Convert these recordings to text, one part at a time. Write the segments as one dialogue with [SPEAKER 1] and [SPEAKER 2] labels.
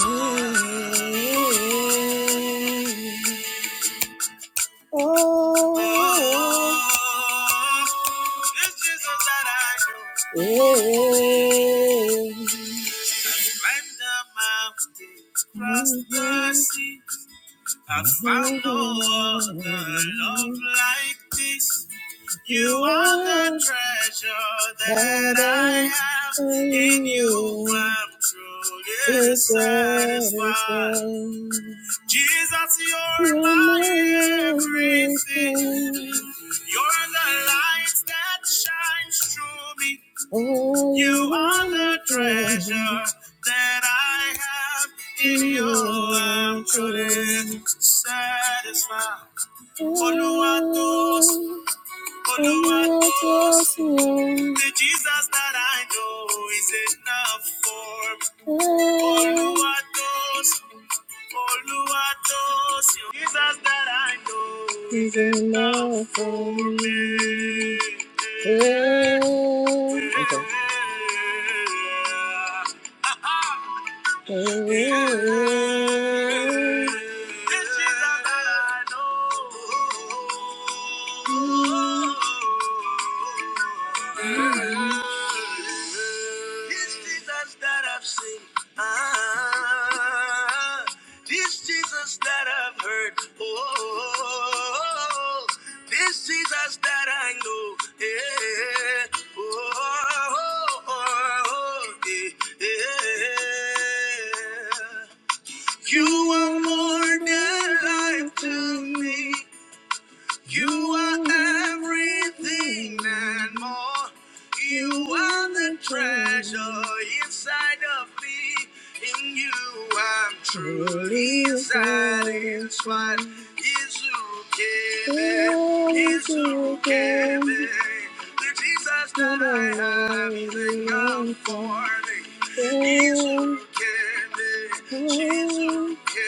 [SPEAKER 1] I've found no other love like this. You are the treasure that I have. In you I'm truly satisfied. Jesus, you're my everything. You're the light that shines through me. You are the treasure that I have in you. I'm truly satisfied. Follow us. For you are The Jesus that I know is enough for me. Oh, Oluwatosin. Jesus that I know is enough for me. Oh, there you go. Oh. This Jesus that I know. This Jesus that I've seen. Ah. This Jesus that I've heard, oh, oh, oh, this Jesus that I know, yeah, oh, oh, oh, oh, yeah, yeah. You are more than life to me. You are everything and more. You are the treasure inside of me. In you, I'm truly satisfied. Izukebe, Izukebe. The Jesus that I have is enough for me. Izukebe, Jesus. Yeah, yeah.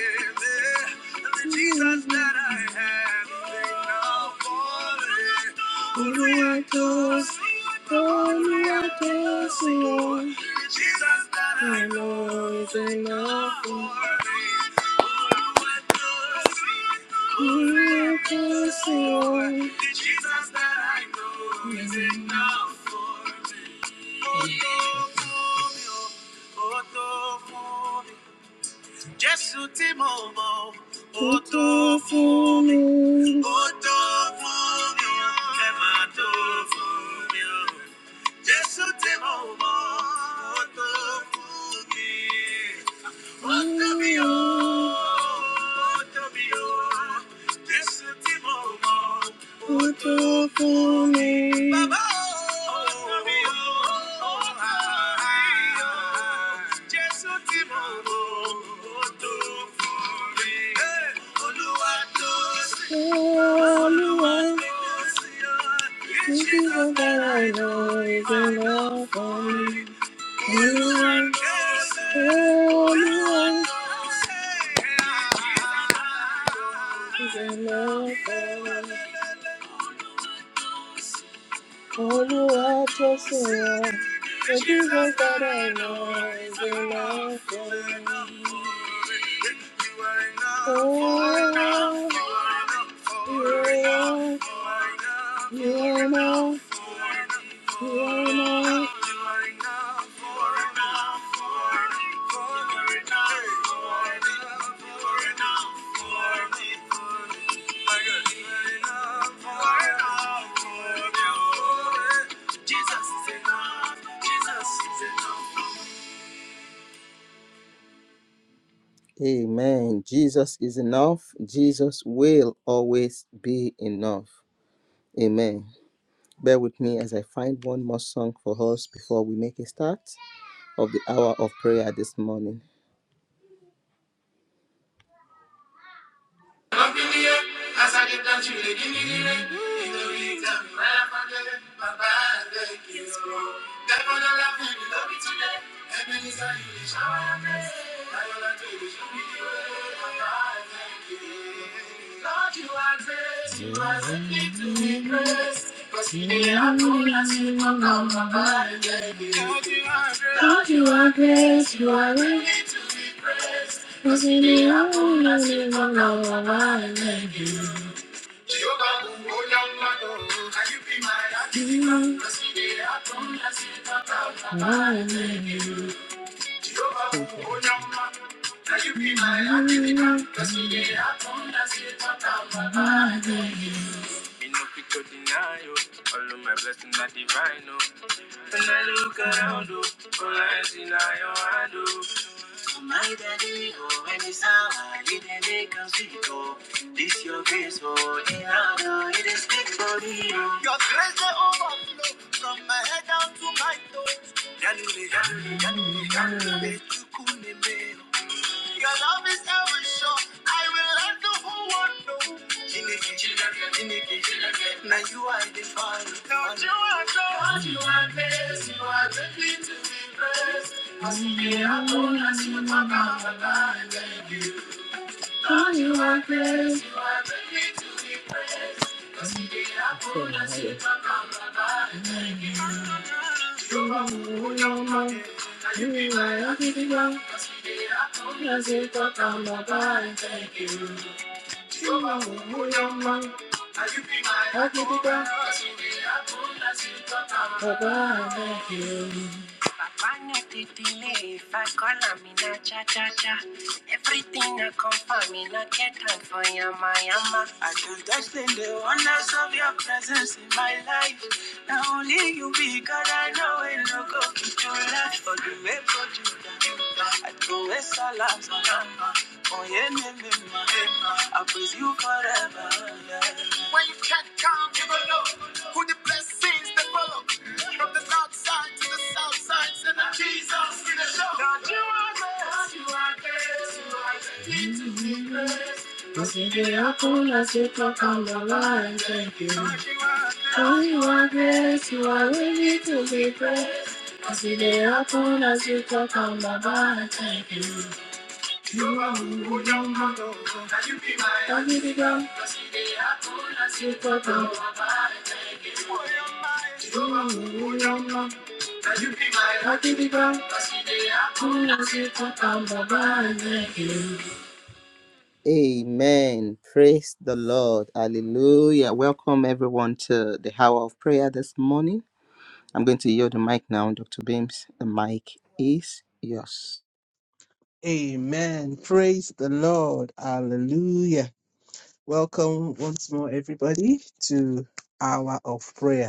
[SPEAKER 1] the Jesus that I have, they now for me. Oluwatosi, Oluwatosi, oh. The Jesus that I know is enough for me. Oluwatosi, Oluwatosi, oh. The Jesus that I know is enough for me. Oh, Jésù tí mo mọ̀, ó tó fún mi. Ó tó fún mi, ó kẹ́ máa tó fún mi. ó. Jésù tí mo mọ̀, ó tó fún mi. Olúwa This is what I know is enough for me. Lord, oh Lord, oh Lord, just Lord, the Jesus that I know is enough. Oh, You are you are enough. You are enough. you are enough. Amen. Jesus is enough. Jesus will always be enough. Amen. Bear with me as I find one more song for us before we make a start of the hour of prayer this morning. Up in the air, as I get down to the guinea You know you tell me right up my my bad day, you That one I love you, you love me today. And then it's how you reach out my place. Now all I will not do is show me the way, my bad day, Lord, you are grace, you are simply to be praised. Cause you didn't have to let you come down my bad day, Lord, you are grace. Lord, you are grace, you are grace. Cause you didn't have to let you come down my bad day, no oh, oh no. oh, your hand, oh. So oh, oh. This your grace, oh, it hard, oh, for me, oh. Your grace dey overflow from my head down to my toes. Yanule, yanule, yanule, yanule, chukwuneme, oh. Your love is ever short. I will let the whole world know. Now you are the father. Don't you are God. You need to be praised. Yeah, I told us you are God. You are praised. You are who you are. You are my everything. As it got on my mind, thank you. You are who you are. I give Bye-bye, thank you. One of the delay, if I call, I'm in a cha-cha-cha. Everything I come for, me not get time for yama yama. I can touch the wonders of your presence in my life. Now only you be God, I know it no go be too life. For the way for you I do with salam salam. Oh yeah, me, I praise you forever. yeah. When you can't come, You a look. Who the blessings that follow? From the north side to the south side, send a Jesus in a show. God, you are great, you are great, you are great to be praised. Cause you did a fool as you talk on the line, thank you. Oh, you are great, you are worthy to be praised. Cause you did a fool as you talk on the line, thank you. You are who you are. Don't be the girl. As you talk on the line, thank you. are. Amen. Praise the Lord. Hallelujah. Welcome everyone to the hour of prayer this morning. I'm going to yield the mic now, Dr. Beams. The mic is yours.
[SPEAKER 2] Amen. Praise the Lord. Hallelujah. Welcome once more, everybody, to Hour of Prayer.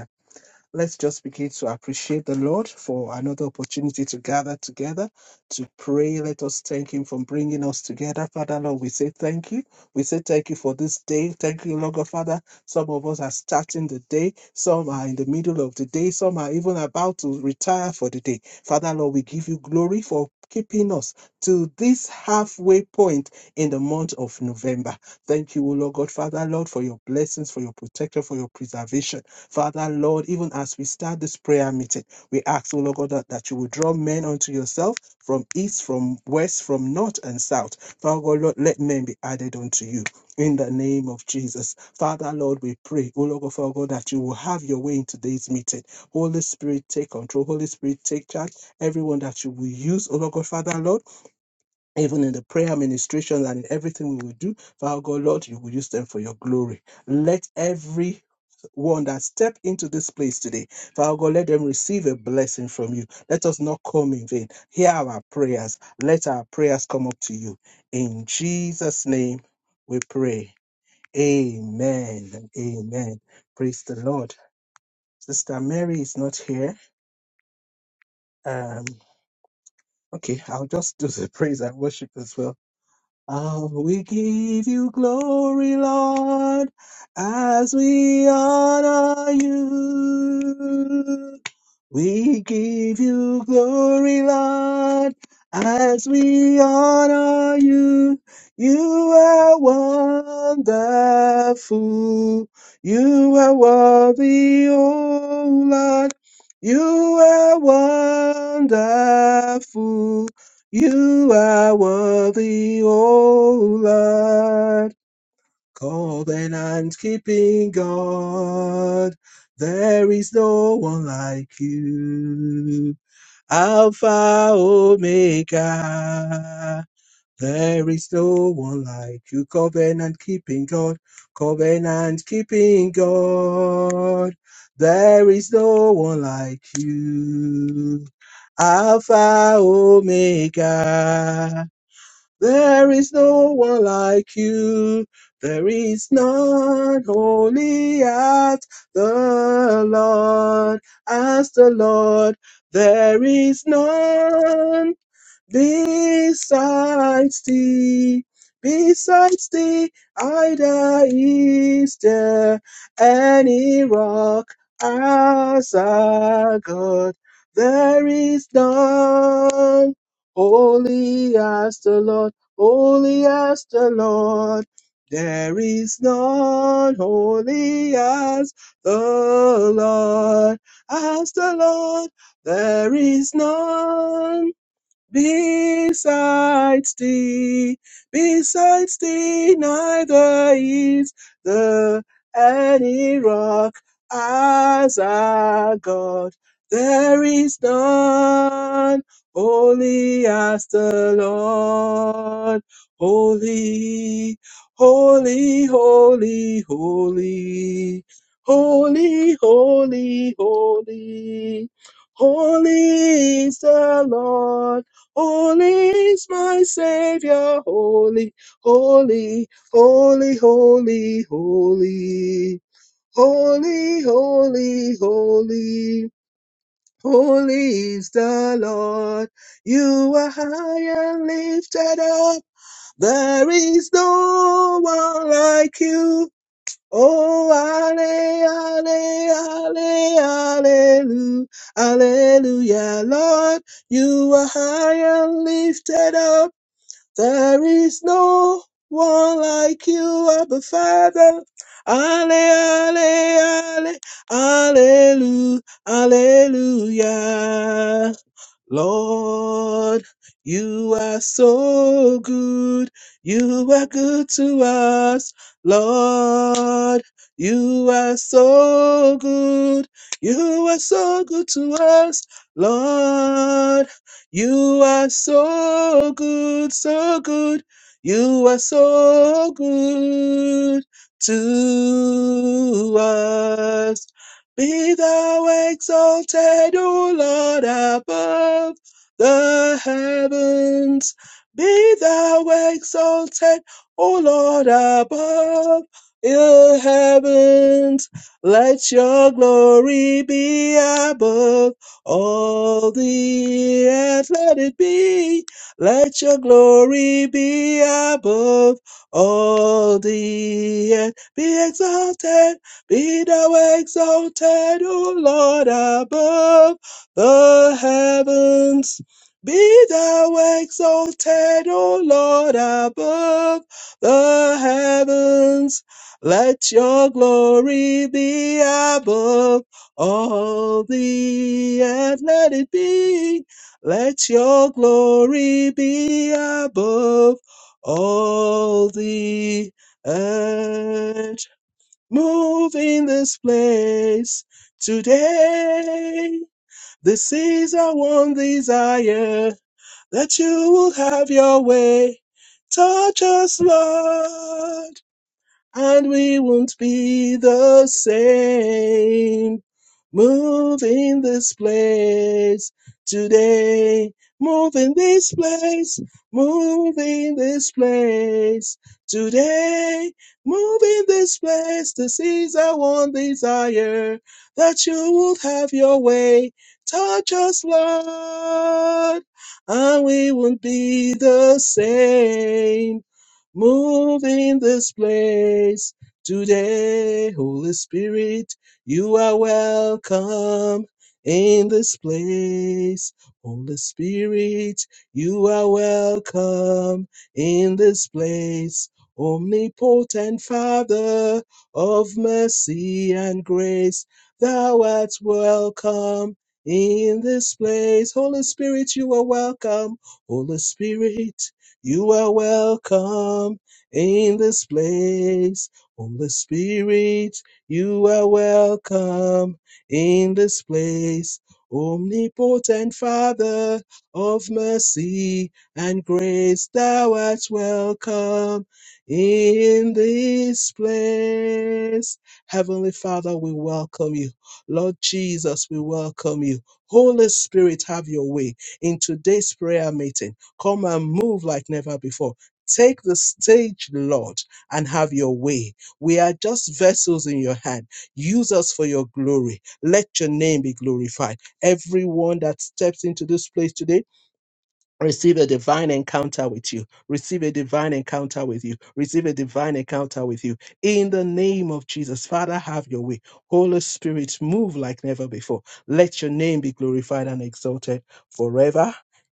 [SPEAKER 2] Let's just begin to appreciate the Lord for another opportunity to gather together to pray. Let us thank Him for bringing us together. Father, Lord, we say thank you. We say thank you for this day. Thank you, Lord God, Father. Some of us are starting the day, some are in the middle of the day, some are even about to retire for the day. Father, Lord, we give you glory for keeping us to this halfway point in the month of November. Thank you, O Lord God, Father, Lord, for your blessings, for your protection, for your preservation. Father, Lord, even as we start this prayer meeting, we ask, O Lord God, that, that you will draw men unto yourself from east, from west, from north and south. Father God, Lord, let men be added unto you. In the name of Jesus. Father, Lord, we pray, O Lord God, Father God, that you will have your way in today's meeting. Holy Spirit, take control. Holy Spirit, take charge. Everyone that you will use, O Lord God, Father, Lord, even in the prayer ministration and in everything we will do, Father God, Lord, you will use them for your glory. Let every one that step into this place today. Father God, let them receive a blessing from you. Let us not come in vain. Hear our prayers. Let our prayers come up to you. In Jesus' name we pray. Amen. and Amen. Praise the Lord. Sister Mary is not here. Um, okay, I'll just do the praise and worship as well. Oh, we give you glory, Lord, as we honor you. We give you glory, Lord, as we honor you. You are wonderful. You are worthy, oh Lord. You are wonderful. You are worthy, O Lord, covenant keeping God. There is no one like you. Alpha Omega. There is no one like you. Covenant keeping God. Covenant keeping God. There is no one like you. Alpha Omega. There is no one like you. There is none holy as the Lord, as the Lord. There is none Besides thee, besides thee, either is there any rock as our God. There is none holy as the Lord, holy as the Lord. There is none holy as the Lord, as the Lord. There is none. Besides thee, besides thee, neither is there any rock as our God. There is none holy as the Lord. Holy, holy, holy, holy, holy, holy, holy. Holy is the Lord. Holy is my Savior, holy, holy, holy, holy, holy, holy, holy, holy. Holy is the Lord. You are high and lifted up. There is no one like you. Oh, alle, alle, alle, hallelujah, hallelujah, Lord. You are high and lifted up. There is no one like you, Abba Father. Ale, ale, ale, allelu, alleluia. Lord, you are so good. You are good to us. Lord, you are so good. You are so good to us. Lord, you are so good, so good. You are so good to us. Be thou exalted, O Lord, above the heavens. Be thou exalted, O Lord, above the heavens. Let your glory be above all the earth. Let it be. Let your glory be above all the earth. Be exalted. Be thou exalted, O Lord, above the heavens. Be thou exalted, O Lord, above the heavens. Let your glory be above all the earth. Let it be. Let your glory be above all the earth. Move in this place today. This is our one desire that you will have your way. Touch us, Lord, and we won't be the same. Move in this place today. Move in this place. Move in this place today. Move in this place. This is our one desire that you would have your way. Touch us, Lord, and we won't be the same. Move in this place today, Holy Spirit. You are welcome in this place. Holy Spirit, you are welcome in this place. Omnipotent Father of mercy and grace, thou art welcome in this place. Holy Spirit, you are welcome. Holy Spirit, you are welcome in this place. Holy Spirit, you are welcome in this place, omnipotent Father of mercy and grace. Thou art welcome in this place. Heavenly Father, we welcome you. Lord Jesus, we welcome you. Holy Spirit, have your way in today's prayer meeting. Come and move like never before. Take the stage, Lord, and have your way we are just vessels in your hand. Use us for your glory. Let your name be glorified. Everyone that steps into this place today, Receive a divine encounter with you. Receive a divine encounter with you. Receive a divine encounter with you. In the name of Jesus, Father, have your way. Holy Spirit, move like never before. Let your name be glorified and exalted forever.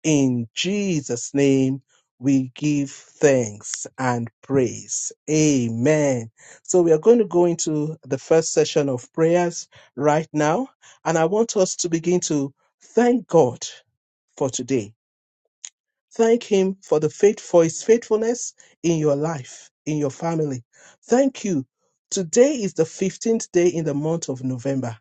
[SPEAKER 2] In Jesus' name, we give thanks and praise. Amen. So we are going to go into the first session of prayers right now. And I want us to begin to thank God for today Thank Him for the faith for His faithfulness in your life, in your family. Thank you. Today is the 15th day in the month of November.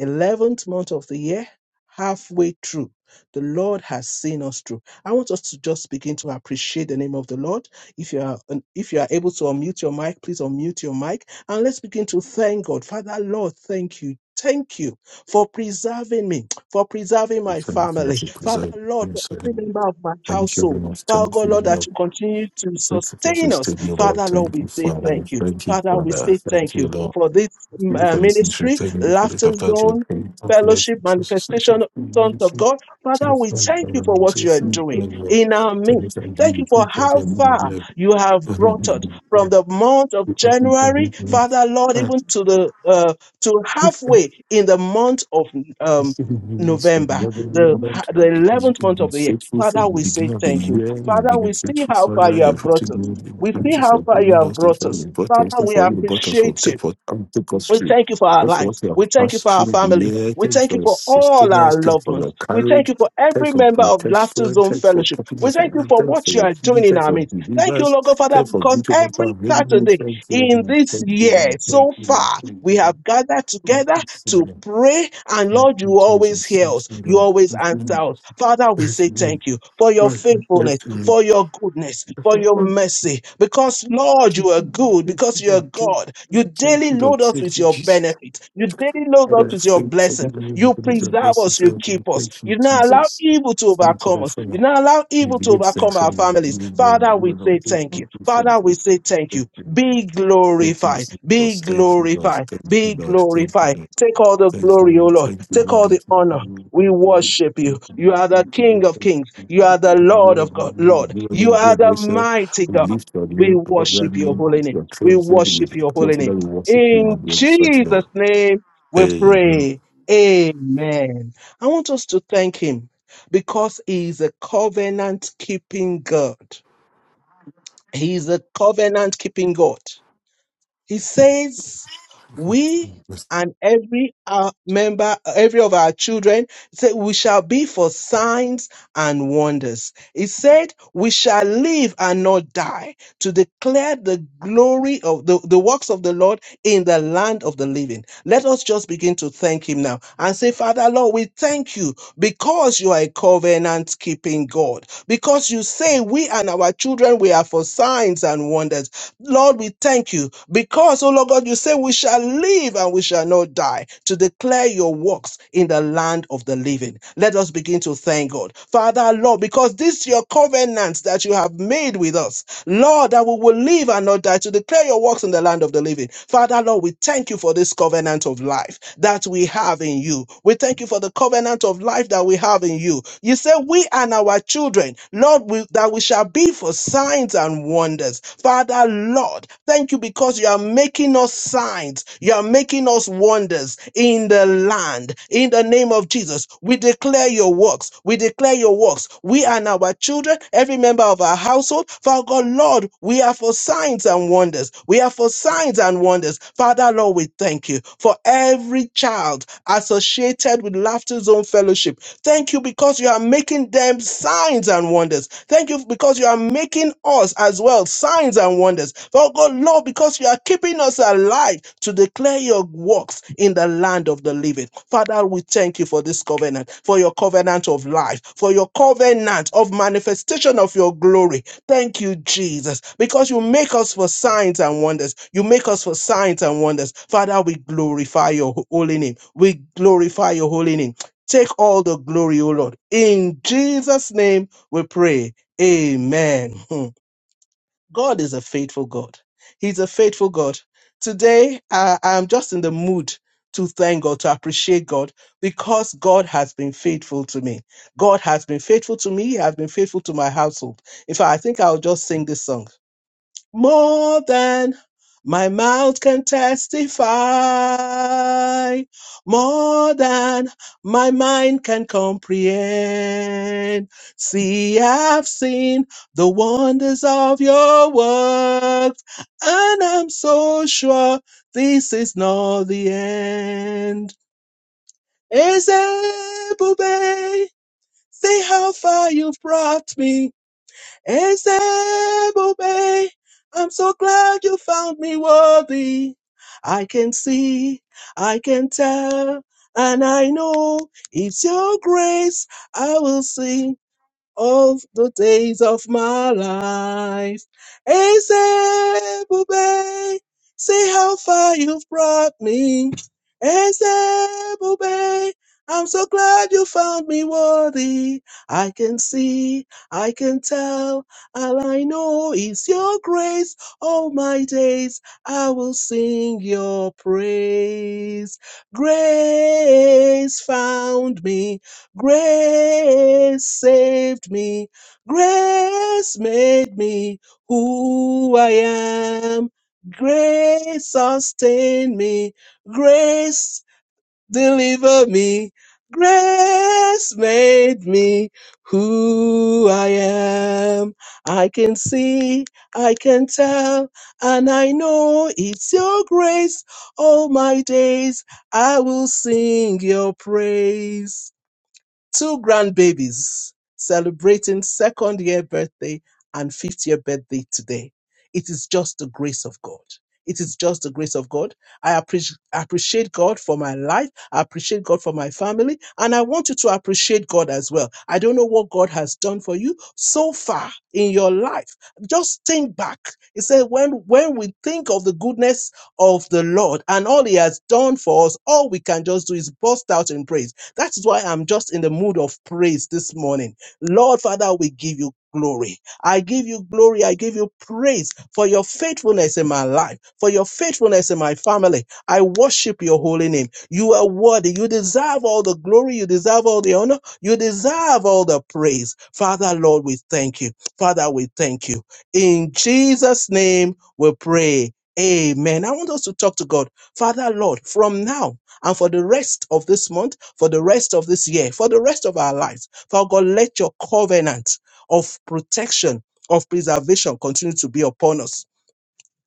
[SPEAKER 2] 11th month of the year, halfway through. The Lord has seen us through. I want us to just begin to appreciate the name of the Lord. If you are if you are able to unmute your mic, please unmute your mic and let's begin to thank God. Father Lord, thank you. Thank you for preserving me, for preserving my
[SPEAKER 3] Thank you that
[SPEAKER 2] family.
[SPEAKER 3] you
[SPEAKER 2] Father
[SPEAKER 3] preserve
[SPEAKER 2] Lord,
[SPEAKER 3] me.
[SPEAKER 2] for
[SPEAKER 3] so
[SPEAKER 2] every
[SPEAKER 3] good.
[SPEAKER 2] member of my
[SPEAKER 3] Thank you very
[SPEAKER 2] household.
[SPEAKER 3] much.
[SPEAKER 2] Father
[SPEAKER 3] Thank
[SPEAKER 2] God,
[SPEAKER 3] you,
[SPEAKER 2] Lord, that
[SPEAKER 3] Lord.
[SPEAKER 2] you continue to
[SPEAKER 3] Thank you for
[SPEAKER 2] sustain
[SPEAKER 3] this
[SPEAKER 2] us.
[SPEAKER 3] day, Lord.
[SPEAKER 2] Father Lord,
[SPEAKER 3] Thank
[SPEAKER 2] we
[SPEAKER 3] you,
[SPEAKER 2] say
[SPEAKER 3] Father.
[SPEAKER 2] thank you.
[SPEAKER 3] Thank you,
[SPEAKER 2] Father, we
[SPEAKER 3] Father.
[SPEAKER 2] say
[SPEAKER 3] Thank
[SPEAKER 2] thank
[SPEAKER 3] you,
[SPEAKER 2] you
[SPEAKER 3] Lord.
[SPEAKER 2] for this mm,
[SPEAKER 3] Thank you
[SPEAKER 2] uh,
[SPEAKER 3] for this ministry.
[SPEAKER 2] ministry,
[SPEAKER 3] Thank you for the
[SPEAKER 2] Laughter
[SPEAKER 3] doctor.
[SPEAKER 2] Zone,
[SPEAKER 3] Thank you for the rest
[SPEAKER 2] Fellowship, Manifestation,
[SPEAKER 3] of the
[SPEAKER 2] Sons of
[SPEAKER 3] ministry.
[SPEAKER 2] God.
[SPEAKER 3] Thank
[SPEAKER 2] Father,
[SPEAKER 3] you
[SPEAKER 2] we
[SPEAKER 3] for
[SPEAKER 2] thank you
[SPEAKER 3] the
[SPEAKER 2] for
[SPEAKER 3] Lord.
[SPEAKER 2] what
[SPEAKER 3] Thank
[SPEAKER 2] you are
[SPEAKER 3] you for
[SPEAKER 2] doing
[SPEAKER 3] the Lord.
[SPEAKER 2] in our
[SPEAKER 3] Thank
[SPEAKER 2] midst.
[SPEAKER 3] you for the Lord. Thank
[SPEAKER 2] Thank you
[SPEAKER 3] you
[SPEAKER 2] for
[SPEAKER 3] for the
[SPEAKER 2] how far
[SPEAKER 3] Lord.
[SPEAKER 2] you have
[SPEAKER 3] Thank you for the
[SPEAKER 2] brought us
[SPEAKER 3] Lord.
[SPEAKER 2] from the month of
[SPEAKER 3] Thank
[SPEAKER 2] January,
[SPEAKER 3] you for
[SPEAKER 2] Father
[SPEAKER 3] the
[SPEAKER 2] Lord,
[SPEAKER 3] Lord.
[SPEAKER 2] even to the uh, to halfway in the month of um,
[SPEAKER 3] Yes, but
[SPEAKER 2] November,
[SPEAKER 3] Lord, you are
[SPEAKER 2] the
[SPEAKER 3] Lord, you
[SPEAKER 2] the
[SPEAKER 3] have been
[SPEAKER 2] eleventh
[SPEAKER 3] have
[SPEAKER 2] month of
[SPEAKER 3] been
[SPEAKER 2] the year.
[SPEAKER 3] faithful
[SPEAKER 2] Father,
[SPEAKER 3] from the
[SPEAKER 2] we say
[SPEAKER 3] beginning of the
[SPEAKER 2] thank you.
[SPEAKER 3] year. You have
[SPEAKER 2] Father,
[SPEAKER 3] been a
[SPEAKER 2] we see
[SPEAKER 3] faithful,
[SPEAKER 2] how far
[SPEAKER 3] Father.
[SPEAKER 2] you
[SPEAKER 3] You
[SPEAKER 2] have
[SPEAKER 3] have
[SPEAKER 2] brought
[SPEAKER 3] faithful.
[SPEAKER 2] us.
[SPEAKER 3] God.
[SPEAKER 2] We see
[SPEAKER 3] Thank you
[SPEAKER 2] how
[SPEAKER 3] for
[SPEAKER 2] far you
[SPEAKER 3] bringing
[SPEAKER 2] have
[SPEAKER 3] us to
[SPEAKER 2] brought
[SPEAKER 3] for
[SPEAKER 2] us.
[SPEAKER 3] you brought us,
[SPEAKER 2] Father,
[SPEAKER 3] thank
[SPEAKER 2] we
[SPEAKER 3] you for you brought us from
[SPEAKER 2] appreciate you.
[SPEAKER 3] take for and take us
[SPEAKER 2] We
[SPEAKER 3] through.
[SPEAKER 2] thank you for
[SPEAKER 3] Thank
[SPEAKER 2] our
[SPEAKER 3] you for
[SPEAKER 2] lives.
[SPEAKER 3] what you
[SPEAKER 2] We
[SPEAKER 3] have
[SPEAKER 2] thank you
[SPEAKER 3] passed
[SPEAKER 2] for our
[SPEAKER 3] through the
[SPEAKER 2] families.
[SPEAKER 3] year.
[SPEAKER 2] We
[SPEAKER 3] Thank you
[SPEAKER 2] thank
[SPEAKER 3] for
[SPEAKER 2] you
[SPEAKER 3] your
[SPEAKER 2] for all
[SPEAKER 3] sustenance.
[SPEAKER 2] our
[SPEAKER 3] Thank you
[SPEAKER 2] loved
[SPEAKER 3] for
[SPEAKER 2] ones.
[SPEAKER 3] your
[SPEAKER 2] We thank
[SPEAKER 3] courage.
[SPEAKER 2] you for every
[SPEAKER 3] Thank you for
[SPEAKER 2] member of Laughter
[SPEAKER 3] protection.
[SPEAKER 2] Zone
[SPEAKER 3] Thank you for
[SPEAKER 2] Fellowship.
[SPEAKER 3] keeping
[SPEAKER 2] We
[SPEAKER 3] us
[SPEAKER 2] thank you
[SPEAKER 3] alive. Thank
[SPEAKER 2] for
[SPEAKER 3] you for
[SPEAKER 2] what you
[SPEAKER 3] your
[SPEAKER 2] are
[SPEAKER 3] healing.
[SPEAKER 2] doing in
[SPEAKER 3] Thank
[SPEAKER 2] our
[SPEAKER 3] you for
[SPEAKER 2] midst. Thank you,
[SPEAKER 3] deliverance.
[SPEAKER 2] Lord God, Father,
[SPEAKER 3] Thank you for
[SPEAKER 2] because
[SPEAKER 3] victory. over time.
[SPEAKER 2] every
[SPEAKER 3] Thank
[SPEAKER 2] Saturday
[SPEAKER 3] Thank you,
[SPEAKER 2] in
[SPEAKER 3] Lord.
[SPEAKER 2] this
[SPEAKER 3] Thank you,
[SPEAKER 2] year
[SPEAKER 3] Lord. Thank
[SPEAKER 2] so
[SPEAKER 3] you, Lord.
[SPEAKER 2] far
[SPEAKER 3] Thank
[SPEAKER 2] we
[SPEAKER 3] you,
[SPEAKER 2] have gathered
[SPEAKER 3] Lord.
[SPEAKER 2] together
[SPEAKER 3] Thank you,
[SPEAKER 2] to
[SPEAKER 3] Lord.
[SPEAKER 2] pray and
[SPEAKER 3] Thank
[SPEAKER 2] lord
[SPEAKER 3] you,
[SPEAKER 2] you always
[SPEAKER 3] Jesus.
[SPEAKER 2] hear
[SPEAKER 3] Thank
[SPEAKER 2] us
[SPEAKER 3] you,
[SPEAKER 2] you
[SPEAKER 3] Lord.
[SPEAKER 2] always
[SPEAKER 3] Thank you,
[SPEAKER 2] answer
[SPEAKER 3] Lord.
[SPEAKER 2] us father we
[SPEAKER 3] Thank
[SPEAKER 2] say
[SPEAKER 3] you, Lord.
[SPEAKER 2] thank you for your faithfulness for your goodness for your mercy because lord you
[SPEAKER 3] Thank
[SPEAKER 2] are
[SPEAKER 3] you,
[SPEAKER 2] good
[SPEAKER 3] thank
[SPEAKER 2] because
[SPEAKER 3] you,
[SPEAKER 2] you are
[SPEAKER 3] Lord. Thank you,
[SPEAKER 2] god
[SPEAKER 3] Lord.
[SPEAKER 2] you
[SPEAKER 3] Thank you, Lord. Thank
[SPEAKER 2] daily
[SPEAKER 3] you, Lord.
[SPEAKER 2] load us
[SPEAKER 3] Thank
[SPEAKER 2] with
[SPEAKER 3] you,
[SPEAKER 2] your
[SPEAKER 3] Jesus.
[SPEAKER 2] benefits you daily load us
[SPEAKER 3] Father, I
[SPEAKER 2] with your
[SPEAKER 3] thank you for the
[SPEAKER 2] blessings you
[SPEAKER 3] glory of your
[SPEAKER 2] preserve
[SPEAKER 3] best and
[SPEAKER 2] us you
[SPEAKER 3] self.
[SPEAKER 2] keep
[SPEAKER 3] And
[SPEAKER 2] us
[SPEAKER 3] thank
[SPEAKER 2] you
[SPEAKER 3] you,
[SPEAKER 2] do not allow
[SPEAKER 3] Jesus.
[SPEAKER 2] evil to
[SPEAKER 3] Thank you,
[SPEAKER 2] overcome
[SPEAKER 3] Lord,
[SPEAKER 2] us you
[SPEAKER 3] Father.
[SPEAKER 2] do not allow
[SPEAKER 3] We
[SPEAKER 2] evil to
[SPEAKER 3] give you
[SPEAKER 2] overcome
[SPEAKER 3] thanks for
[SPEAKER 2] our
[SPEAKER 3] the we
[SPEAKER 2] families
[SPEAKER 3] give you glory.
[SPEAKER 2] father
[SPEAKER 3] We
[SPEAKER 2] we
[SPEAKER 3] give you
[SPEAKER 2] say
[SPEAKER 3] thanks.
[SPEAKER 2] thank you
[SPEAKER 3] Thank you, thank
[SPEAKER 2] father we
[SPEAKER 3] you,
[SPEAKER 2] say thank
[SPEAKER 3] thank
[SPEAKER 2] you
[SPEAKER 3] you.
[SPEAKER 2] be
[SPEAKER 3] Thank you,
[SPEAKER 2] glorified,
[SPEAKER 3] Jesus.
[SPEAKER 2] be
[SPEAKER 3] Thank you, Lord.
[SPEAKER 2] glorified,
[SPEAKER 3] Thank you,
[SPEAKER 2] be
[SPEAKER 3] Lord. Thank you,
[SPEAKER 2] glorified.
[SPEAKER 3] Lord.
[SPEAKER 2] Take all the
[SPEAKER 3] Thank you,
[SPEAKER 2] glory, O
[SPEAKER 3] Lord.
[SPEAKER 2] Lord.
[SPEAKER 3] thank you,
[SPEAKER 2] Take all
[SPEAKER 3] Lily.
[SPEAKER 2] the
[SPEAKER 3] Thank you,
[SPEAKER 2] honor.
[SPEAKER 3] Lily.
[SPEAKER 2] We
[SPEAKER 3] Thank you, Lily.
[SPEAKER 2] worship you.
[SPEAKER 3] Thank
[SPEAKER 2] You are the
[SPEAKER 3] you, Lily.
[SPEAKER 2] King of
[SPEAKER 3] Thank
[SPEAKER 2] Kings.
[SPEAKER 3] you,
[SPEAKER 2] You are the
[SPEAKER 3] Lily. Thank you. Lord. We
[SPEAKER 2] Lord of
[SPEAKER 3] love you.
[SPEAKER 2] God,
[SPEAKER 3] We honor
[SPEAKER 2] Lord.
[SPEAKER 3] You are
[SPEAKER 2] You
[SPEAKER 3] the
[SPEAKER 2] are the
[SPEAKER 3] adoration.
[SPEAKER 2] mighty
[SPEAKER 3] We
[SPEAKER 2] God.
[SPEAKER 3] lift your
[SPEAKER 2] We
[SPEAKER 3] name above your
[SPEAKER 2] worship your
[SPEAKER 3] name.
[SPEAKER 2] holy
[SPEAKER 3] It's
[SPEAKER 2] name.
[SPEAKER 3] your
[SPEAKER 2] We
[SPEAKER 3] true name. We
[SPEAKER 2] worship your holy
[SPEAKER 3] exalt you
[SPEAKER 2] name.
[SPEAKER 3] that we worship you
[SPEAKER 2] In
[SPEAKER 3] and we exalt you, Lord.
[SPEAKER 2] Jesus' name we
[SPEAKER 3] Amen.
[SPEAKER 2] pray. Amen. I want us to thank him because he is a covenant keeping God. He is a covenant keeping God. He says, we
[SPEAKER 3] Yes.
[SPEAKER 2] and every uh, member, every of our children, he said, we shall be for signs and wonders. He said, we shall live and not die to declare the glory of the, the works of the Lord in the land of the living. Let us just begin to thank him now and say, Father, Lord, we thank you because you are a covenant keeping God, because you say we and our children, we are for signs and wonders. Lord, we thank you because, oh Lord God, you say we shall live and we shall not die to declare your works in the land of the living. Let us begin to thank God. Father, Lord, because this is your covenant that you have made with us, Lord, that we will live and not die to declare your works in the land of the living. Father, Lord, we thank you for this covenant of life that we have in you. We thank you for the covenant of life that we have in you you said we and our children, Lord, we, that we shall be for signs and wonders. Father, Lord, thank you because you are making us signs. You are making us wonders in the land. In the name of Jesus, we declare your works. We declare your works. We and our children, every member of our household, Father God, Lord, we are for signs and wonders. We are for signs and wonders. Father, Lord, we thank you for every child associated with Laughter Zone Fellowship. Thank you because you are making them signs and wonders. Thank you because you are making us as well signs and wonders. Oh God, Lord, because you are keeping us alive to declare your works in the land of the living. Father, we thank you for this covenant, for your covenant of life, for your covenant of manifestation of your glory Thank you, Jesus, because you make us for signs and wonders. You make us for signs and wonders. Father, we glorify your holy name. We glorify your holy name. Take all the glory, O Lord. In Jesus' name we pray. Amen. God is a faithful God. He's a faithful God. Today, I am just in the mood to thank God, to appreciate God, because God has been faithful to me. God has been faithful to me. He has been faithful to my household. In fact, I think I'll just sing this song more than my mouth can testify, more than my mind can comprehend. See, I've seen the wonders of your works, and I'm so sure this is not the end. Ezebube, see how far you've brought me. Ezebobey, I'm so glad you found me worthy. I can see, I can tell, and I know it's your grace I will sing all the days of my life. Ezebube, see how far you've brought me. Ezebube, I'm so glad you found me worthy. I can see, I can tell, all I know is your grace. All my days I will sing your praise. Grace found me. Grace saved me. Grace made me who I am. Grace sustained me. Grace delivered me. Grace made me who I am. I can see, I can tell, and I know it's your grace. All my days I will sing your praise. Two grandbabies celebrating second year birthday and fifth year birthday today. It is just the grace of God. It is just the grace of God. I appreciate appreciate God for my life. I appreciate God for my family. And I want you to appreciate God as well. I don't know what God has done for you so far in your life. Just think back. He said, when, when we think of the goodness of the Lord and all he has done for us, all we can just do is burst out in praise that is why I'm just in the mood of praise this morning. Lord Father, we give you glory. I give you glory. I give you praise for your faithfulness in my life, for your faithfulness in my family. I worship your holy name. You are worthy. You deserve all the glory. You deserve all the honor. You deserve all the praise. Father, Lord, we thank you. Father, we thank you. In Jesus' name, we pray. Amen. I want us to talk to God. Father, Lord, from now, and for the rest of this month, for the rest of this year, for the rest of our lives. Father God, let your covenant of protection, of preservation continue to be upon us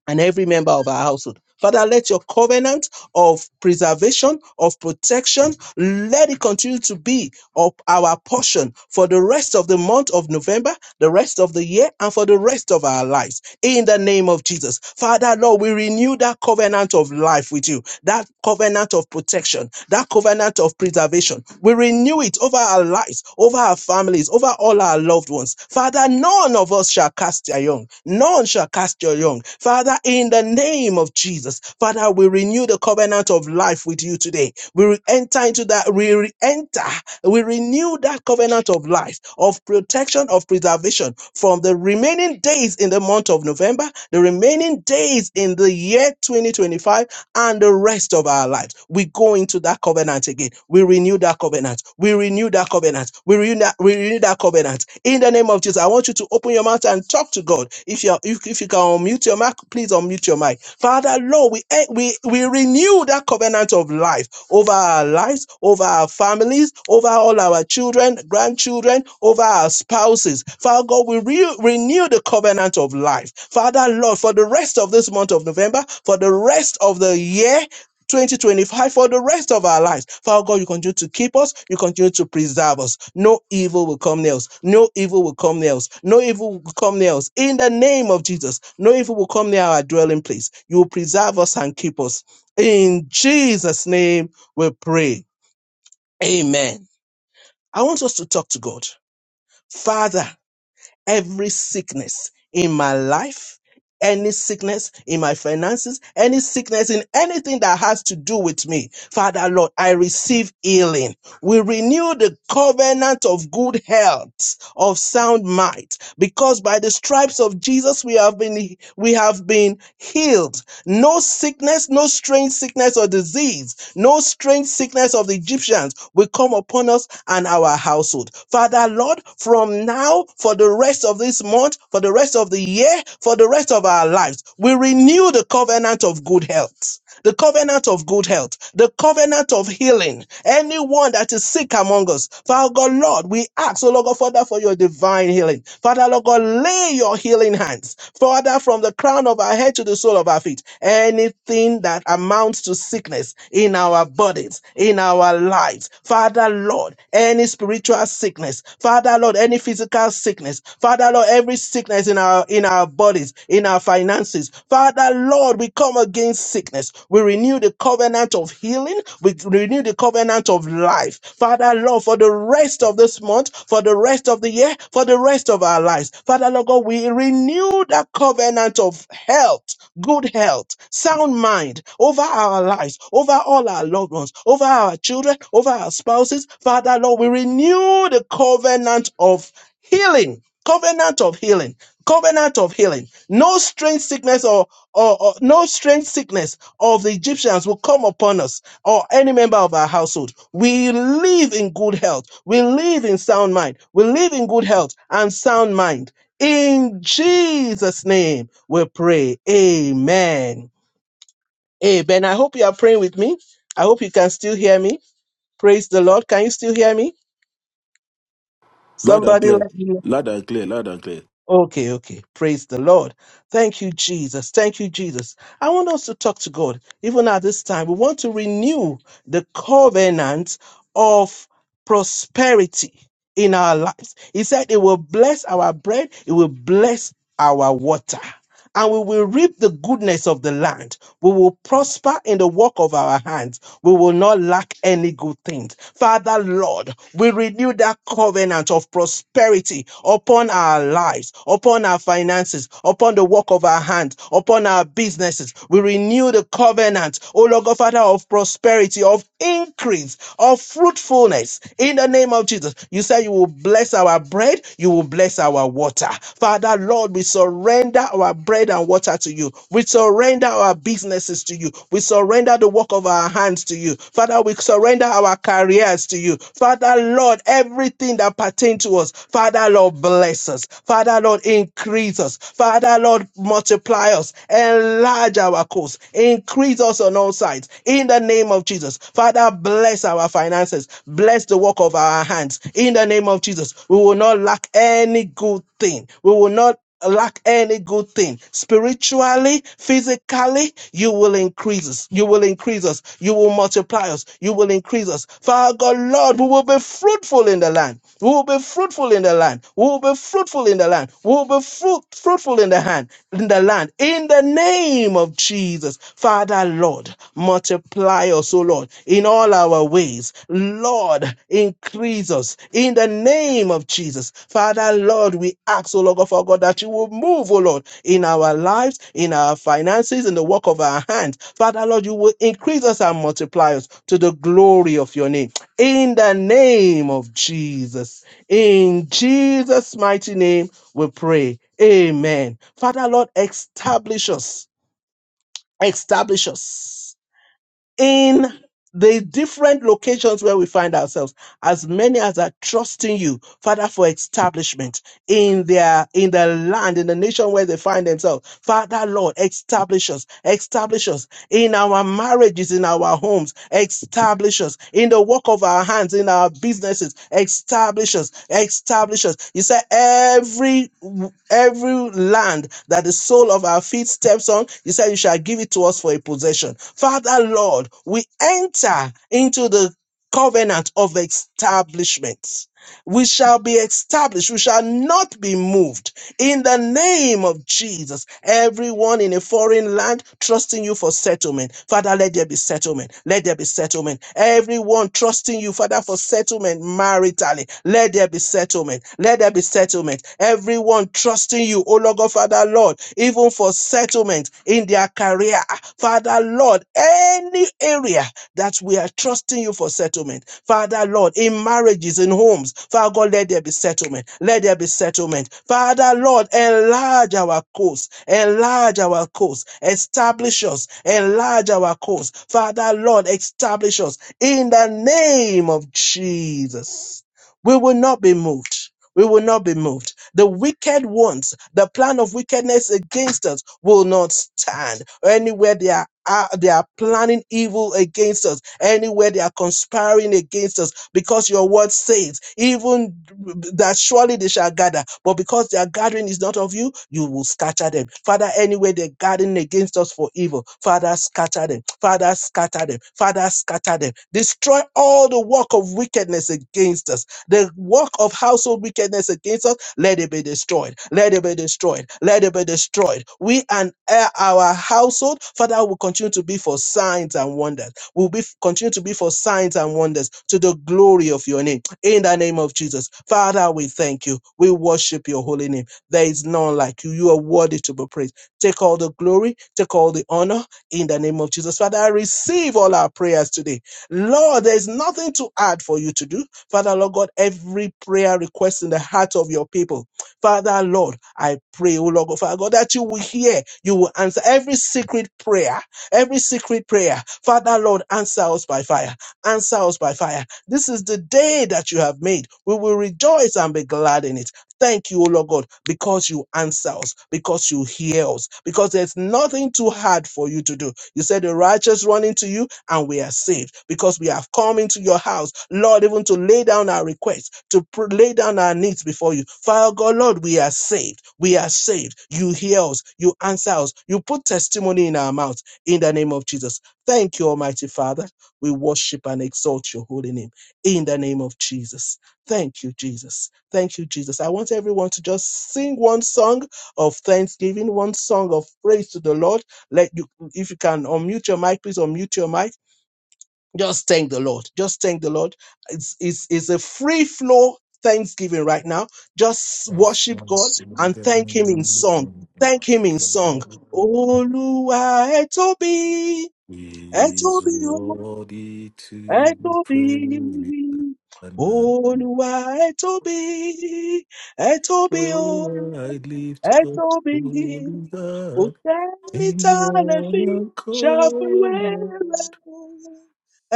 [SPEAKER 2] and every member of our household. Father, let your covenant of preservation, of protection, let it continue to be of our portion for the rest of the month of November, the rest of the year, and for the rest of our lives. In the name of Jesus. Father, Lord, we renew that covenant of life with you, that covenant of protection, that covenant of preservation. We renew it over our lives, over our families, over all our loved ones. Father, none of us shall cast a young, none shall cast cast your young. Father, in the name of Jesus, Father, we renew the covenant of life with you today. We re- enter into that, we re- enter, we renew that covenant of life, of protection, of preservation from the remaining days in the month of November, the remaining days in the year 2025 and the rest of our lives. We go into that covenant again. We renew that covenant. We renew that covenant. We renew that, we renew that covenant. In the name of Jesus, I want you to open your mouth and talk to God. If you if, if you can unmute your mic, please unmute your mic. Father, Lord, we eh, we we renew that covenant of life over our lives, over our families, over all our children, grandchildren, over our spouses. Father God, we re- renew the covenant of life. Father Lord, for the rest of this month of November, for the rest of the year, 2025 for the rest of our lives. Father God, you continue to keep us, you continue to preserve us. No evil will come near us. No evil will come near us. No evil will come near us. In the name of Jesus, no evil will come near our dwelling place. You will preserve us and keep us. In Jesus' name we pray. Amen. I want us to talk to God. Father, every sickness in my life, any sickness in my finances, any sickness in anything that has to do with me, Father Lord, I receive healing. We renew the covenant of good health, of sound might, because by the stripes of Jesus we have been we have been healed no sickness, no strange sickness or disease, no strange sickness of the Egyptians will come upon us and our household. Father, Lord, from now, for the rest of this month, for the rest of the year, for the rest of our lives, we renew the covenant of good health the covenant of good health, the covenant of healing. Anyone that is sick among us, Father God, Lord, we ask, oh Lord God, Father, for your divine healing. Father, Lord God, lay your healing hands, Father, from the crown of our head to the sole of our feet. Anything that amounts to sickness in our bodies, in our lives, Father, Lord, any spiritual sickness sickness. Father Lord, any physical sickness. Father Lord, every sickness in our in our bodies, in our finances. Father Lord, we come against sickness. We renew the covenant of healing. We renew the covenant of life. Father Lord, for the rest of this month, for the rest of the year, for the rest of our lives. Father Lord God, we renew that covenant of health good health, sound mind over our lives, over all our loved ones, over our children, over our spouses. Father, Lord, we renew the covenant of healing, covenant of healing, covenant of healing. No strange sickness or, or, or no strange sickness of the Egyptians will come upon us or any member of our household. We live in good health. We live in sound mind. We live in good health and sound mind in Jesus' name, we pray. Amen. Amen. I hope you are praying with me. I hope you can still hear me. Praise the Lord. Can you still hear me?
[SPEAKER 3] Loud,
[SPEAKER 2] Somebody let me know.
[SPEAKER 3] loud and clear, loud and clear.
[SPEAKER 2] Okay, okay. Praise the Lord. Thank you, Jesus. Thank you, Jesus. I want us to talk to God. Even at this time, we want to renew the covenant of prosperity in our lives. He said, It will bless our bread, it will bless our water. and we will reap the goodness of the land. We will prosper in the work of our hands. We will not lack any good things. Father, Lord, we renew that covenant of prosperity upon our lives, upon our finances, upon the work of our hands, upon our businesses. We renew the covenant, O Lord God, Father, of prosperity, of increase, of fruitfulness. In the name of Jesus, you say you will bless our our bread, you will bless our water. Father, Lord, we surrender our bread and water to you. We surrender our businesses to you. We surrender the work of our hands to you. Father, we surrender our careers to you. Father, Lord, everything that pertains to us, Father, Lord, bless us. Father, Lord, increase us. Father, Lord, multiply us. Enlarge our course. Increase us on all sides. In the name of Jesus. Father, bless bless our finances, bless the work of our hands. In the name of Jesus, we will not lack any good thing. We will not lack any good thing spiritually physically you will increase us you will increase us you will multiply us you will increase us father god lord we will be fruitful in the land we will be fruitful in the land we will be fruitful in the land we will be fruit, fruitful in the hand in the land in the name name of Jesus. Father, Lord, multiply us, O Lord, in all our ways. Lord, increase us in the name of Jesus. Father, Lord, we ask, O Lord, God, for God, that you will move, O Lord, in our lives, in our finances, in the work of our hands. Father, Lord, you will increase us and multiply us to the glory of your name. In the name of Jesus. In Jesus' mighty name, we pray. Amen. Father, Lord, establish us establish us in the different locations where we find ourselves as many as are trusting you father for establishment in their in the land in the nation where they find themselves father lord establish us establish us in our marriages, in our homes. Establish us in the work of our hands, in our businesses. Establish us. Establish us. You say every every land that the sole of our feet steps on, you say you shall give it to us for a possession. Father Lord, we enter into the covenant of establishment. We shall be established. We shall not be moved in the name of Jesus, everyone in a foreign land trusting you for settlement, Father, let there be settlement. Let there be settlement. Everyone trusting you, Father, for settlement maritally, let there be settlement. Let there be settlement. Everyone trusting you, oh Lord, God, Father, Lord, even for settlement in their career. Father, Lord, any area that we are trusting you for settlement. Father, Lord, in marriages, in homes, Father God, let there be settlement. Let there be settlement. Father, Lord, enlarge our course. Enlarge our course. Establish us. Enlarge our course. Father, Lord, establish us in the name of Jesus. We will not be moved we will not be moved. The wicked ones, the plan of wickedness against us will not stand. Anywhere they are uh, they are planning evil against us, anywhere they are conspiring against us, because your word says, even that surely they shall gather, but because their gathering is not of you, you will scatter them. Father, anywhere they're gathering against us for evil, Father, scatter them. Father, scatter them. Father, scatter them. Destroy all the work of wickedness against us the work of household wickedness against us, let it be destroyed. Let it be destroyed. Let it be destroyed. We and uh, our household, Father, will continue to be for signs and wonders. Will be continue to be for signs and wonders to the glory of your name. In the name of Jesus, Father, we thank you. We worship your holy name. There is none like you. You are worthy to be praised. Take all the glory. Take all the honor. In the name of Jesus, Father, I receive all our prayers today. Lord, there is nothing to add for you to do. Father, Lord God, every prayer request in the heart of your people. Father, Lord, I pray, oh Lord God, Father God, that you will hear, you will answer every secret prayer, every secret prayer. Father, Lord, answer us by fire, answer us by fire. This is the day that you have made. We will rejoice and be glad in it. Thank you, O Lord God, because you answer us, because you hear us, because there's nothing too hard for you to do. You said the righteous run into you and we are saved because we have come into your house, Lord, even to lay down our requests, to pr- lay down our needs before you. Father God, Lord, we are saved. We are saved. You hear us. You answer us. You put testimony in our mouth in the name of Jesus. Thank you, Almighty Father. We worship and exalt your holy name in the name of Jesus. Thank you, Jesus. Thank you, Jesus. I want everyone to just sing one song of thanksgiving, one song of praise to the Lord. Let you, if you can unmute your mic, please unmute your mic just thank the Lord. Just thank the Lord. It's, it's, it's a free flow thanksgiving right now. Just worship
[SPEAKER 3] so,
[SPEAKER 2] God and thank Him in song. Thank Him in song.
[SPEAKER 3] Lord.
[SPEAKER 2] Oluwa etobi,
[SPEAKER 3] He is
[SPEAKER 2] etobi, o,
[SPEAKER 3] worthy to be praised.
[SPEAKER 2] etobi. Oluwa etobi, etobi, o,
[SPEAKER 3] Oh, I lift up
[SPEAKER 2] Etobi,
[SPEAKER 3] holy God
[SPEAKER 2] Utani
[SPEAKER 3] in one
[SPEAKER 2] Tanashi, Shafuela,
[SPEAKER 3] accord,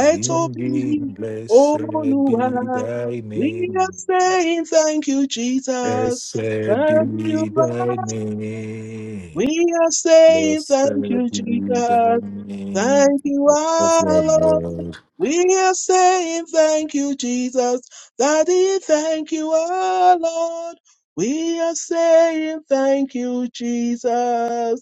[SPEAKER 3] singing, Blessed be
[SPEAKER 2] Oluwa.
[SPEAKER 3] thy
[SPEAKER 2] We are
[SPEAKER 3] name,
[SPEAKER 2] saying thank you, Jesus.
[SPEAKER 3] blessed
[SPEAKER 2] Thank you,
[SPEAKER 3] be thy
[SPEAKER 2] Lord.
[SPEAKER 3] name,
[SPEAKER 2] We are saying
[SPEAKER 3] blessed
[SPEAKER 2] thank you,
[SPEAKER 3] be
[SPEAKER 2] Jesus.
[SPEAKER 3] thy name
[SPEAKER 2] Thank you,
[SPEAKER 3] of the
[SPEAKER 2] our Lord.
[SPEAKER 3] Lord.
[SPEAKER 2] We are saying thank you, Jesus. Daddy, thank you, our Lord. We are saying thank you, Jesus.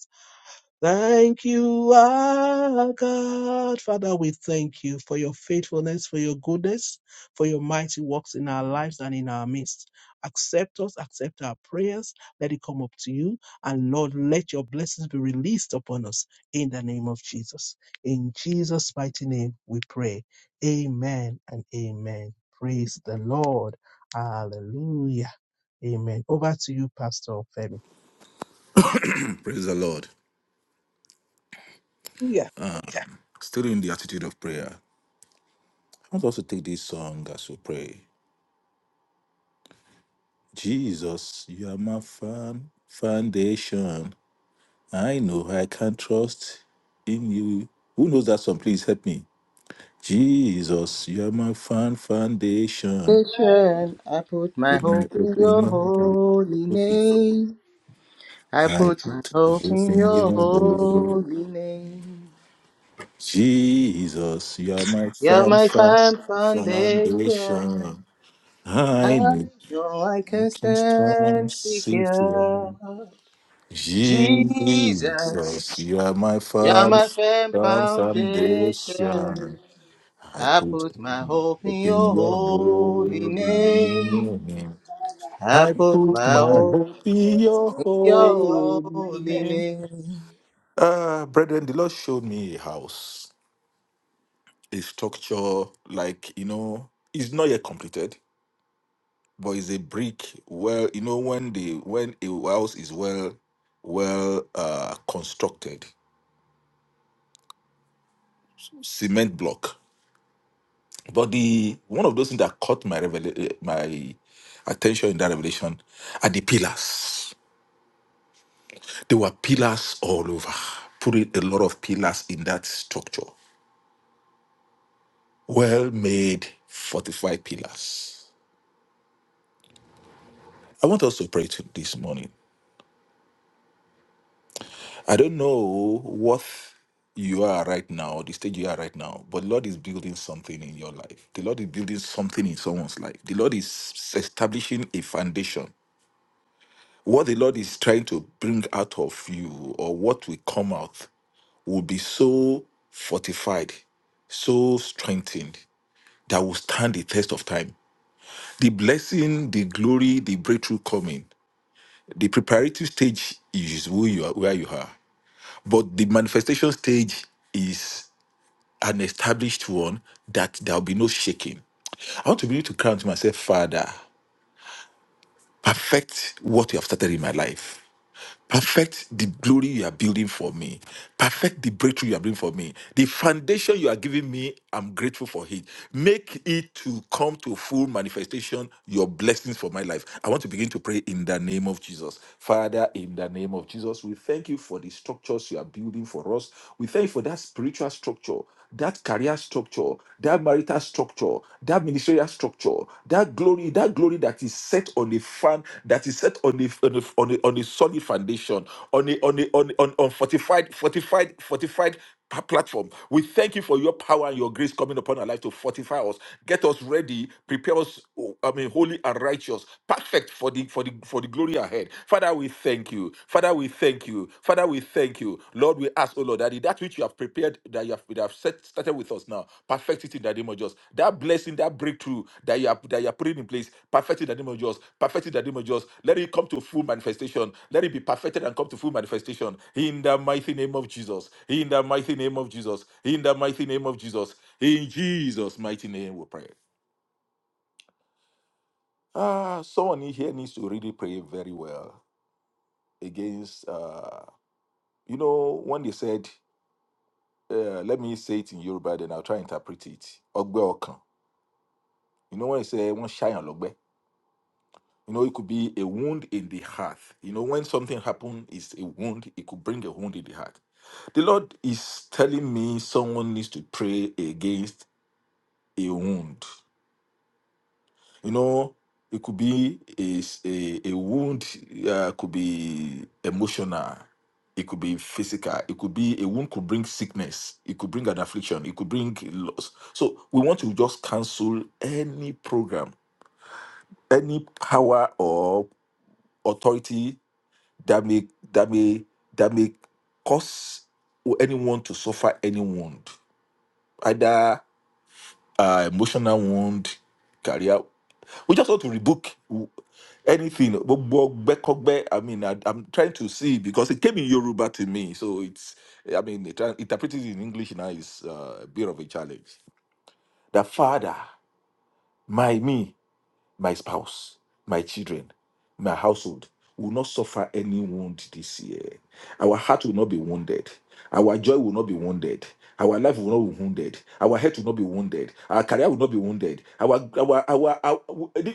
[SPEAKER 2] Thank you, our God. Father, we thank you for your faithfulness, for your goodness, for your mighty works in our lives and in our midst. Accept us, accept our prayers. Let it come up to you. And Lord, let your blessings be released upon us in the name of Jesus. In Jesus' mighty name, we pray. Amen and amen. Praise the Lord. Hallelujah. Amen. Over to you, Pastor Femi.
[SPEAKER 3] Praise the Lord.
[SPEAKER 2] Yeah.
[SPEAKER 3] Still in the attitude of prayer. I want us to take this song as we pray. Jesus, you are my fan, foundation. I know I can trust in you. Who knows that song? Please help me. Jesus, you are my fan foundation.
[SPEAKER 1] I put my
[SPEAKER 3] With my
[SPEAKER 1] hope in
[SPEAKER 3] open
[SPEAKER 1] your
[SPEAKER 3] arms,
[SPEAKER 1] holy name. I
[SPEAKER 3] I
[SPEAKER 1] put my
[SPEAKER 3] put my
[SPEAKER 1] hope
[SPEAKER 3] hope
[SPEAKER 1] in
[SPEAKER 3] in
[SPEAKER 1] your
[SPEAKER 3] your holy.
[SPEAKER 1] holy name.
[SPEAKER 3] Jesus, you are my
[SPEAKER 1] You're
[SPEAKER 3] firm
[SPEAKER 1] my
[SPEAKER 3] fa-
[SPEAKER 1] firm foundation.
[SPEAKER 3] foundation.
[SPEAKER 1] I
[SPEAKER 3] I know
[SPEAKER 1] know I
[SPEAKER 3] I
[SPEAKER 1] can
[SPEAKER 3] can stand
[SPEAKER 1] stand
[SPEAKER 3] secure.
[SPEAKER 1] secure. Jesus,
[SPEAKER 3] Jesus, you are my
[SPEAKER 1] you're
[SPEAKER 3] firm
[SPEAKER 1] my firm
[SPEAKER 3] firm
[SPEAKER 1] foundation.
[SPEAKER 3] foundation. I
[SPEAKER 1] I
[SPEAKER 3] put
[SPEAKER 1] put my hope
[SPEAKER 3] hope
[SPEAKER 1] in
[SPEAKER 3] in
[SPEAKER 1] your
[SPEAKER 3] your
[SPEAKER 1] holy
[SPEAKER 3] holy
[SPEAKER 1] name.
[SPEAKER 3] name.
[SPEAKER 1] I
[SPEAKER 3] I
[SPEAKER 1] put
[SPEAKER 3] put
[SPEAKER 1] my
[SPEAKER 3] my
[SPEAKER 1] hope
[SPEAKER 3] hope in your
[SPEAKER 1] in your
[SPEAKER 3] holy
[SPEAKER 1] holy
[SPEAKER 3] name.
[SPEAKER 1] name.
[SPEAKER 3] Uh, brethren, the Lord showed me a house, a structure like you know, it's not yet completed, but it's a brick. Well, you know, when the when a house is well well uh constructed cement block but the one of those things that caught my revel- my attention in that revelation are the pillars There were pillars all over. Putting a lot of pillars in that structure. Well made, fortified pillars. I want us to pray to this morning. I don't know what you are right now, the stage you are right now, but the Lord is building something in your life. The Lord is building something in someone's life. The Lord is establishing a foundation. What the Lord is trying to bring out of you or what will come out will be so fortified so strengthened that will stand the test of time. The blessing, the glory, the breakthrough coming. The preparatory stage is who you are, where you are, but the manifestation stage is an established one that there will be no shaking. I want to be able to count myself, Father, perfect what you have started in my life Perfect the glory you are building for me. Perfect the breakthrough you are building for me. The foundation you are giving me, I'm grateful for it. Make it to come to full manifestation, your blessings for my life. I want to begin to pray in the name of Jesus. Father, in the name of Jesus, we thank you for the structures you are building for us. We thank you for that spiritual structure that career structure, that marital structure, that ministerial structure, that glory, that glory that is set on a fan, that is set on a on a, on a, on a solid foundation, on a on a on, on, on fortified fortified fortified pa- platform. We thank you for your power and your grace coming upon our life to fortify us, get us ready, prepare us. oh, I mean, holy and righteous, perfect for the for the for the glory ahead. Father, we thank you. Father, we thank you. Father, we thank you. Lord, we ask, oh Lord, that that which you have prepared, that you have, that have set, started with us now, perfect it in the name of Jesus. That blessing, that breakthrough that you have that you are putting in place, perfect it in the name of Jesus. Perfect it in the name of Jesus. Let it come to full manifestation. Let it be perfected and come to full manifestation. In the mighty name of Jesus. In the mighty name of Jesus. In the mighty name of Jesus. In Jesus' mighty name we pray. Ah, someone in here needs to really pray very well against uh You know, when they said, uh, let me say it in Yoruba, then I'll try and interpret it. Ogbe okan. You know, when they say, one shy on logbe. You know, it could be a wound in the heart. You know, when something happened, it's a wound. It could bring a wound in the heart. The Lord is telling me someone needs to pray against a wound. you know it could be a a a wound uh, could be emotional it could be physical it could be a wound could bring sickness it could bring an affliction it could bring loss so we want to just cancel any program any power or authority that may that may that may cause anyone to suffer any wound either uh, emotional wound, career. We just want to rebook w- anything. Gbogbo ọgbẹ́kọ́gbẹ́, I mean, I, I'm trying to see because it came in Yoruba to me, so it's. I mean, it, interpreting it in English now is uh, a bit of a challenge. The father, my me, my spouse, my children, my household will not suffer any wound this year. Our heart will not be wounded. Our joy will not be wounded. Our life will not be wounded. Our health will not be wounded. Our career will not be wounded. Our, our, our, our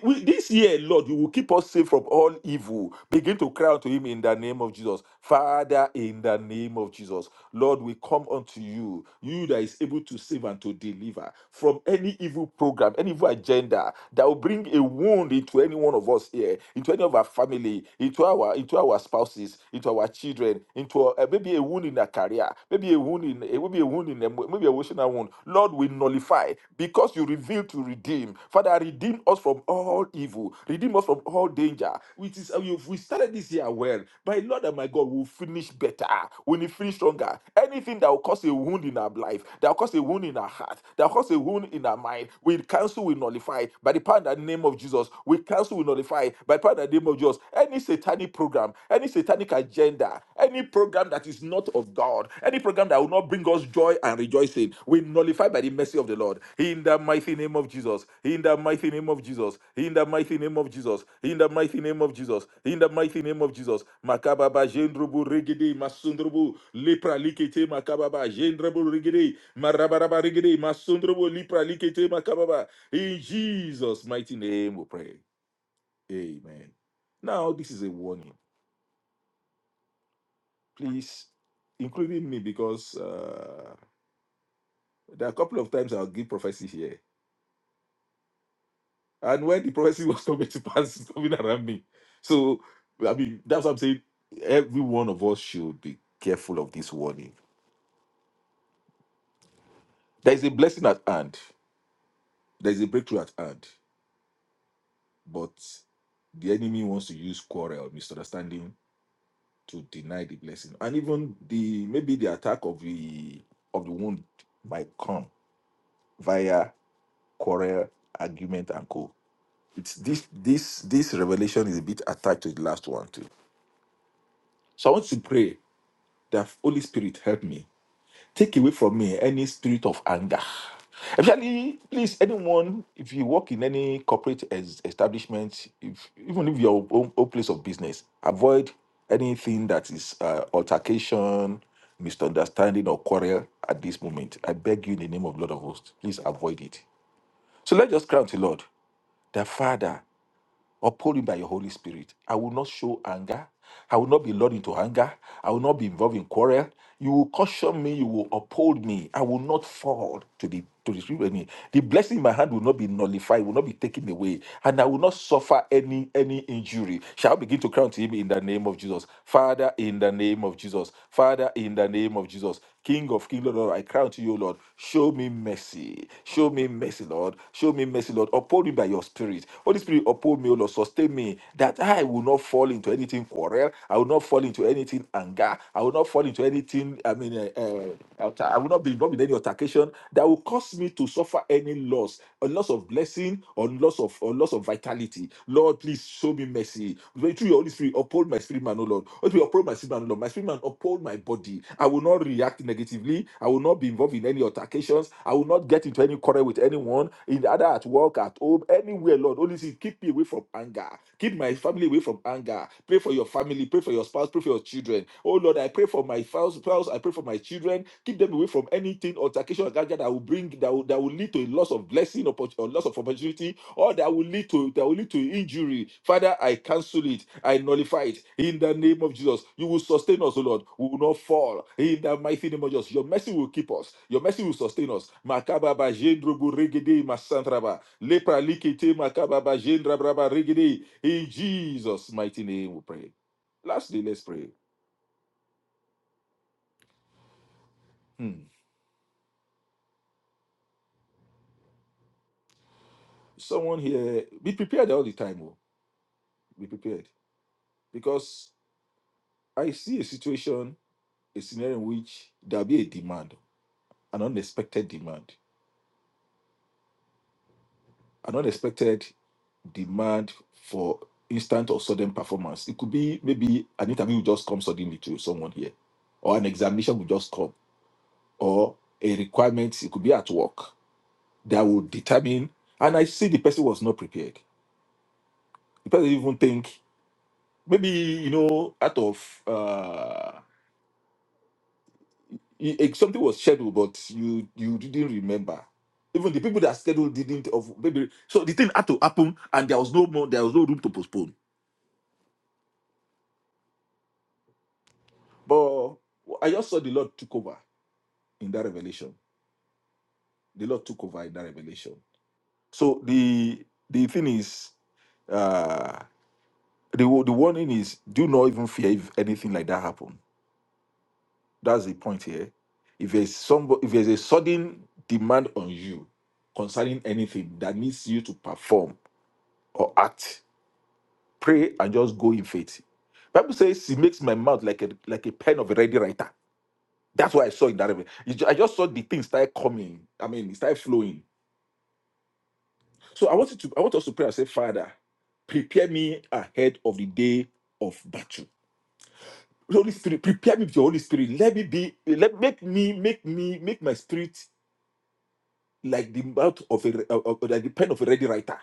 [SPEAKER 3] we- this year, Lord, you will keep us safe from all evil. Begin to cry unto Him in the name of Jesus, Father. In the name of Jesus, Lord, we come unto you, you that is able to save and to deliver from any evil program, any evil agenda that will bring a wound into any one of us here, into any of our family, into our into our spouse spouses, into our children, into our, uh, maybe a wound in a career, maybe a wound in a, maybe a wound in a, maybe a emotional wound. Lord, we nullify because you reveal to redeem. Father, redeem us from all evil, redeem us from all danger. Which is uh, we we started this year well. My Lord and my God, we'll finish better. We'll finish stronger. Anything that will cause a wound in our life, that will cause a wound in our heart, that will cause a wound in our mind, we cancel, we nullify by the power and the name of Jesus. We cancel, we nullify by power in the name of Jesus. Any satanic program, any satanic agenda, any program that is not of God, any program that will not bring us joy and rejoicing, we nullify by the mercy of the Lord. In the mighty name of Jesus. In the mighty name of Jesus. In the mighty name of Jesus. In the mighty name of Jesus. In the mighty name of Jesus. Makababa jendrubu rigidi masundrubu lepra likete makababa jendrubu rigidi marabaraba rigidi masundrubu lepra likete makababa. In Jesus' mighty name we pray. Amen. Now, this is a warning, please, including me, because uh, there are a couple of times I'll give prophecy here. And when the prophecy was coming to pass, it's coming around me. So, I mean, that's what I'm saying. Every one of us should be careful of this warning. There is a blessing at hand, there is a breakthrough at hand, but the enemy wants to use quarrel, misunderstanding to deny the blessing. And even the maybe the attack of the of the wound might come via quarrel, argument, and co. It's this this this revelation is a bit attached to the last one too. So I want to pray that Holy Spirit help me. Take away from me any spirit of anger. Actually, please, anyone, if you work in any corporate es- establishment, if, even if your own, own place of business, avoid anything that is uh, altercation, misunderstanding, or quarrel at this moment. I beg you in the name of Lord of hosts, please avoid it. So let's just cry to Lord, the Father. Uphold me by your Holy Spirit. I will not show anger. I will not be lured into anger. I will not be involved in quarrel. You will caution me. You will uphold me. I will not fall to the to the street enemy. The blessing in my hand will not be nullified. Will not be taken away, and I will not suffer any any injury. Shall I begin to crown to him in the name of Jesus, Father, in the name of Jesus, Father, in the name of Jesus. King of King, Lord, Lord, I cry unto you, Lord. Show me mercy. Show me mercy, Lord. Show me mercy, Lord. Uphold me by your spirit. Holy Spirit, uphold me, O Lord. Sustain me that I will not fall into anything quarrel. I will not fall into anything anger. I will not fall into anything, I mean, uh, uh, I will not be involved in any altercation that will cause me to suffer any loss a loss of blessing or loss of or loss of vitality. Lord, please show me mercy. Through your Holy Spirit, uphold my spirit man, O Lord. Holy Spirit, uphold my spirit man, O Lord. My spirit man, uphold my body. I will not react negatively. I will not be involved in any altercations. I will not get into any quarrel with anyone, in either at work, at home, anywhere, Lord. Holy Spirit, keep me away from anger. Keep my family away from anger. Pray for your family. Pray for your spouse. Pray for your children. Oh Lord, I pray for my spouse. spouse, I pray for my children. Keep them away from anything altercation or gadget that will bring that will, that will lead to a loss of blessing oppo- or loss of opportunity or that will lead to that will lead to injury. Father, I cancel it. I nullify it in the name of Jesus. You will sustain us, O Lord. We will not fall in the mighty name of Jesus. Your mercy will keep us. Your mercy will sustain us. Makababa jendrobu regede masantraba lepra likete makababa jendrabraba regede. In Jesus' mighty name, we pray. Lastly, let's pray. Hmm someone here be prepared all the time Oh. Be prepared. Because I see a situation, a scenario in which there'll be a demand, an unexpected demand, an unexpected demand for instant or sudden performance. It could be maybe an interview will just come suddenly to someone here, or an examination will just come, or a requirement, it could be at work, that will determine. And I see the person was not prepared. The person even think maybe, you know, out of. uh, you- eh, something was scheduled, but you you didn't remember. Even the people that scheduled didn't of maybe so the thing had to happen and there was no more there was no room to postpone. But I just saw the Lord took over in that revelation. The Lord took over in that revelation. So the the thing is uh the wa- the warning is do not even fear if anything like that happen. That's the point here. If there's some if there's a sudden demand on you concerning anything that needs you to perform or act pray and just go in faith. Bible says she makes my mouth like a like a pen of a ready writer. That's what I saw in that revelation. It ju- I just saw the thing start coming. I mean, it started flowing. So I wanted to I want us to pray and say, Father, prepare me ahead of the day of battle. Holy Spirit, prepare me with your Holy Spirit. Let me be, let make me, make me, make my spirit like the mouth of a uh, uh, like the pen of a ready writer.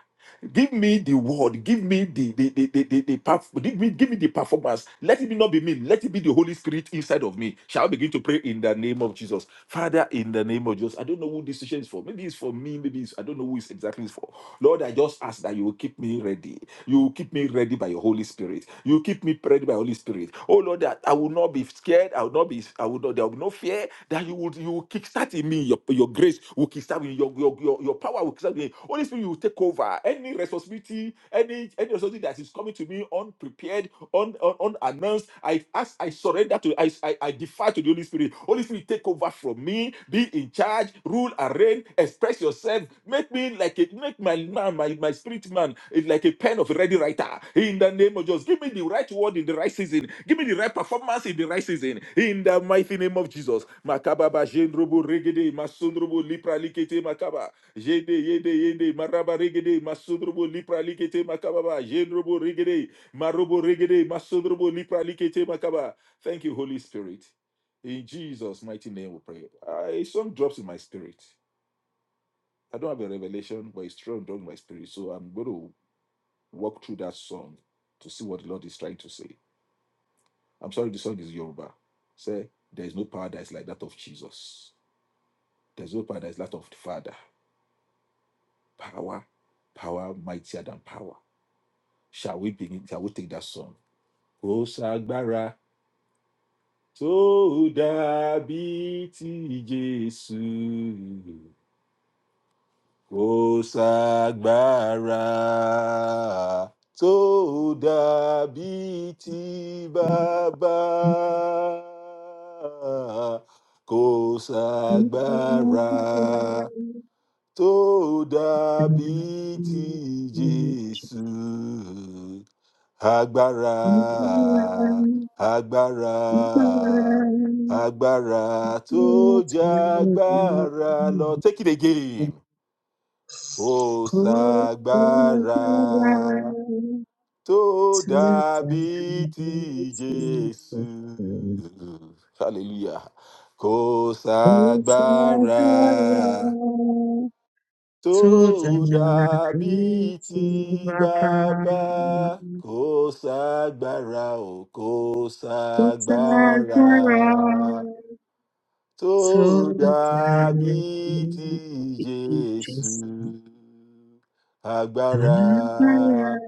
[SPEAKER 3] Give me the word. Give me the the the the, the, the perf- give me give me the performance. Let it not be me. Let it be the Holy Spirit inside of me. Shall I begin to pray in the name of Jesus, Father? In the name of Jesus, I don't know who this session is for. Maybe it's for me. Maybe it's I don't know who it's exactly is for. Lord, I just ask that you will keep me ready. You keep me ready by your Holy Spirit. You keep me ready by your Holy Spirit. Oh Lord, that I will not be scared. I will not be. I will not. There will be no fear. That you will. You will kickstart in me. Your, your grace will kickstart me. Your, your your your power will kickstart me. Holy Spirit, you will take over any responsibility, any any responsibility that is coming to me unprepared, un, un, unannounced. I ask. I surrender to. I, I I, I defy to the Holy Spirit. Holy Spirit, take over from me. Be in charge. Rule and reign. Express yourself. Make me like a make my man, my, my spirit man, is like a pen of a ready writer. In the name of Jesus, give me the right word in the right season. Give me the right performance in the right season. In the mighty name of Jesus. Makababa jendrobo regede masundrobo lipra likete makaba. Jede yede yede maraba regede masundrobo lipra likete makababa jendrobo regede marobo regede masundrobo lipra likete makaba. Thank you, Holy Spirit. In Jesus' mighty name we pray. I some drops in my spirit. I don't have a revelation, but it's strong drop in my spirit. So I'm going to walk through that song to see what the Lord is trying to say. I'm sorry the song is Yoruba. Say, there is no power that is like that of Jesus. There's no power that is like that of the Father. Power, power mightier than power. Shall we begin? Shall we take that song? Kò sàgbára tó dàbí ti Jésù. Kò ságbára tó dàbí ti
[SPEAKER 4] To
[SPEAKER 3] bàbá. Kò ságbára tó dàbí ti Jésù. Agbára, agbára, agbára tó jágbára lọ. Take it again. Kò ságbára tó dàbí ti Jésù. Hallelujah. Kò ságbára tó
[SPEAKER 4] the
[SPEAKER 3] dàbí ti
[SPEAKER 4] Baba,
[SPEAKER 3] bàbá. Kò ságbára o, kò ságbára
[SPEAKER 4] to So
[SPEAKER 3] tó
[SPEAKER 4] bright,
[SPEAKER 3] dàbí ti
[SPEAKER 4] just
[SPEAKER 3] Jésù.
[SPEAKER 4] on fire,
[SPEAKER 3] Agbára,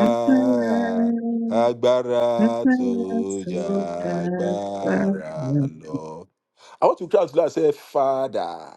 [SPEAKER 4] on fire, on
[SPEAKER 3] agbára
[SPEAKER 4] fire,
[SPEAKER 3] tó
[SPEAKER 4] so
[SPEAKER 3] jà
[SPEAKER 4] bright, fire,
[SPEAKER 3] agbára lọ. I want to cry out loud and say, Father,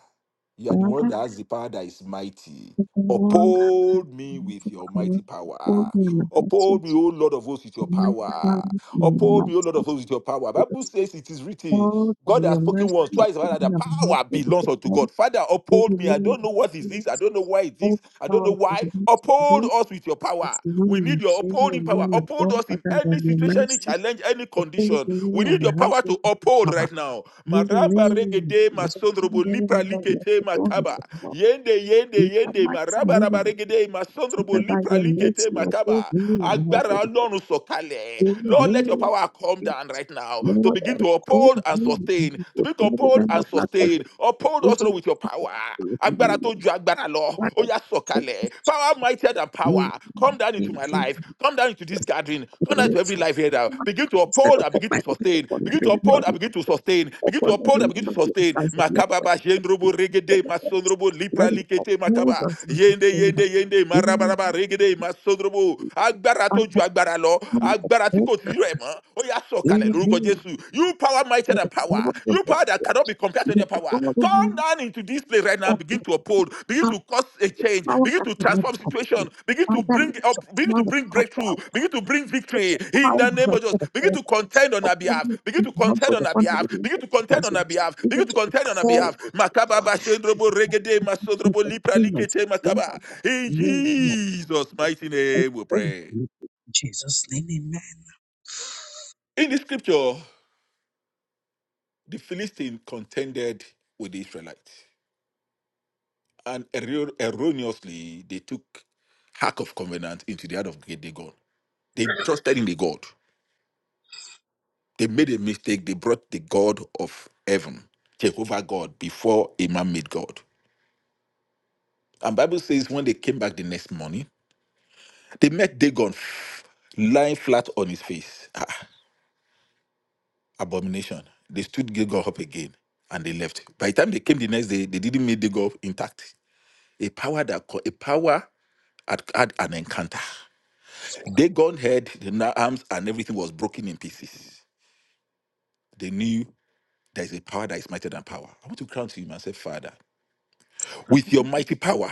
[SPEAKER 3] you are the
[SPEAKER 4] all
[SPEAKER 3] one that has the power that is mighty.
[SPEAKER 4] of the world.
[SPEAKER 3] Uphold me with your mighty power.
[SPEAKER 4] Hold me in my the so
[SPEAKER 3] Uphold me, O Lord of hosts, with
[SPEAKER 4] to
[SPEAKER 3] your
[SPEAKER 4] make the power
[SPEAKER 3] power.
[SPEAKER 4] in the
[SPEAKER 3] Uphold
[SPEAKER 4] mouth.
[SPEAKER 3] me, O Lord of hosts, with your power. Bible
[SPEAKER 4] Because
[SPEAKER 3] says it is written
[SPEAKER 4] all by
[SPEAKER 3] God has
[SPEAKER 4] your
[SPEAKER 3] spoken
[SPEAKER 4] mercy,
[SPEAKER 3] once,
[SPEAKER 4] you
[SPEAKER 3] twice, rather,
[SPEAKER 4] open
[SPEAKER 3] the
[SPEAKER 4] up my heart,
[SPEAKER 3] power
[SPEAKER 4] so that
[SPEAKER 3] belongs
[SPEAKER 4] the
[SPEAKER 3] unto
[SPEAKER 4] power
[SPEAKER 3] God. Father,
[SPEAKER 4] will
[SPEAKER 3] uphold me. I
[SPEAKER 4] be
[SPEAKER 3] don't know what is
[SPEAKER 4] made.
[SPEAKER 3] this. I don't know why it
[SPEAKER 4] All
[SPEAKER 3] is. I don't
[SPEAKER 4] power
[SPEAKER 3] know why.
[SPEAKER 4] belongs to
[SPEAKER 3] Uphold
[SPEAKER 4] you.
[SPEAKER 3] us with your power.
[SPEAKER 4] It's you
[SPEAKER 3] We need
[SPEAKER 4] who
[SPEAKER 3] your
[SPEAKER 4] carry
[SPEAKER 3] upholding power.
[SPEAKER 4] alone
[SPEAKER 3] Uphold
[SPEAKER 4] above,
[SPEAKER 3] us in
[SPEAKER 4] Father, by
[SPEAKER 3] any
[SPEAKER 4] your
[SPEAKER 3] situation, any
[SPEAKER 4] mercy.
[SPEAKER 3] challenge, any
[SPEAKER 4] The food
[SPEAKER 3] condition.
[SPEAKER 4] we
[SPEAKER 3] We
[SPEAKER 4] eat and
[SPEAKER 3] need your
[SPEAKER 4] the
[SPEAKER 3] power
[SPEAKER 4] house we
[SPEAKER 3] to
[SPEAKER 4] live in,
[SPEAKER 3] uphold
[SPEAKER 4] Mama.
[SPEAKER 3] right now.
[SPEAKER 4] You will
[SPEAKER 3] Maramba
[SPEAKER 4] live.
[SPEAKER 3] regede
[SPEAKER 4] There's a food
[SPEAKER 3] masondrobo lipra
[SPEAKER 4] everywhere left
[SPEAKER 3] likete
[SPEAKER 4] the door
[SPEAKER 3] makaba.
[SPEAKER 4] to come up.
[SPEAKER 3] Yende
[SPEAKER 4] You
[SPEAKER 3] yende
[SPEAKER 4] have
[SPEAKER 3] yende
[SPEAKER 4] my
[SPEAKER 3] maraba raba
[SPEAKER 4] community.
[SPEAKER 3] regede masondrobo
[SPEAKER 4] by
[SPEAKER 3] lipra
[SPEAKER 4] your
[SPEAKER 3] likete
[SPEAKER 4] mercy, your poor
[SPEAKER 3] makaba.
[SPEAKER 4] me and help
[SPEAKER 3] Agbára
[SPEAKER 4] it.
[SPEAKER 3] Ọlọ́run sọ̀kalẹ̀.
[SPEAKER 4] You will
[SPEAKER 3] Lord, let your
[SPEAKER 4] live.
[SPEAKER 3] power come down
[SPEAKER 4] Jesus.
[SPEAKER 3] right now now to
[SPEAKER 4] Lord,
[SPEAKER 3] begin
[SPEAKER 4] I
[SPEAKER 3] to
[SPEAKER 4] call
[SPEAKER 3] uphold and
[SPEAKER 4] me. and
[SPEAKER 3] sustain,
[SPEAKER 4] You
[SPEAKER 3] to
[SPEAKER 4] will
[SPEAKER 3] begin to
[SPEAKER 4] never
[SPEAKER 3] uphold
[SPEAKER 4] remember
[SPEAKER 3] and
[SPEAKER 4] blood
[SPEAKER 3] sustain.
[SPEAKER 4] pressure.
[SPEAKER 3] Uphold
[SPEAKER 4] You
[SPEAKER 3] us,
[SPEAKER 4] just
[SPEAKER 3] Lord, with your
[SPEAKER 4] keep it
[SPEAKER 3] power.
[SPEAKER 4] with me.
[SPEAKER 3] Agbára tó
[SPEAKER 4] Lord,
[SPEAKER 3] ju agbára lọ, ó
[SPEAKER 4] Father,
[SPEAKER 3] yá
[SPEAKER 4] show
[SPEAKER 3] sọ̀kalẹ̀.
[SPEAKER 4] us
[SPEAKER 3] Power mightier than
[SPEAKER 4] me
[SPEAKER 3] power. Come down into
[SPEAKER 4] and
[SPEAKER 3] my
[SPEAKER 4] clean
[SPEAKER 3] life. Come down into this
[SPEAKER 4] us.
[SPEAKER 3] gathering.
[SPEAKER 4] For the
[SPEAKER 3] Come down to every
[SPEAKER 4] little.
[SPEAKER 3] life here now. Begin to
[SPEAKER 4] Instead
[SPEAKER 3] uphold
[SPEAKER 4] of
[SPEAKER 3] and
[SPEAKER 4] what
[SPEAKER 3] begin
[SPEAKER 4] my
[SPEAKER 3] to
[SPEAKER 4] little
[SPEAKER 3] sustain.
[SPEAKER 4] one, I
[SPEAKER 3] Begin to
[SPEAKER 4] remember
[SPEAKER 3] uphold and
[SPEAKER 4] my
[SPEAKER 3] begin to
[SPEAKER 4] household,
[SPEAKER 3] sustain. Begin to
[SPEAKER 4] upon
[SPEAKER 3] uphold and
[SPEAKER 4] every
[SPEAKER 3] begin
[SPEAKER 4] member
[SPEAKER 3] to
[SPEAKER 4] of
[SPEAKER 3] sustain.
[SPEAKER 4] the
[SPEAKER 3] Makababa, Jendrobo, Regede, Masondrobo, Lipra,
[SPEAKER 4] Lord, of
[SPEAKER 3] Likete,
[SPEAKER 4] all
[SPEAKER 3] Makaba.
[SPEAKER 4] those in the
[SPEAKER 3] Yende,
[SPEAKER 4] favor,
[SPEAKER 3] Yende, Yende,
[SPEAKER 4] in
[SPEAKER 3] Marabaraba, Regede, Masondrobo.
[SPEAKER 4] the
[SPEAKER 3] Agbára tó ju
[SPEAKER 4] understanding
[SPEAKER 3] agbára lọ.
[SPEAKER 4] of
[SPEAKER 3] Agbára tí
[SPEAKER 4] all
[SPEAKER 3] kò tú
[SPEAKER 4] that
[SPEAKER 3] rẹ̀ mọ́ ó yà sọ̀kalẹ̀
[SPEAKER 4] in
[SPEAKER 3] lórúkọ
[SPEAKER 4] me,
[SPEAKER 3] jésù you power mightier
[SPEAKER 4] for
[SPEAKER 3] than
[SPEAKER 4] the
[SPEAKER 3] power
[SPEAKER 4] glory of
[SPEAKER 3] you
[SPEAKER 4] God,
[SPEAKER 3] power that cannot be compared to any
[SPEAKER 4] let the
[SPEAKER 3] power
[SPEAKER 4] glory of
[SPEAKER 3] come
[SPEAKER 4] you
[SPEAKER 3] down into this place right now and
[SPEAKER 4] of the
[SPEAKER 3] begin to uphold begin
[SPEAKER 4] pow-
[SPEAKER 3] to cause a change
[SPEAKER 4] power
[SPEAKER 3] begin
[SPEAKER 4] that
[SPEAKER 3] to
[SPEAKER 4] cannot
[SPEAKER 3] transform situation
[SPEAKER 4] complete.
[SPEAKER 3] begin to
[SPEAKER 4] Father, let
[SPEAKER 3] bring up
[SPEAKER 4] your
[SPEAKER 3] begin to
[SPEAKER 4] power
[SPEAKER 3] bring
[SPEAKER 4] come
[SPEAKER 3] breakthrough
[SPEAKER 4] down.
[SPEAKER 3] begin to bring
[SPEAKER 4] Let
[SPEAKER 3] victory
[SPEAKER 4] your
[SPEAKER 3] in
[SPEAKER 4] power
[SPEAKER 3] the name of
[SPEAKER 4] rest
[SPEAKER 3] Jesus
[SPEAKER 4] for the
[SPEAKER 3] begin to
[SPEAKER 4] power
[SPEAKER 3] contend on our
[SPEAKER 4] upon
[SPEAKER 3] behalf
[SPEAKER 4] me,
[SPEAKER 3] begin
[SPEAKER 4] and
[SPEAKER 3] to
[SPEAKER 4] also
[SPEAKER 3] contend on our
[SPEAKER 4] upon the
[SPEAKER 3] behalf
[SPEAKER 4] living
[SPEAKER 3] begin
[SPEAKER 4] of
[SPEAKER 3] to
[SPEAKER 4] the
[SPEAKER 3] contend on our
[SPEAKER 4] presence,
[SPEAKER 3] behalf begin
[SPEAKER 4] even
[SPEAKER 3] to
[SPEAKER 4] to the
[SPEAKER 3] contend on our behalf
[SPEAKER 4] Lord,
[SPEAKER 3] makaba bashendrobo regede
[SPEAKER 4] with
[SPEAKER 3] masodrobo
[SPEAKER 4] the
[SPEAKER 3] lipra
[SPEAKER 4] fullness,
[SPEAKER 3] likete
[SPEAKER 4] even
[SPEAKER 3] makaba
[SPEAKER 4] that
[SPEAKER 3] in
[SPEAKER 4] you know, not.
[SPEAKER 3] Jesus mighty
[SPEAKER 4] And
[SPEAKER 3] name we
[SPEAKER 4] so,
[SPEAKER 3] pray
[SPEAKER 4] in Jesus' name, amen.
[SPEAKER 3] in the scripture The Philistines contended with the Israelites, and erro- erroneously they took Ark of Covenant into the hand of Great Dagon. They trusted in the God. They made a mistake. They brought the God of heaven, Jehovah God, before a man-made God. And Bible says when they came back the next morning, they met Dagon f- lying flat on his face. Ah, abomination. They stood Dagon up again and they left. By the time they came the next day, they didn't meet Dagon intact. A power that co- a power had, had an encounter. They gone head, the na- arms and everything was broken in pieces. They knew there is a power that is mightier than power. I want to crown to him and say, Father, with your mighty power,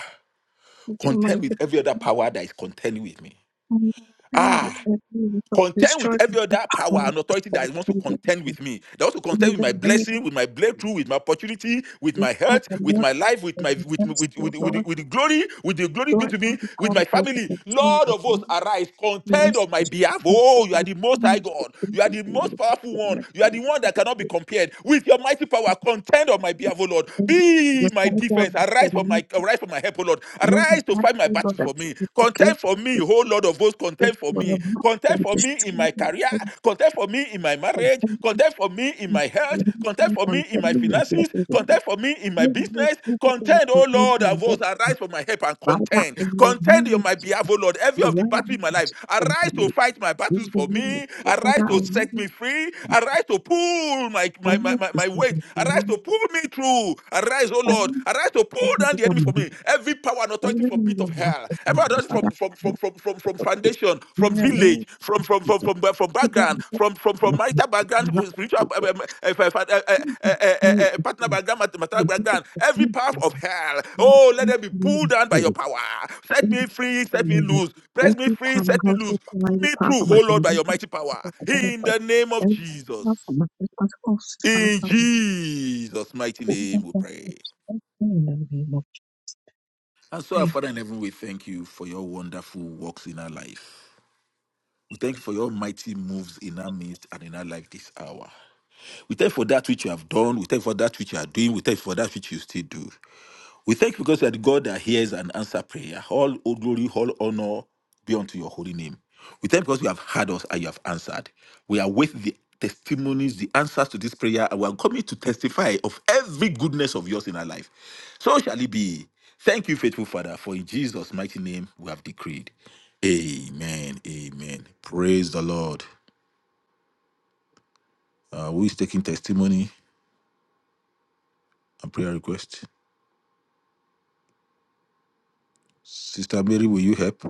[SPEAKER 4] which
[SPEAKER 3] contend
[SPEAKER 4] remained
[SPEAKER 3] with every other power that is contending with me.
[SPEAKER 4] independent
[SPEAKER 3] Ah,
[SPEAKER 4] and being
[SPEAKER 3] contend with
[SPEAKER 4] self-destroyed
[SPEAKER 3] every
[SPEAKER 4] the
[SPEAKER 3] other
[SPEAKER 4] power
[SPEAKER 3] power and authority
[SPEAKER 4] system
[SPEAKER 3] that wants to
[SPEAKER 4] in the
[SPEAKER 3] contend
[SPEAKER 4] moon.
[SPEAKER 3] with me. That wants to contend
[SPEAKER 4] in
[SPEAKER 3] with my
[SPEAKER 4] the name
[SPEAKER 3] blessing, with my breakthrough, with my opportunity, with my
[SPEAKER 4] of
[SPEAKER 3] health,
[SPEAKER 4] the
[SPEAKER 3] with
[SPEAKER 4] Lord
[SPEAKER 3] my life, with
[SPEAKER 4] and
[SPEAKER 3] my
[SPEAKER 4] the
[SPEAKER 3] with
[SPEAKER 4] best
[SPEAKER 3] with
[SPEAKER 4] of
[SPEAKER 3] with, with, the-
[SPEAKER 4] Lord,
[SPEAKER 3] with the glory, with the glory good
[SPEAKER 4] Lord,
[SPEAKER 3] to me,
[SPEAKER 4] and the
[SPEAKER 3] with
[SPEAKER 4] power
[SPEAKER 3] my
[SPEAKER 4] of the
[SPEAKER 3] family.
[SPEAKER 4] concern
[SPEAKER 3] Lord
[SPEAKER 4] with
[SPEAKER 3] of
[SPEAKER 4] the
[SPEAKER 3] hosts, arise, contend
[SPEAKER 4] news
[SPEAKER 3] on my
[SPEAKER 4] is the
[SPEAKER 3] behalf.
[SPEAKER 4] power of
[SPEAKER 3] Oh, you are
[SPEAKER 4] the
[SPEAKER 3] the most high
[SPEAKER 4] news the
[SPEAKER 3] God. You
[SPEAKER 4] brings
[SPEAKER 3] are
[SPEAKER 4] us
[SPEAKER 3] the
[SPEAKER 4] the out
[SPEAKER 3] most
[SPEAKER 4] of
[SPEAKER 3] powerful
[SPEAKER 4] the
[SPEAKER 3] one. You are the
[SPEAKER 4] mercy
[SPEAKER 3] one
[SPEAKER 4] of
[SPEAKER 3] that
[SPEAKER 4] the
[SPEAKER 3] cannot be
[SPEAKER 4] Lord.
[SPEAKER 3] compared. With your mighty power, contend on my behalf, oh Lord.
[SPEAKER 4] And
[SPEAKER 3] Be
[SPEAKER 4] The
[SPEAKER 3] my
[SPEAKER 4] Father of
[SPEAKER 3] defense.
[SPEAKER 4] the
[SPEAKER 3] Arise for
[SPEAKER 4] Lord,
[SPEAKER 3] my arise for my help, oh Lord.
[SPEAKER 4] Lord, and
[SPEAKER 3] Arise to fight my
[SPEAKER 4] Matthew,
[SPEAKER 3] battle
[SPEAKER 4] Lord,
[SPEAKER 3] battles
[SPEAKER 4] that
[SPEAKER 3] for me.
[SPEAKER 4] is okay.
[SPEAKER 3] Contend for me, whole Lord of hosts,
[SPEAKER 4] the
[SPEAKER 3] contend for
[SPEAKER 4] one
[SPEAKER 3] me.
[SPEAKER 4] of my
[SPEAKER 3] Contend
[SPEAKER 4] and
[SPEAKER 3] for me in
[SPEAKER 4] destroy
[SPEAKER 3] my
[SPEAKER 4] my
[SPEAKER 3] career.
[SPEAKER 4] friends
[SPEAKER 3] Contend for me in my
[SPEAKER 4] from
[SPEAKER 3] marriage.
[SPEAKER 4] every
[SPEAKER 3] Contend for me in
[SPEAKER 4] piece
[SPEAKER 3] my health.
[SPEAKER 4] of
[SPEAKER 3] Contend
[SPEAKER 4] the
[SPEAKER 3] for
[SPEAKER 4] on
[SPEAKER 3] me in my
[SPEAKER 4] sending your
[SPEAKER 3] finances.
[SPEAKER 4] blessings
[SPEAKER 3] Contend for me in my
[SPEAKER 4] Yes, yes,
[SPEAKER 3] business.
[SPEAKER 4] thank you for the
[SPEAKER 3] Contend, oh Lord of
[SPEAKER 4] opportunity. Yes,
[SPEAKER 3] hosts, arise for my help and
[SPEAKER 4] Father,
[SPEAKER 3] contend.
[SPEAKER 4] in the
[SPEAKER 3] Contend
[SPEAKER 4] name
[SPEAKER 3] on
[SPEAKER 4] of
[SPEAKER 3] my
[SPEAKER 4] Jesus,
[SPEAKER 3] behalf, oh Lord, every of
[SPEAKER 4] we
[SPEAKER 3] the
[SPEAKER 4] are
[SPEAKER 3] battle in my
[SPEAKER 4] asking
[SPEAKER 3] life.
[SPEAKER 4] for you. for
[SPEAKER 3] Arise to
[SPEAKER 4] the
[SPEAKER 3] fight my
[SPEAKER 4] name.
[SPEAKER 3] battles
[SPEAKER 4] In the
[SPEAKER 3] for
[SPEAKER 4] name of
[SPEAKER 3] me.
[SPEAKER 4] Jesus,
[SPEAKER 3] Arise
[SPEAKER 4] Father, I
[SPEAKER 3] to
[SPEAKER 4] need
[SPEAKER 3] set me free.
[SPEAKER 4] you.
[SPEAKER 3] Arise to pull my,
[SPEAKER 4] I
[SPEAKER 3] my, my,
[SPEAKER 4] want
[SPEAKER 3] my,
[SPEAKER 4] to
[SPEAKER 3] my
[SPEAKER 4] serve
[SPEAKER 3] weight. Arise
[SPEAKER 4] you.
[SPEAKER 3] to pull me through. Arise Oh O
[SPEAKER 4] I
[SPEAKER 3] Lord,
[SPEAKER 4] want to
[SPEAKER 3] arise to pull
[SPEAKER 4] serve
[SPEAKER 3] down
[SPEAKER 4] you
[SPEAKER 3] the
[SPEAKER 4] for
[SPEAKER 3] enemy for
[SPEAKER 4] me.
[SPEAKER 3] me. Every power and
[SPEAKER 4] I
[SPEAKER 3] authority
[SPEAKER 4] want to
[SPEAKER 3] from pit of
[SPEAKER 4] know what
[SPEAKER 3] hell,
[SPEAKER 4] to
[SPEAKER 3] every
[SPEAKER 4] do.
[SPEAKER 3] authority from
[SPEAKER 4] Father,
[SPEAKER 3] from
[SPEAKER 4] I
[SPEAKER 3] from
[SPEAKER 4] want
[SPEAKER 3] from from,
[SPEAKER 4] to
[SPEAKER 3] from
[SPEAKER 4] serve you.
[SPEAKER 3] foundation, from
[SPEAKER 4] In the
[SPEAKER 3] village,
[SPEAKER 4] name
[SPEAKER 3] from from
[SPEAKER 4] of
[SPEAKER 3] from
[SPEAKER 4] Jesus,
[SPEAKER 3] from, from, from
[SPEAKER 4] Father, I want
[SPEAKER 3] background,
[SPEAKER 4] to serve you.
[SPEAKER 3] from from
[SPEAKER 4] I
[SPEAKER 3] from
[SPEAKER 4] want to
[SPEAKER 3] marital background, spiritual
[SPEAKER 4] serve
[SPEAKER 3] uh,
[SPEAKER 4] you.
[SPEAKER 3] uh, uh, uh, uh, uh,
[SPEAKER 4] You are
[SPEAKER 3] uh,
[SPEAKER 4] the
[SPEAKER 3] partner
[SPEAKER 4] King.
[SPEAKER 3] background, mat- material
[SPEAKER 4] You are the
[SPEAKER 3] background,
[SPEAKER 4] King.
[SPEAKER 3] every
[SPEAKER 4] You
[SPEAKER 3] power
[SPEAKER 4] are
[SPEAKER 3] of hell.
[SPEAKER 4] the
[SPEAKER 3] Oh, let
[SPEAKER 4] King.
[SPEAKER 3] them be pulled
[SPEAKER 4] You
[SPEAKER 3] down by
[SPEAKER 4] are
[SPEAKER 3] your
[SPEAKER 4] the
[SPEAKER 3] power. Set
[SPEAKER 4] King.
[SPEAKER 3] me free, set me loose. Press me free, set me loose. Pull me through, oh Lord, by your mighty power. In the name of Jesus. In
[SPEAKER 4] ที่ทำเขาสุดท้ายพาเขามาถึงที่สุดแต่ก็ไม่ตกแต่เราสามารถที่จะเข้าสู่ฟังและเข้าสู่ผู้ได้แบบไม่ได้เลยบอกใช่
[SPEAKER 3] Jesus' mighty name we pray. And so, our Father in heaven, we thank you for your wonderful works in our life. We thank you for your mighty moves in our midst and in our life this hour. We thank you for that which you have done. We thank you for that which you are doing. We thank you for that which you still do. We thank you because you are the God that hears and answers prayer. All o- glory, all honor be unto your holy name. We thank you because you have heard us and you have answered. We await the testimonies, the answers to this prayer, and we are coming to testify of every goodness of yours in our life. So shall it be. Thank you, faithful Father, for in Jesus' mighty name we have decreed. Amen. Amen. Praise the Lord. Uh, who is taking testimony and prayer request? Sister Mary, will you help?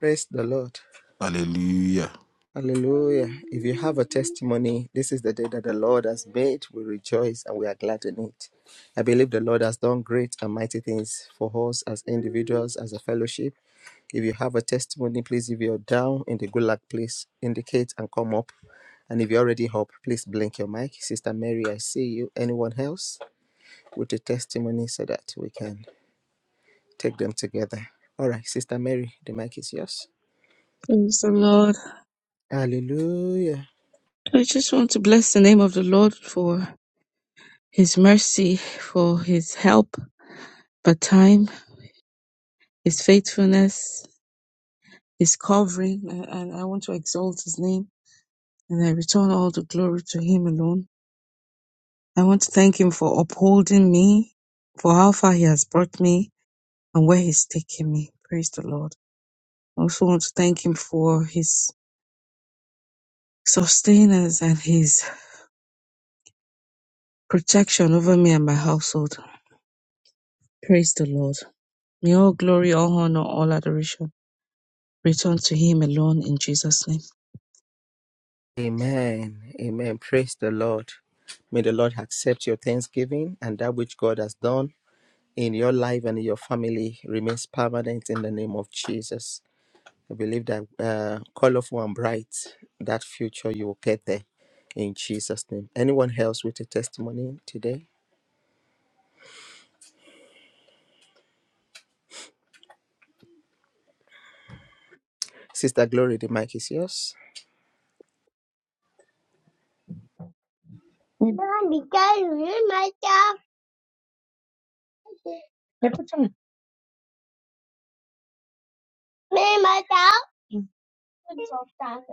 [SPEAKER 1] Praise the Lord.
[SPEAKER 3] Hallelujah.
[SPEAKER 1] Hallelujah. If you have a testimony, this is the day that the Lord has made. We rejoice and we are glad in it. I believe the Lord has done great and mighty things for us as individuals, as a fellowship. If you have a testimony, please, if you're down in the good luck, please indicate and come up. And if you're already up, please blink your mic. Sister Mary, I see you. Anyone else with a testimony so that we can take them together? All right, Sister Mary, the mic is yours.
[SPEAKER 4] Praise the Lord.
[SPEAKER 1] Hallelujah.
[SPEAKER 4] I just want to bless the name of the Lord for his mercy, for his help, but time, his faithfulness, his covering, and and I want to exalt his name and I return all the glory to him alone. I want to thank him for upholding me, for how far he has brought me, and where He's taking me. Praise the Lord. I also want to thank Him for His sustenance and His protection over me and my household. Praise the Lord. May all glory, all honor, all adoration return to Him alone in Jesus' name.
[SPEAKER 1] Amen. Amen. Praise the Lord. May the Lord accept your thanksgiving and that which God has done in your life and in your family remains permanent in the name of Jesus. I believe that uh, colorful and bright, that future you will get there in Jesus' name. Anyone else with a testimony today? Sister Glory, the mic is yours.
[SPEAKER 5] Mom, you guys read my stuff? Read my stuff?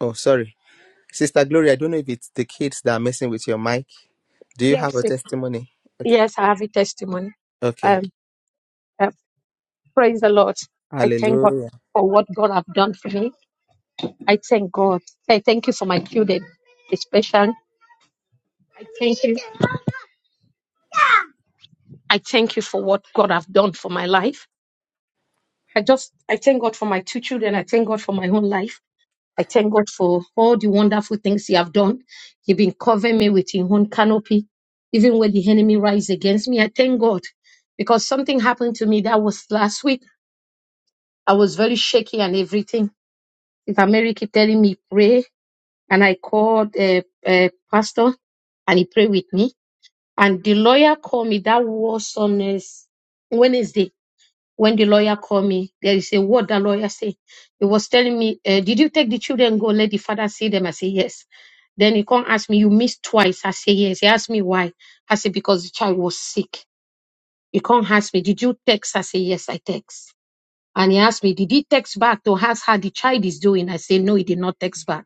[SPEAKER 1] Oh, sorry. Sister Glory, I don't know if it's the kids that are messing with your mic. Do you have a
[SPEAKER 5] Yes, it-
[SPEAKER 1] testimony? Okay.
[SPEAKER 5] yes, I have a testimony.
[SPEAKER 1] Okay.
[SPEAKER 5] Um, uh, praise the Lord. I thank God
[SPEAKER 1] Hallelujah.
[SPEAKER 5] for what God have done for me. I thank God. I thank you for my children, especially. I thank you. I thank you for what God have done for my life. I just, I thank God for my two children. I thank God for my own life. I thank God for all the wonderful things He have done. He been covering me with His own canopy, even when the enemy rise against me. I thank God because something happened to me that was last week. I was very shaky and everything. If Mary keep telling me pray, and I called a uh, uh, pastor and he prayed with me. And the lawyer called me. That was on a s- Wednesday when the lawyer called me, there is a word that lawyer say. He was telling me, uh, "Did you take the children go? Let the father see them." I say yes. Then he can't ask me, "You missed twice." I say yes. He asked me why. I say because the child was sick. He can't ask me, "Did you text?" I say yes, I text. And he asked me, "Did he text back to ask how the child is doing?" I say no, he did not text back.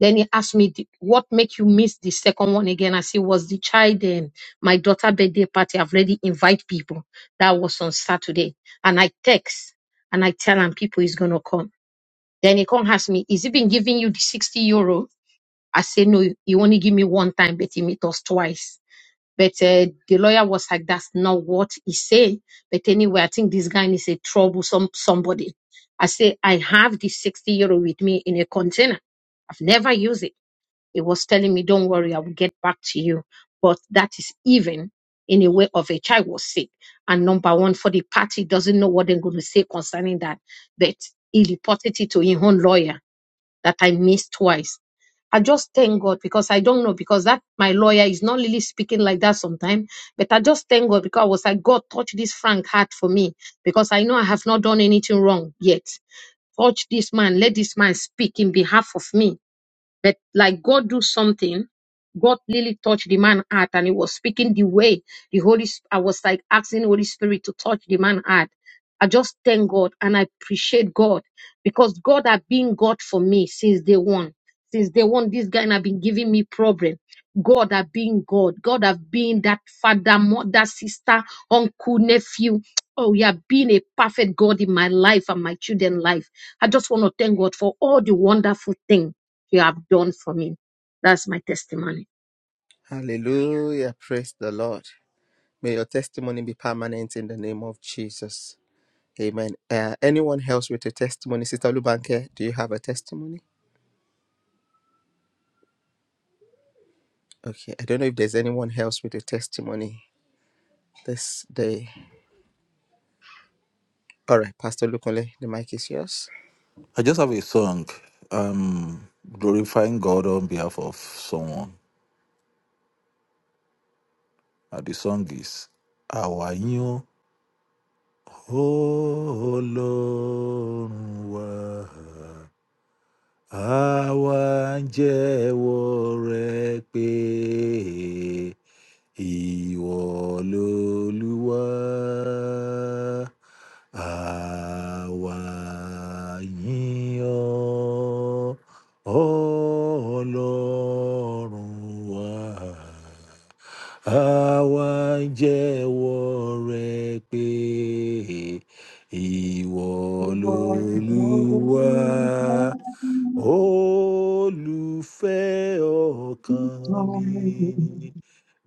[SPEAKER 5] Then he asked me, "Did- what make you miss the second one again? I said, was the child, um, my daughter birthday party. I've already invite people. That was on Saturday. And I text and I tell him people is going to come. Then he come ask me, is he been giving you the 60 euro? I say, no, he only give me one time, but he meet us twice. But uh, the lawyer was like, that's not what he say. But anyway, I think this guy is a troublesome somebody. I say, I have the 60 euro with me in a container. I've never used it. It was telling me, Don't worry, I will get back to you. But that is even in a way of a child was sick. And number one, for the party doesn't know what they're going to say concerning that. But he reported it to his own lawyer that I missed twice. I just thank God because I don't know because that my lawyer is not really speaking like that sometimes. But I just thank God because I was like, God, touch this Frank heart for me because I know I have not done anything wrong yet. Touch this man, let this man speak in behalf of me but like God do something, God really touched the man heart and he was speaking the way the Holy Sp- I was like asking Holy Spirit to touch the man heart. I just thank God and I appreciate God because God have been God for me since day one. Since day one, this guy have been giving me problem. God have been God. God have been that father, mother, sister, uncle, nephew. Oh, you have been a perfect God in my life and my children's life. I just want to thank God for all the wonderful things you have done for me. That's my testimony.
[SPEAKER 1] Hallelujah. Praise the Lord. May your testimony be permanent in the name of Jesus. Amen. Uh, anyone else with a testimony? Sister Lubanke, do you have a testimony? Okay, I don't know if there's anyone else with a testimony this day. All right, Pastor Lukunle, the mic is yours.
[SPEAKER 3] I just have a song um, glorifying God on behalf of someone. And the song is Àwa yín o, Ọlọ́run wa. Àwa ń jẹ́wọ́ rẹ pé ìwọ lolúwa. Àwa yìn ọ́, Ọlọ́run wa. Àwa ń jẹ́wọ́ rẹ pé ìwọ
[SPEAKER 4] You are
[SPEAKER 3] lolúwa
[SPEAKER 4] holy,
[SPEAKER 3] olùfẹ́ ọkàn mi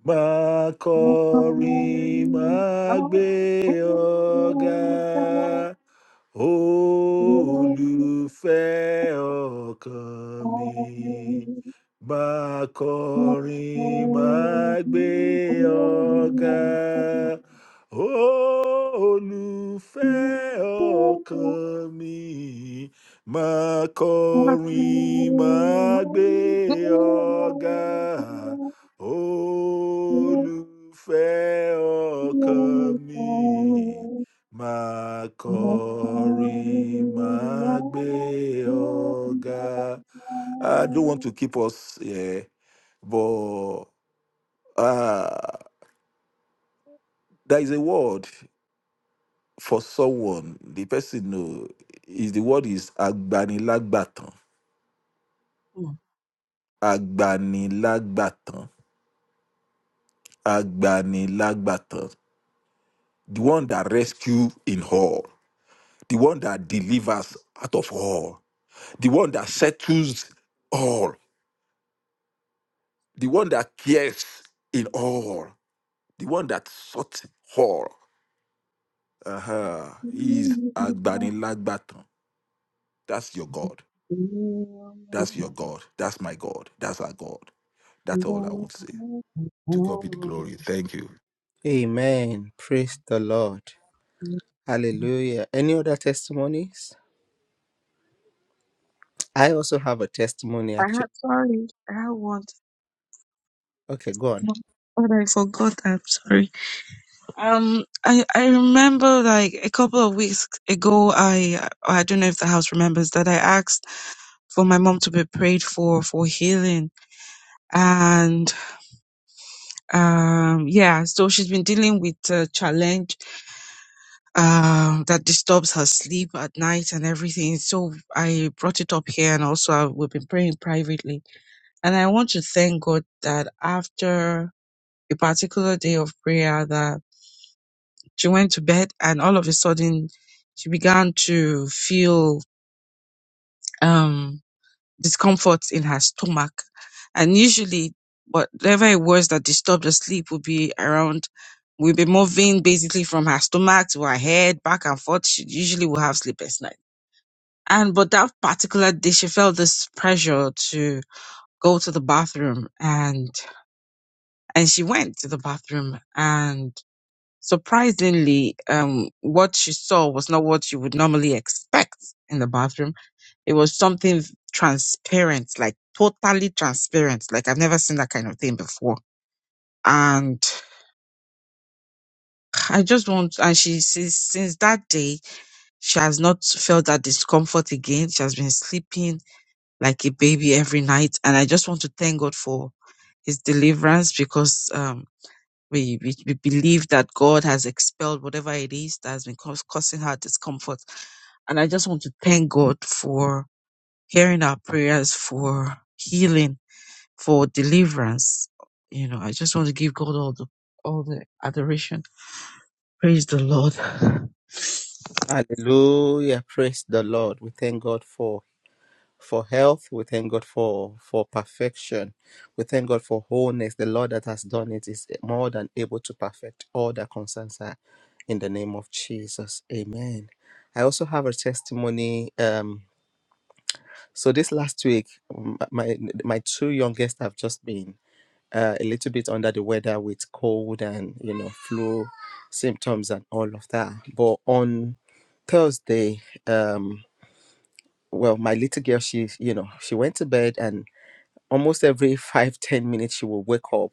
[SPEAKER 3] máa kọrin máa gbé ọ̀gá
[SPEAKER 4] holy,
[SPEAKER 3] olùfẹ́ ọkàn mi
[SPEAKER 4] holy.
[SPEAKER 3] máa
[SPEAKER 4] I'm
[SPEAKER 3] kọrin máa gbé ọ̀gá olùfẹ́ ọkàn mi máa kọrin máa gbé ọ̀gá olùfẹ́ ọkàn mi Máa kọrin, máa gbé ọ̀gá. I don't want to keep us here, but uh, there is a word for someone. The person know is the word is agbanilagbatan. Agbanilagbatan. Agbanilagbatan. The one that rescues in all. The one that delivers out of all. The one that settles all. the one that cares in all, the one that sought all. Uh-huh. He's Agbanilagbatan. That's your God. That's your God. That's my God. That's our God. That's all I want to say. To God be the glory. Thank you.
[SPEAKER 1] Amen. Praise the Lord. Hallelujah. Any other testimonies? I also have a testimony actually.
[SPEAKER 4] sorry, I want
[SPEAKER 1] Okay, go on.
[SPEAKER 4] But I forgot. I'm sorry. Um, I I remember like a couple of weeks ago. I I don't know if the house remembers that I asked for my mom to be prayed for for healing, and um yeah, so she's been dealing with a challenge um that disturbs her sleep at night and everything. So I brought it up here, and also I, we've been praying privately, and I want to thank God that after a particular day of prayer that she went to bed and all of a sudden she began to feel um, discomfort in her stomach. And usually, whatever it was that disturbed her sleep would be around, would be moving basically from her stomach to her head, back and forth. She usually would have sleepless night. And but that particular day, she felt this pressure to go to the bathroom, and and she went to the bathroom, and. surprisingly, um, what she saw was not what you would normally expect in the bathroom. It was in transparent, like totally transparent. Like I've never seen that kind of thing before. And I just want, and she since, since that day, she has not felt that discomfort again. She has been sleeping like a baby every night. And I just want to thank God for his deliverance because, um. We, we we believe that God has expelled whatever it is that has been cause, causing her discomfort. And I just want to thank God for hearing our prayers, for healing, for deliverance. You know, I just want to give God all the all the adoration. Praise the Lord.
[SPEAKER 1] Hallelujah. Praise the Lord. We thank God for for health. We thank God for for perfection. We thank God for wholeness. The Lord that has done it is more than able to perfect all that concerns her. In the name of Jesus, Amen. I also have a testimony. Um, so this last week, m- my my two youngest have just been uh, a little bit under the weather with cold and you know flu symptoms and all of that. But on Thursday, um, well, my little girl, she you know she went to bed and almost every five ten minutes she will wake up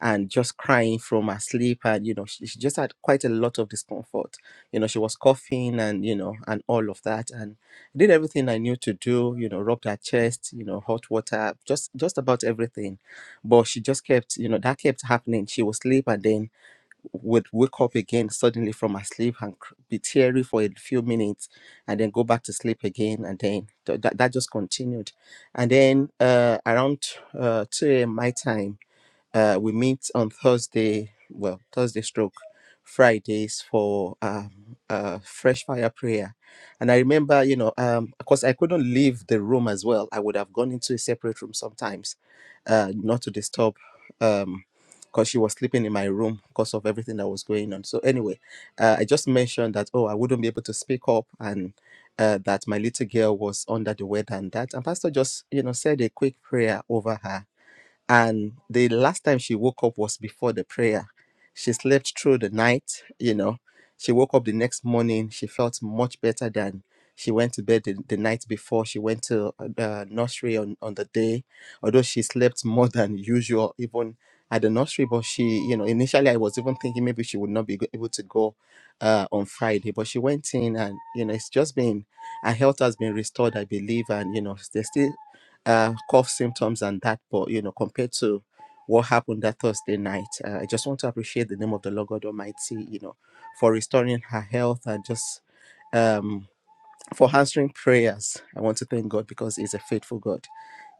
[SPEAKER 1] and just crying from her sleep and you know she, she just had quite a lot of discomfort you know she was coughing and you know and all of that and I did everything i knew to do you know rubbed her chest you know hot water just just about everything but she just kept you know that kept happening she would sleep and then would wake up again suddenly from her sleep and cr- be teary for a few minutes and then go back to sleep again and then th- that, that just continued and then uh, around uh, 2 a.m my time uh, we meet on Thursday, well, Thursday stroke, Fridays for um, uh, fresh fire prayer. And I remember, you know, um, of course, I couldn't leave the room as well. I would have gone into a separate room sometimes, uh, not to disturb, um, because she was sleeping in my room because of everything that was going on. So anyway, uh, I just mentioned that oh, I wouldn't be able to speak up and. Uh, that my little girl was under the weather and that and pastor just you know said a quick prayer over her and the last time she woke up was before the prayer she slept through the night you know she woke up the next morning she felt much better than she went to bed the, the night before she went to uh, the nursery on, on the day although she slept more than usual even at the nursery but she you know initially i was even thinking maybe she would not be go- able to go uh, on friday but she went in and you know it's just been her health has been restored i believe and you know there's still uh, cough symptoms and that, but you know, compared to what happened that Thursday night, uh, I just want to appreciate the name of the Lord God Almighty, you know, for restoring her health and just um, for answering prayers. I want to thank God because He's a faithful God.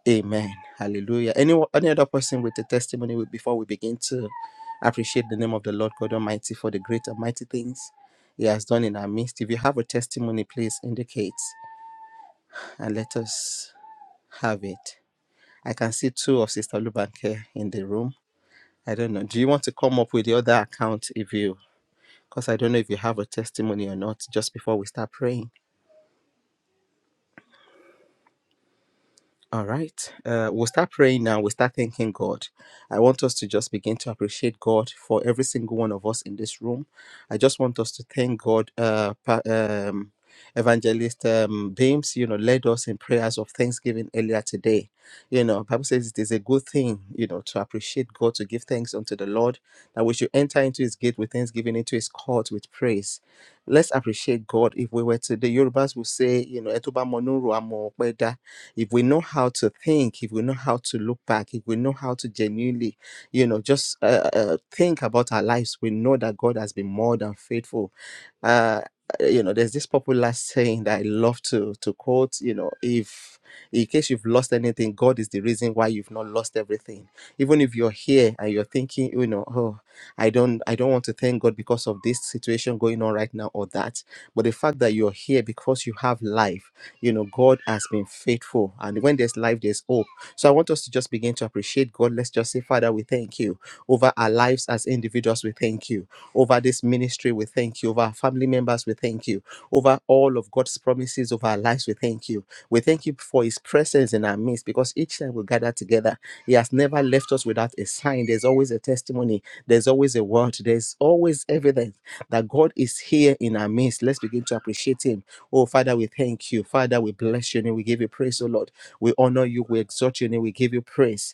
[SPEAKER 1] Amen. Hallelujah. Any, any other person with a testimony we- before we begin to appreciate the name of the Lord God Almighty for the great and mighty things He has done in our midst. If you have a testimony, please indicate and let us have it. I can see two of Sister Lubanke in the room. I don't know. Do you want to come up with the other account if you, because I don't know if you have a testimony or not, just before we start praying? All right. Uh, we'll start praying now. We'll start thanking God. I want us to just begin to appreciate God for every single one of us in this room. I just want us to thank God. Uh, pa- um, Evangelist um, Beams, you know, led us in prayers of thanksgiving earlier today. You know, Bible says it is a good thing, you know, to appreciate God, to give thanks unto the Lord, that we should enter into His gate with thanksgiving, into His court with praise let's appreciate God. If we were to, the Yorubas will say, you know, "Ẹtóbá mọnú rò, á mọ ọpẹ́ dá." if we know how to think, if we know how to look back, if we know how to genuinely, you know, just uh, uh, think about our lives, we know that God has been more than faithful. Uh, you know, there's this popular saying that I love to to quote. You know, if in case you've lost anything, God is the reason why you've not lost everything. Even if you're here and you're thinking, you know, oh. I don't I don't want to thank God because of this situation going on right now or that. But the fact that you're here because you have life, you know god has been faithful and when there's life there's hope so i want us to just begin to appreciate god let's just say father we thank you over our lives as individuals we thank you over this ministry we thank you over our family members we thank you over all of god's promises over our lives we thank you we thank you for his presence in our midst because each time we gather together he has never left us without a sign there's always a testimony there's always a word there's always evidence that God is here in our midst. Let's begin to appreciate Him. Oh, Father, we thank you. Father, we bless your name. We give you praise, oh Lord. We honor you. We exalt your name. We give you praise.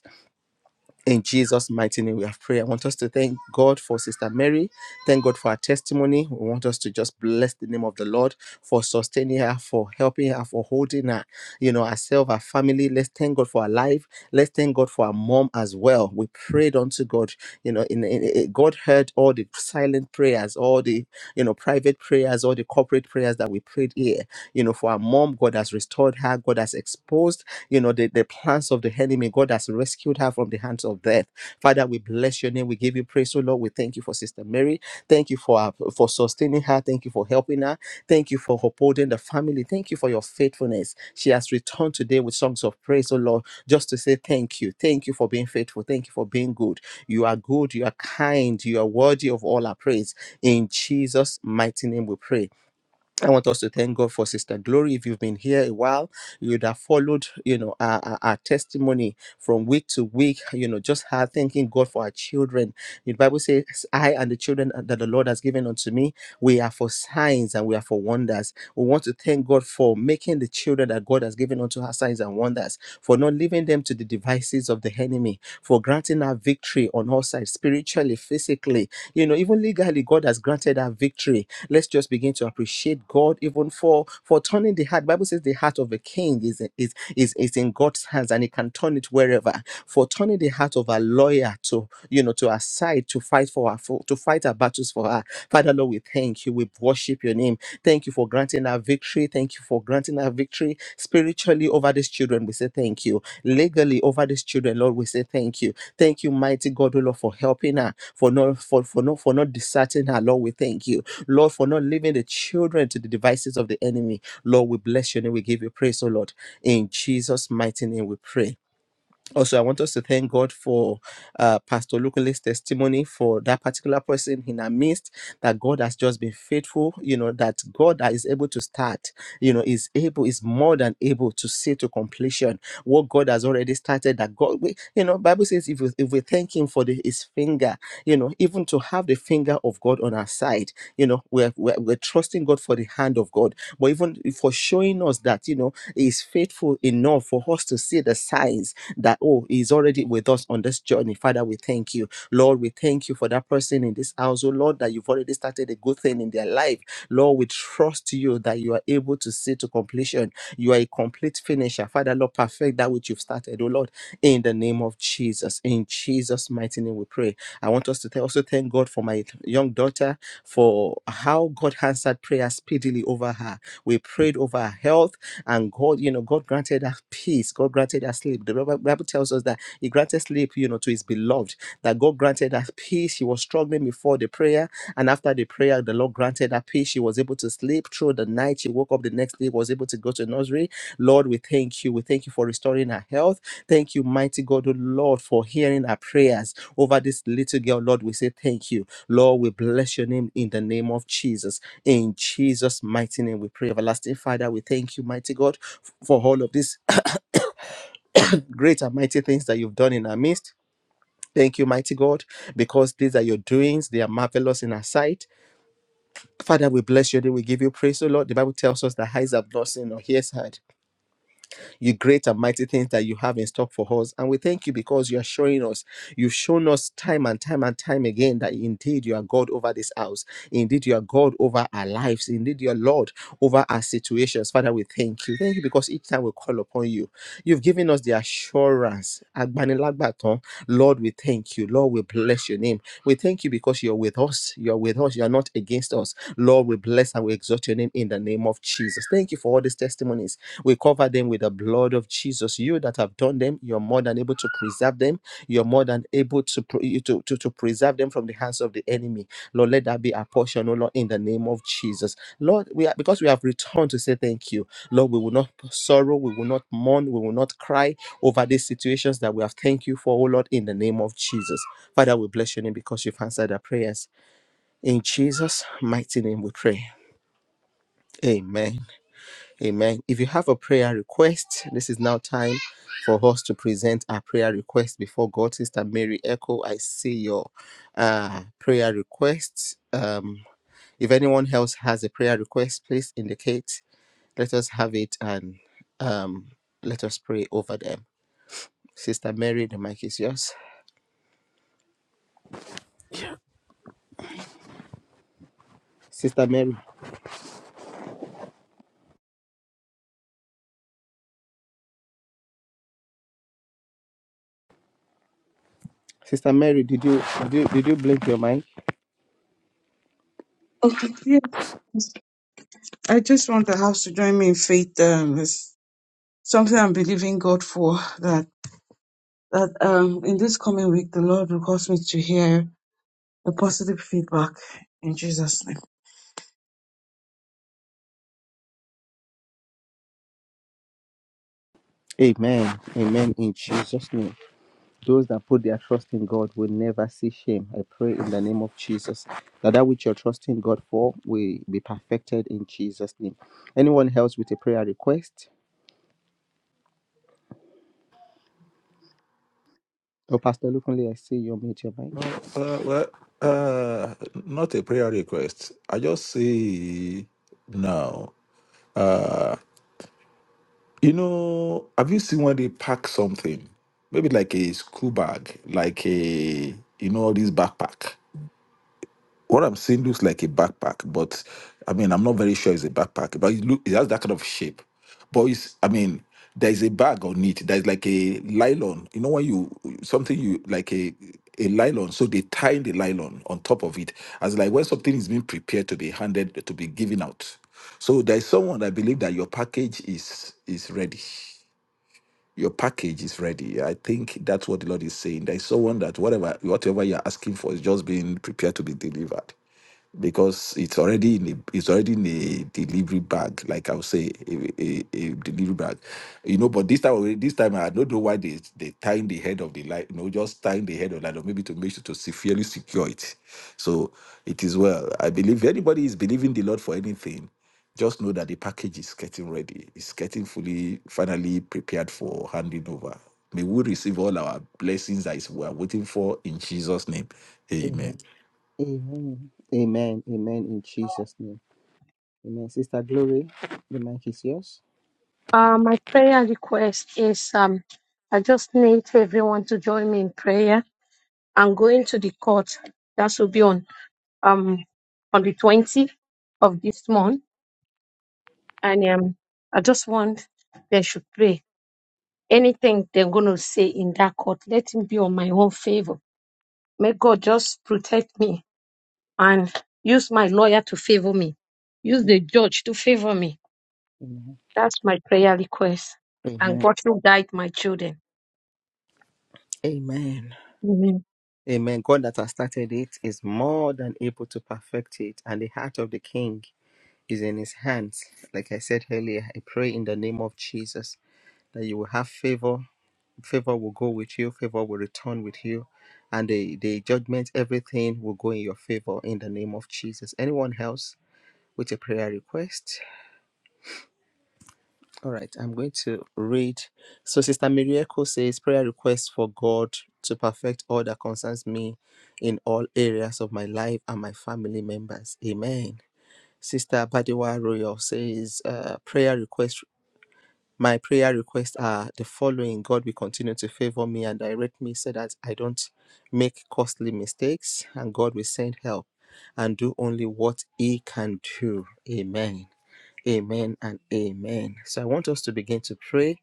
[SPEAKER 1] In Jesus' mighty name, we have prayer. I want us to thank God for Sister Mary. Thank God for her testimony. We want us to just bless the name of the Lord for sustaining her, for helping her, for holding her, you know, herself, her family. Let's thank God for her life. Let's thank God for her mom as well. We prayed unto God, you know, in, in, in- God heard all the silent prayers, all the, you know, private prayers, all the corporate prayers that we prayed here. You know, for our mom, God has restored her. God has exposed, you know, the, the plans of the enemy. God has rescued her from the hands of death. Father, we bless your name. We give you praise, oh Lord. We thank you for Sister Mary. Thank you for her, for sustaining her. Thank you for helping her. Thank you for upholding the family. Thank you for your faithfulness. She has returned today with songs of praise, oh Lord, just to say thank you. Thank you for being faithful. Thank you for being good. You are good. You are kind. You are worthy of all our praise. In Jesus' mighty name we pray. I want us to thank God for Sister Glory. If you've been here a while, you'd have followed, you know, our, our, our testimony from week to week, you know, just her thanking God for our children. The Bible says, I and the children that the Lord has given unto me, we are for signs and we are for wonders. We want to thank God for making the children that God has given unto her signs and wonders for not leaving them to the devices of the enemy, for granting our victory on all sides, spiritually, physically, you know, even legally, God has granted our victory. Let's just begin to appreciate God even for for turning the heart. Bible says the heart of a king is is is, is in God's hands and he can turn it wherever. For turning the heart of a lawyer to you know to our side to fight for our for, to fight our battles for her. Father Father, Lord, we thank you. We worship your name. Thank you for granting our victory. Thank you for granting our victory spiritually over these children. We say thank you. Legally over these children, Lord, we say thank you. Thank you, mighty God, oh Lord, for helping her, for not for, for not for not deserting her. Lord, we thank you. Lord, for not leaving the children to the devices of the enemy. Lord, we bless your name. We give you praise, oh Lord. In Jesus' mighty name we pray also i want us to thank god for uh, pastor lukule's testimony for that particular person in our midst that god has just been faithful you know that god that is able to start you know is able is more than able to see to completion what god has already started that god we, you know bible says if we, if we thank him for the, his finger you know even to have the finger of god on our side you know we're, we're, we're trusting god for the hand of god but even for showing us that you know he is faithful enough for us to see the signs eyes that, oh, is already with us on this journey. Father, we thank you. Lord, we thank you for that person in this house. Oh, Lord, that you've already started a good thing in their life. Lord, we trust you that you are able to see to completion. You are a complete finisher. Father, Lord, perfect that which you've started. Oh, Lord, in the name of Jesus. In Jesus' mighty name, we pray. I want us to th- also thank God for my young daughter for how God answered prayer speedily over her. We prayed over her health, and God, you know, God granted her peace. God granted her her sleep. The Bible Bible tells us that he granted sleep, you know, to his beloved, that God granted her peace. She was struggling before the prayer, and after the prayer, the Lord granted her peace. She was able to sleep through the night. She woke up the next day, was able to go to nursery. Lord, we thank you. We thank you for restoring her health. Thank you, mighty God, oh Lord, for hearing our prayers over this little girl. Lord, we say thank you. Lord, we bless your name in the name of Jesus. In Jesus' mighty name, we pray. Everlasting Father, we thank you, mighty God, for all of this. great and mighty things that you've done in our midst. Thank you, mighty God, because these are your doings. They are marvelous in our sight. Father, we bless you. We give you praise, O Lord. The Bible tells us that eyes have not seen or ears heard. You great and mighty things that you have in stock for us. And we thank you because you are showing us. You've shown us time and time and time again that indeed you are God over this house. Indeed, you are God over our lives. Indeed, you are Lord over our situations. Father, we thank you. Thank you because each time we call upon you, you've given us the assurance insurance. Agbanilagbatan. Lord, we thank you. Lord, we bless your name. We thank you because you're with us. You're with us. You're not against us. Lord, we bless and we exalt your name in the name of Jesus. Thank you for all these testimonies. We cover them with the blood of Jesus. You that have done them, you're more than able to preserve them. You're more than able to, pre- to, to, to preserve them from the hands of the enemy. Lord, let that be our portion, oh Lord, in the name of Jesus. Lord, we are because we have returned to say thank you. Lord, we will not sorrow, we will not mourn, we will not cry over these situations that we have. Thank you for, oh Lord, in the name of Jesus. Father, we bless your name because you've answered our prayers. In Jesus' mighty name we pray. Amen. Amen. If you have a prayer request, this is now time for us to present our prayer request before God. Sister Mary Echo, I see your uh, prayer request. Um, if anyone else has a prayer request, please indicate. Let us have it and um, let us pray over them. Sister Mary, the mic is yours. Sister Mary, Sister Mary, did you did you did you blink your mic?
[SPEAKER 4] Yeah, I just want the house to join me in faith. Um, it's something I'm believing God for that that um in this coming week the Lord will cause me to hear a positive feedback. In Jesus'
[SPEAKER 1] Amen. Amen. In Jesus' name. Those that put their trust in God will never see shame. I pray in the name of Jesus that that which you're trusting God for will be perfected in Jesus' name. Anyone else with a prayer request? Oh, Pastor Lukunle, I see you mute your mic.
[SPEAKER 3] No, uh, well, uh, not a prayer request. I just say now. Uh, you know, have you seen when they pack something? Maybe like a school bag, like a you know, this backpack What I'm seeing looks like a backpack, but I mean, I'm not very sure it's a backpack, but it, look, it has that kind of shape. But it's, I mean, there's a bag on it. There's like a nylon. You know when you something you like a a nylon, so they tie the nylon on top of it, as like when something is being prepared to be handed to be given out. So there's someone that believe that your package is is ready. Your package is ready. I think that's what the Lord is saying. There is someone that whatever whatever you're asking for is just being prepared to be delivered because it's already in a, it's already in a delivery bag, like I would say, a, a, a delivery bag, you know. But this time, already- this time I don't know why they they tying the head of the light, you know, just tying the head of light, or maybe to make sure to severely secure it. So it is well. I believe anybody is believing the Lord for anything. Just know that the package is getting ready. It's getting fully, finally prepared for handing over. May we receive all our blessings that is we are waiting for in Jesus' name.
[SPEAKER 1] Amen.
[SPEAKER 3] Amen.
[SPEAKER 1] Amen. Amen. Amen. In Jesus' name. Amen. Sister Glory, the mic is yours.
[SPEAKER 5] Uh, my prayer request is um, I just need everyone to join me in prayer. I'm going to the court. That will be on um on the 20th of this month, and um, I just want they should pray. Anything they're going to say in that court, let it be on my own favor. May God just protect me and use my lawyer to favor me. Use the judge to favor me
[SPEAKER 1] Amen.
[SPEAKER 5] That's my prayer request. And
[SPEAKER 1] Amen.
[SPEAKER 5] God will guide my children.
[SPEAKER 1] Amen.
[SPEAKER 5] Amen.
[SPEAKER 1] Amen. God that has started it is more than able to perfect it, and the heart of the king is in his hands. Like I said earlier, I pray in the name of Jesus that you will have favor. Favor will go with you, favor will return with you, and the, the judgment, everything will go in your favor in the name of Jesus. Anyone else with a prayer request? All right, I'm going to read. So, Sister Mirieko says, Prayer request for God to perfect all that concerns me in all areas of my life and my family members. Amen. Sister Badewa Royal says, uh, Prayer request. My prayer requests are the following God will continue to favor me and direct me so that I don't make costly mistakes, and God will send help and do only what He can do. Amen. Amen and amen. So I want us to begin to pray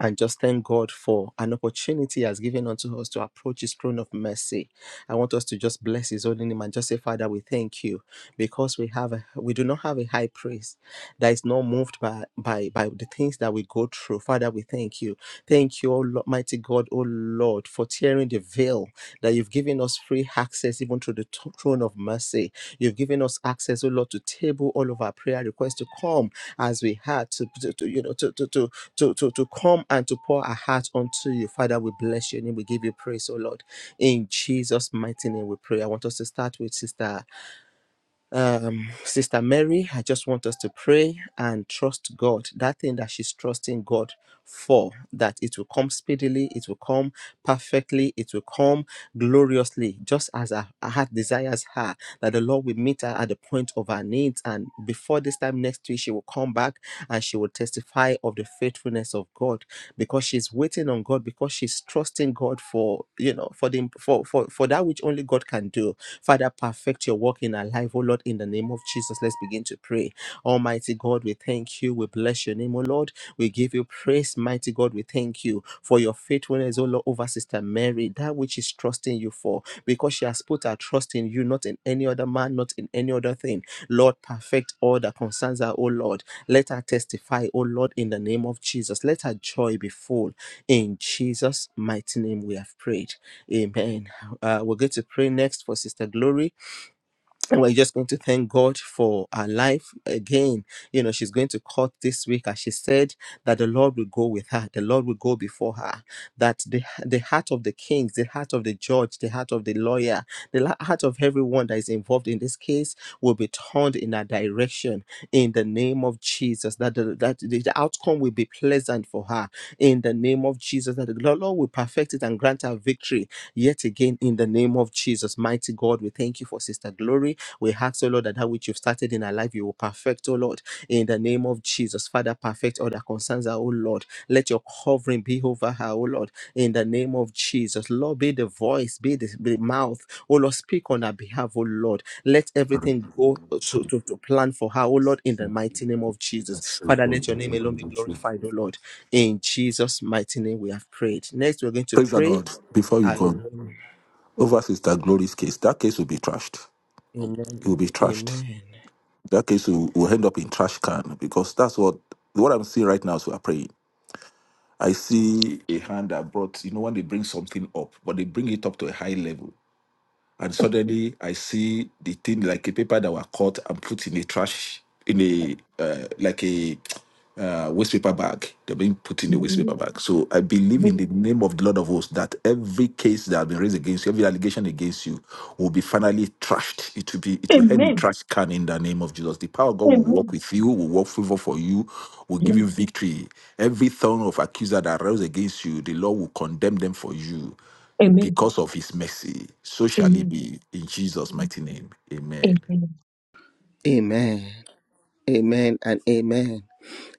[SPEAKER 1] and just thank God for an opportunity He has given unto us to approach His throne of mercy. I want us to just bless His holy name and just say, Father, we thank you because we have a, we do not have a high priest that is not moved by by by the things that we go through. Father, we thank you. Thank you, O Lord, mighty God, O Lord, for tearing the veil that you've given us free access even to the thr- throne of mercy. You've given us access, oh Lord, to table all of our prayer requests to come as we had to, to, to, you know to to, to to to to come and to pour our heart unto you. Father, we bless your name. We give you praise, oh Lord. In Jesus' mighty name we pray. I want us to start with sister um, Sister Mary, I just want us to pray and trust God. That thing that she's trusting God for, that it will come speedily, it will come perfectly, it will come gloriously, just as her her heart desires her, that the Lord will meet her at the point of her need needs. And before this time next week, she will come back and she will testify of the faithfulness of God because she's waiting on God, because she's trusting God for, you know, for the for for, for that which only God can do. Father, perfect your work in our life, oh Lord, in the name of Jesus. Let's begin to pray Almighty God, we thank you. We bless your name, O Lord. We give you praise, mighty God. We thank you for your faithfulness, O Lord, over Sister Mary, that which is trusting you for, because she has put her trust in you, not in any other man, not in any other thing. Lord, perfect all that concerns her, O Lord. Let her testify, O Lord, in the name of Jesus. Let her joy be full. In Jesus' mighty name, we have prayed. Amen. Uh, we're going to pray next for Sister Glory. And we're just going to thank God for her life again. You know, she's going to court this week, as she said, that the Lord will go with her, the Lord will go before her that the, the heart of the kings, the heart of the judge, the heart of the lawyer, the la- heart of everyone that is involved in this case will be turned in a direction in the name of Jesus, that the, that the the outcome will be pleasant for her in the name of Jesus, that the Lord Lord will perfect it and grant her victory yet again in the name of Jesus. Mighty God, we thank you for Sister Glory. We ask, O Lord, that that which you've started in her life life you will perfect, oh Lord, in the name of Jesus. Father, perfect all that concerns her, oh Lord. Let your covering be over her, oh Lord, in the name of Jesus. Lord, be the voice, be the, be the mouth, oh Lord, speak on her behalf, oh Lord. Let everything go to, to, to plan for her, oh Lord, in the mighty name of Jesus. Father, let your name alone be glorified, oh Lord. In Jesus' mighty name we have prayed. Next, we're going to
[SPEAKER 3] Praise the
[SPEAKER 1] pray.
[SPEAKER 3] Lord. Before you go,
[SPEAKER 1] Hallelujah.
[SPEAKER 3] over Sister Glory's case, that case will be trashed.
[SPEAKER 1] Amen.
[SPEAKER 3] It will be trashed.
[SPEAKER 1] Amen.
[SPEAKER 3] That case will, will end up in trash can because that's what what I'm seeing right now as we are praying. I see a hand that brought, you know, when they bring something up, but they bring it up to a high level and suddenly I see the thing like a paper that were cut and put in a trash in a uh, like a uh, waste paper bag. They're being put in a waste paper
[SPEAKER 5] Amen.
[SPEAKER 3] bag. So I believe in the name of the Lord of hosts that every case that has been raised against you, every allegation against you, will be finally trashed. It will be it will end in
[SPEAKER 5] Amen.
[SPEAKER 3] trash can in the name of Jesus. The power of God will work
[SPEAKER 5] Amen.
[SPEAKER 3] with you, will work favor for you, will give you victory. Every thorn of accuser that rose against you, the Lord will condemn them for you
[SPEAKER 5] Amen.
[SPEAKER 3] because of his mercy. So shall it
[SPEAKER 5] Amen.
[SPEAKER 3] be in Jesus' mighty name. Amen.
[SPEAKER 5] Amen.
[SPEAKER 1] Amen. Amen and amen.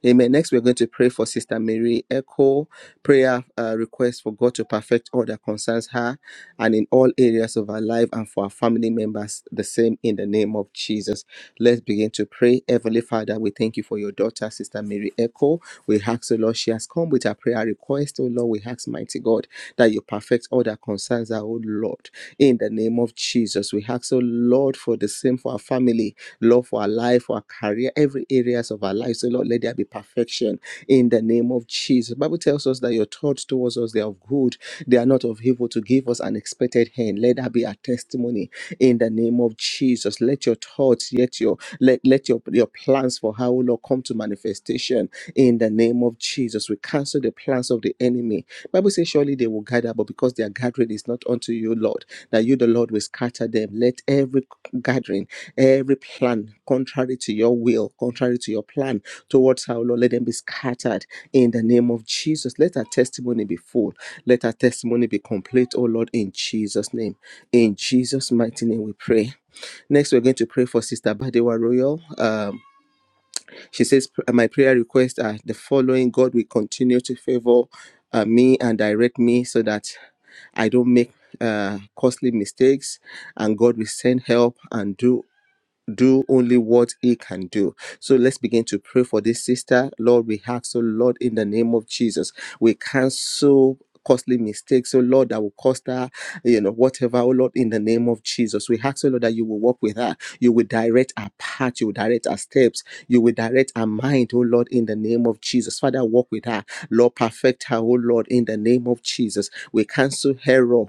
[SPEAKER 1] Amen. Next, we're going to pray for Sister Mary Echo. Prayer uh, request for God to perfect all that concerns her and in all areas of our life and for our family members, the same in the name of Jesus. Let's begin to pray. Heavenly Father, we thank you for your daughter, Sister Mary Echo. We ask, O Lord, she has come with her prayer request. O Lord, we ask, mighty God, that you perfect all that concerns her, O Lord, in the name of Jesus. We ask, O Lord, for the same for our family, Lord, for our life, for our career, every areas of our life. So, Lord, let there be perfection in the name of Jesus. The Bible tells us that your thoughts towards us, they are of good. They are not of evil to give us an expected hand. Let that be our testimony in the name of Jesus. Let your thoughts, yet your let, let your, your plans for how Lord come to manifestation in the name of Jesus. We cancel the plans of the enemy. Bible says surely they will gather, but because their gathering is not unto you, Lord, that you, the Lord, will scatter them. Let every gathering, every plan, contrary to your will, contrary to your plan towards our Lord, let them be scattered in the name of Jesus. Let our testimony be full. Let our testimony be complete, oh Lord, in Jesus' name. In Jesus' mighty name we pray. Next, we're going to pray for Sister Badewa Royal. Um, she says, My prayer requests are the following God will continue to favor uh, me and direct me so that I don't make uh, costly mistakes, and God will send help and do do only what he can do. So let's begin to pray for this sister. Lord, we have so Lord in the name of Jesus. We cancel costly mistakes, so Lord, that will cost her, you know, whatever, oh Lord, in the name of Jesus. We ask, oh Lord, that you will walk with her. You will direct her path, you will direct her steps, you will direct her mind, oh Lord, in the name of Jesus. Father, walk with her. Lord, perfect her, oh Lord, in the name of Jesus. We cancel error.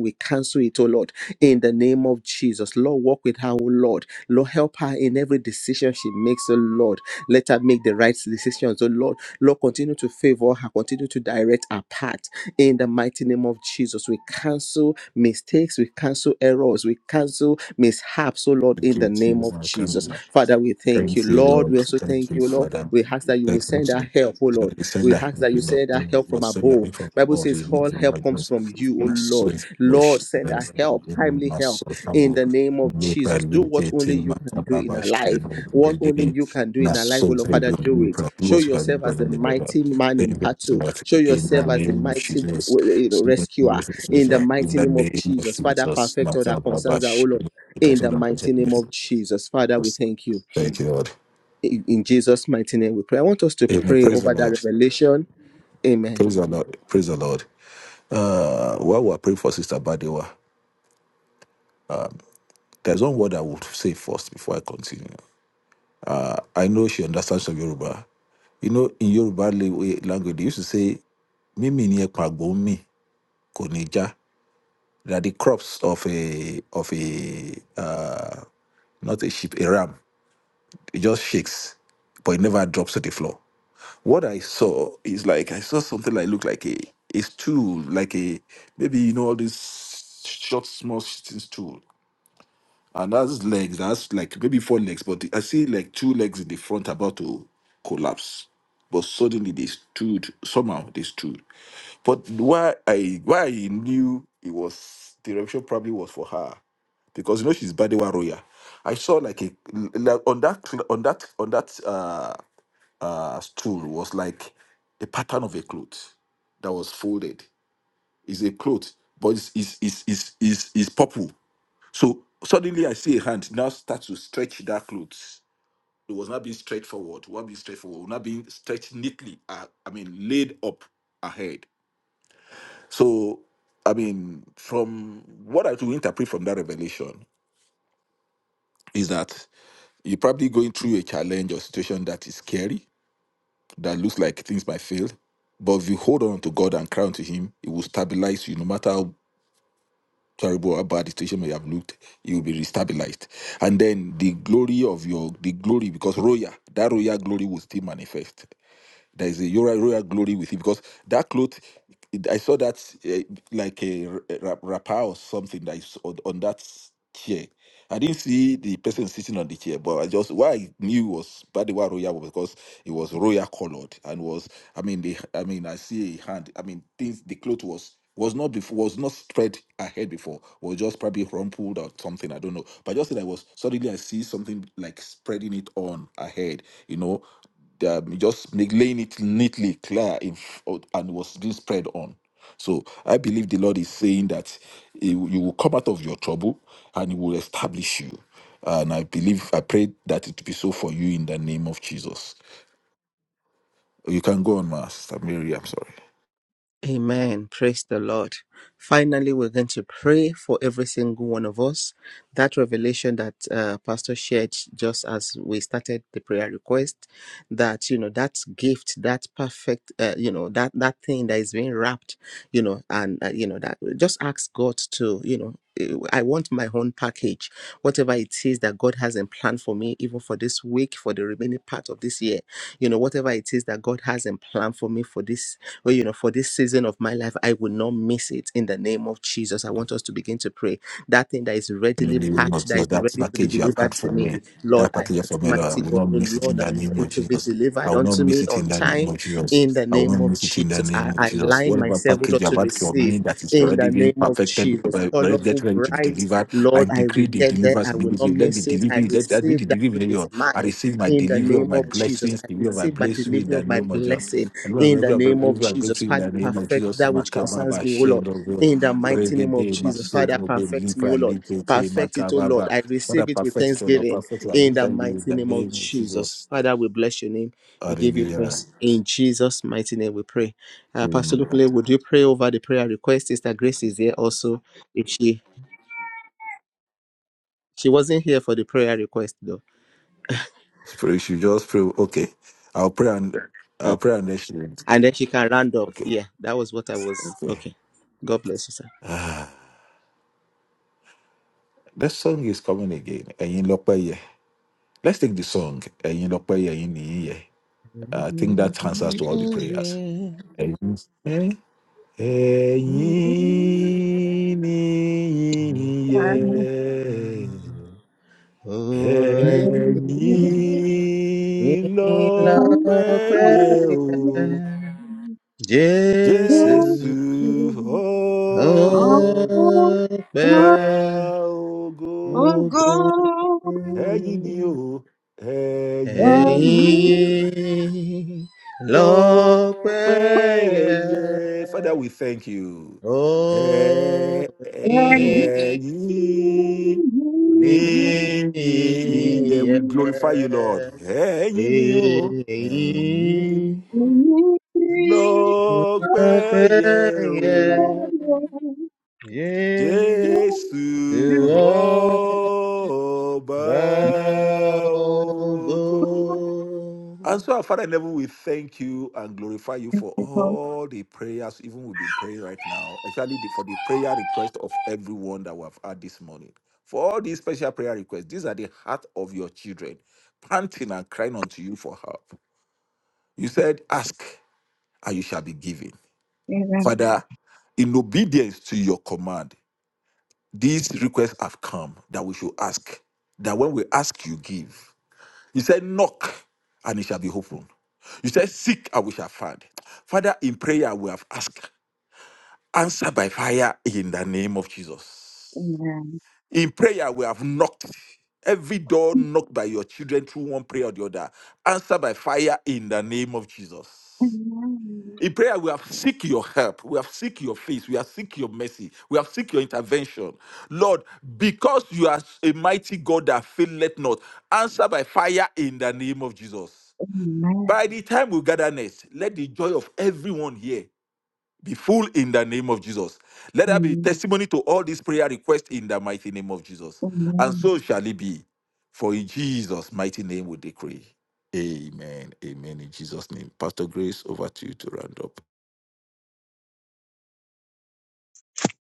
[SPEAKER 1] We cancel it, oh Lord, in the name of Jesus. Lord, walk with her, oh Lord. Lord, help her in every decision she makes, oh Lord. Let her make the right decisions, oh Lord. Lord, continue to favor her, continue to direct her path. In the mighty name of Jesus, we cancel mistakes mistakes, we cancel errors, we cancel mishaps, oh Lord,
[SPEAKER 3] Thank
[SPEAKER 1] in the
[SPEAKER 3] you,
[SPEAKER 1] name
[SPEAKER 3] Jesus.
[SPEAKER 1] of
[SPEAKER 3] Thank
[SPEAKER 1] Jesus. Father, we thank you,
[SPEAKER 3] you,
[SPEAKER 1] Lord. We
[SPEAKER 3] Lord.
[SPEAKER 1] also
[SPEAKER 3] Thank
[SPEAKER 1] thank
[SPEAKER 3] you,
[SPEAKER 1] you, oh Lord.
[SPEAKER 3] Father.
[SPEAKER 1] We ask that you will
[SPEAKER 3] Thanks, Lord.
[SPEAKER 1] send our help, oh
[SPEAKER 3] Lord,
[SPEAKER 1] Lord.
[SPEAKER 3] you said
[SPEAKER 1] We
[SPEAKER 3] that
[SPEAKER 1] ask that you
[SPEAKER 3] in the
[SPEAKER 1] send our
[SPEAKER 3] womb
[SPEAKER 1] help from
[SPEAKER 3] was so nothing
[SPEAKER 1] above.
[SPEAKER 3] from
[SPEAKER 1] Bible
[SPEAKER 3] God,
[SPEAKER 1] says
[SPEAKER 3] he made
[SPEAKER 1] all
[SPEAKER 3] from
[SPEAKER 1] help comes
[SPEAKER 3] darkness.
[SPEAKER 1] from you, oh
[SPEAKER 3] My soul
[SPEAKER 1] Lord.
[SPEAKER 3] is bush,
[SPEAKER 1] Lord, send our help, timely
[SPEAKER 3] my
[SPEAKER 1] help
[SPEAKER 3] soul
[SPEAKER 1] in
[SPEAKER 3] humble.
[SPEAKER 1] the name of
[SPEAKER 3] May prayer
[SPEAKER 1] Jesus. Do what
[SPEAKER 3] limited
[SPEAKER 1] only
[SPEAKER 3] till
[SPEAKER 1] you
[SPEAKER 3] my
[SPEAKER 1] can do in
[SPEAKER 3] Baba
[SPEAKER 1] our
[SPEAKER 3] shed
[SPEAKER 1] life. What only
[SPEAKER 3] regain.
[SPEAKER 1] you can do
[SPEAKER 3] My
[SPEAKER 1] in our life, oh
[SPEAKER 3] soul is
[SPEAKER 1] Lord, Father,
[SPEAKER 3] able to
[SPEAKER 1] do
[SPEAKER 3] do
[SPEAKER 1] it. Show
[SPEAKER 3] what you can
[SPEAKER 1] yourself
[SPEAKER 3] do
[SPEAKER 1] as the
[SPEAKER 3] and the better.
[SPEAKER 1] mighty man in
[SPEAKER 3] Thank you so
[SPEAKER 1] battle.
[SPEAKER 3] much
[SPEAKER 1] Show
[SPEAKER 3] in the
[SPEAKER 1] yourself as the
[SPEAKER 3] name of
[SPEAKER 1] mighty
[SPEAKER 3] Jesus.
[SPEAKER 1] you know,
[SPEAKER 3] So many
[SPEAKER 1] rescuer
[SPEAKER 3] blessings, Lord,
[SPEAKER 1] in the
[SPEAKER 3] In
[SPEAKER 1] mighty
[SPEAKER 3] the
[SPEAKER 1] name of
[SPEAKER 3] name of
[SPEAKER 1] Jesus. Father,
[SPEAKER 3] Jesus, my
[SPEAKER 1] perfect all that
[SPEAKER 3] Baba
[SPEAKER 1] concerns our O Lord.
[SPEAKER 3] shed. It
[SPEAKER 1] In
[SPEAKER 3] was all
[SPEAKER 1] the
[SPEAKER 3] that was in
[SPEAKER 1] mighty
[SPEAKER 3] the name
[SPEAKER 1] name of
[SPEAKER 3] of
[SPEAKER 1] Jesus. Father, we
[SPEAKER 3] Jesus.
[SPEAKER 1] thank you.
[SPEAKER 3] Thank you, Lord.
[SPEAKER 1] In in Jesus' mighty name we pray. I want us to
[SPEAKER 3] Amen.
[SPEAKER 1] pray
[SPEAKER 3] Praise the
[SPEAKER 1] over that
[SPEAKER 3] Lord.
[SPEAKER 1] revelation. Amen.
[SPEAKER 3] Praise the Lord. Praise the Lord. Uh, while we're praying for Sister Badewa, there's one word I would say first before I continue. I I know she understands some Yoruba. You know, in Yoruba la- language, they used to say, Mimi ni ekpagbomi konija. They are the crops of a, of a uh, not a sheep, a ram. It just shakes, but it never drops to the floor. What I saw is like, I saw something like, looked like a, a stool, like a, maybe, you know, all these short, small shitting stool And that's legs. That's like maybe four legs, but I see like two legs in the front about to collapse. But suddenly they stood. Somehow they stood. But why I why I knew it was the revelation probably was for her, because you know she's Badewa Roya. I saw like a like on that on that on that uh uh stool was like a pattern of a cloth that was folded. It's a cloth, but it's it's it's it's, it's, it's purple so suddenly I see a hand now start to stretch that clothes. It was not being stretched forward, was not being stretched forward, not being stretched neatly. uh, I mean, laid up ahead. So, I mean, from what I do interpret from that revelation is that you're probably going through a challenge or situation that is scary, that looks like things might fail. But if you hold on to God and crown to Him, it will stabilize you no matter how terrible or bad situation may have looked, you will be restabilized. And then the glory of your the glory, because royal, that royal glory will still manifest there is a royal, royal glory with it because that cloth it- i saw that uh, like a r- a wrap- wrapper or something that is on, on that chair i didn't see the person sitting on the chair but i just what i knew was badiwa royal was because it was royal colored and was i mean the i mean i see a hand i mean things the cloth was was not before was not spread ahead before was just probably rumpled or something i don't know but just that i was suddenly i see something like spreading it on ahead you know um, just make, laying it neatly clear in, f- out- and was being spread on. So I believe the Lord is saying that he will- you will come out of your trouble and He will establish you. And I believe, I pray that it will be so for you in the name of Jesus. You can go on, Master Mary. I'm sorry.
[SPEAKER 1] Amen. Praise the Lord. Finally, we're going to pray for every single one of us. That revelation that uh, Pastor shared just as we started the prayer request, that you know that gift, that perfect, uh, you know that that thing that is being wrapped, you know, and uh, you know that just ask God to, you know. eh, I want my own package, whatever it is that God has in plan for me, even for this week, for the remaining part of this year. You know, whatever it is that God has in plan for me for this well, you know, for this season of my life, I will not miss it in the name of Jesus. I want us to begin to pray. That thing that is readily
[SPEAKER 3] in the name of
[SPEAKER 1] packed, that
[SPEAKER 3] Jesus.
[SPEAKER 1] is
[SPEAKER 3] That
[SPEAKER 1] ready to be
[SPEAKER 3] package you have had
[SPEAKER 1] delivered to
[SPEAKER 3] for
[SPEAKER 1] me.
[SPEAKER 3] me,
[SPEAKER 1] Lord,
[SPEAKER 3] that
[SPEAKER 1] I
[SPEAKER 3] package you have for
[SPEAKER 1] ask
[SPEAKER 3] me, Lord, I
[SPEAKER 1] mighty
[SPEAKER 3] will
[SPEAKER 1] God,
[SPEAKER 3] not
[SPEAKER 1] oh
[SPEAKER 3] miss it in
[SPEAKER 1] Lord, that
[SPEAKER 3] the
[SPEAKER 1] you-
[SPEAKER 3] name of
[SPEAKER 1] it will be
[SPEAKER 3] Jesus. I
[SPEAKER 1] delivered
[SPEAKER 3] will not
[SPEAKER 1] unto
[SPEAKER 3] miss
[SPEAKER 1] me
[SPEAKER 3] it in
[SPEAKER 1] on
[SPEAKER 3] the name
[SPEAKER 1] time
[SPEAKER 3] of Jesus.
[SPEAKER 1] in the
[SPEAKER 3] I will
[SPEAKER 1] name
[SPEAKER 3] not
[SPEAKER 1] of
[SPEAKER 3] miss it in the
[SPEAKER 1] Jesus.
[SPEAKER 3] name
[SPEAKER 1] I,
[SPEAKER 3] of
[SPEAKER 1] I
[SPEAKER 3] Jesus.
[SPEAKER 1] line
[SPEAKER 3] Whatever
[SPEAKER 1] myself, oh
[SPEAKER 3] package
[SPEAKER 1] Lord,
[SPEAKER 3] you have
[SPEAKER 1] to
[SPEAKER 3] had for me
[SPEAKER 1] receive
[SPEAKER 3] that is
[SPEAKER 1] in
[SPEAKER 3] already
[SPEAKER 1] the
[SPEAKER 3] being
[SPEAKER 1] name of
[SPEAKER 3] perfected,
[SPEAKER 1] Jesus.
[SPEAKER 3] but yet
[SPEAKER 1] Colorful,
[SPEAKER 3] ready to be
[SPEAKER 1] bright,
[SPEAKER 3] delivered, I
[SPEAKER 1] Lord, I
[SPEAKER 3] decree
[SPEAKER 1] will
[SPEAKER 3] the
[SPEAKER 1] get there.
[SPEAKER 3] deliverance
[SPEAKER 1] I will not
[SPEAKER 3] immediately. Let the
[SPEAKER 1] miss it. I
[SPEAKER 3] delivery, let that be
[SPEAKER 1] receive
[SPEAKER 3] the
[SPEAKER 1] that which
[SPEAKER 3] delivery.
[SPEAKER 1] is
[SPEAKER 3] Lord. I
[SPEAKER 1] mine
[SPEAKER 3] receive my
[SPEAKER 1] in the
[SPEAKER 3] delivery of
[SPEAKER 1] name
[SPEAKER 3] my
[SPEAKER 1] of Jesus.
[SPEAKER 3] blessings,
[SPEAKER 1] I
[SPEAKER 3] delivery of my
[SPEAKER 1] receive my
[SPEAKER 3] blessing in
[SPEAKER 1] delivery
[SPEAKER 3] the
[SPEAKER 1] of my
[SPEAKER 3] name of Jesus.
[SPEAKER 1] blessing
[SPEAKER 3] And Lord, I
[SPEAKER 1] in the
[SPEAKER 3] will
[SPEAKER 1] name of
[SPEAKER 3] breakthrough
[SPEAKER 1] Jesus,
[SPEAKER 3] in
[SPEAKER 1] Father,
[SPEAKER 3] the name of
[SPEAKER 1] perfect
[SPEAKER 3] Jesus.
[SPEAKER 1] that which
[SPEAKER 3] Makaba,
[SPEAKER 1] concerns me, O
[SPEAKER 3] Bashe,
[SPEAKER 1] Lord.
[SPEAKER 3] Lord,
[SPEAKER 1] In the mighty name of
[SPEAKER 3] Regede
[SPEAKER 1] Jesus, Father,
[SPEAKER 3] masovro be
[SPEAKER 1] perfect me, O
[SPEAKER 3] libra
[SPEAKER 1] Lord.
[SPEAKER 3] lite te
[SPEAKER 1] Perfect it, O Lord.
[SPEAKER 3] makababa.
[SPEAKER 1] I
[SPEAKER 3] What a
[SPEAKER 1] receive it with
[SPEAKER 3] perfect it all, a
[SPEAKER 1] thanksgiving.
[SPEAKER 3] perfect I
[SPEAKER 1] In
[SPEAKER 3] use
[SPEAKER 1] the
[SPEAKER 3] that in
[SPEAKER 1] mighty
[SPEAKER 3] the
[SPEAKER 1] name of
[SPEAKER 3] name of
[SPEAKER 1] Jesus,
[SPEAKER 3] Jesus.
[SPEAKER 1] Father, we bless your name. We give you
[SPEAKER 3] Hallelujah.
[SPEAKER 1] praise. In Jesus' mighty name, we pray. Uh, Pastor
[SPEAKER 3] Amen.
[SPEAKER 1] Lukule, would you pray over the prayer request? Sister Grace is here also. If she she wasn't here for the prayer request though,
[SPEAKER 3] Pray, you should just pray. Okay. I'll pray and I'll
[SPEAKER 1] okay.
[SPEAKER 3] pray and next year.
[SPEAKER 1] and then she can round up.
[SPEAKER 3] Okay.
[SPEAKER 1] Yeah, that was what I was.
[SPEAKER 3] Okay.
[SPEAKER 1] Okay. God bless you, sir.
[SPEAKER 3] Ah, that song is coming again. Ẹ̀yin lọ́pẹ́ yẹ. Let's take the song. Ẹ̀yin lọ́pẹ́ yẹ, ẹ̀yin nìyí yẹ. I think that answers to all the
[SPEAKER 1] Jesus,
[SPEAKER 3] prayers. Ẹ̀yin. Ẹ̀yin ni ìyìn
[SPEAKER 4] name. Amen.
[SPEAKER 3] ẹ̀yin lọ́pẹ́ yẹ o,
[SPEAKER 1] Jésù
[SPEAKER 3] Jésù ọba
[SPEAKER 1] ọpẹ́
[SPEAKER 3] ògo.
[SPEAKER 1] ògo
[SPEAKER 3] Ẹ̀yin ni o, ẹ̀yin
[SPEAKER 1] Lord, lọ́pẹ́
[SPEAKER 3] lọ́pẹ́ yẹ. Father, we thank you.
[SPEAKER 1] yẹ.
[SPEAKER 3] Ẹ̀yin
[SPEAKER 1] Yes,
[SPEAKER 3] Be ye- Yeah, we glorify you, Lord. Ẹ̀yin ni o, ẹ̀yin lọ́pẹ́ yẹ o. Jésù ọba ògo. And so, our Father in heaven, we thank you and glorify you for all the prayers, even we've been praying right now, exactly the- for the prayer request of everyone that we have had this morning. For all these special prayer requests, these are the heart of your children, panting and crying unto you for help. You said, Ask and you shall be given.
[SPEAKER 4] Amen.
[SPEAKER 3] Father, in obedience to your command, these requests have come that we should ask, that when we ask, you give. You said, knock and it shall be opened. You said, seek and we shall find. Father, in prayer we have asked, answer by fire in the name of Jesus. In prayer we have knocked. Every door knocked by your children through one prayer or the other, answer by fire in the name of Jesus. In prayer, we have seek your help. We have seek your face. We have seek your mercy. We have seek your intervention. Lord, because you are a mighty God that faileth not, answer by fire in the name of Jesus.
[SPEAKER 4] Amen.
[SPEAKER 3] By the time we gather next, let the joy of everyone here be full in the name of Jesus. Let there be testimony to all these prayer requests in the mighty name of Jesus. And so shall it be. For in Jesus' mighty name we decree. Amen. Amen. In Jesus' name. Pastor Grace, over to you to round up.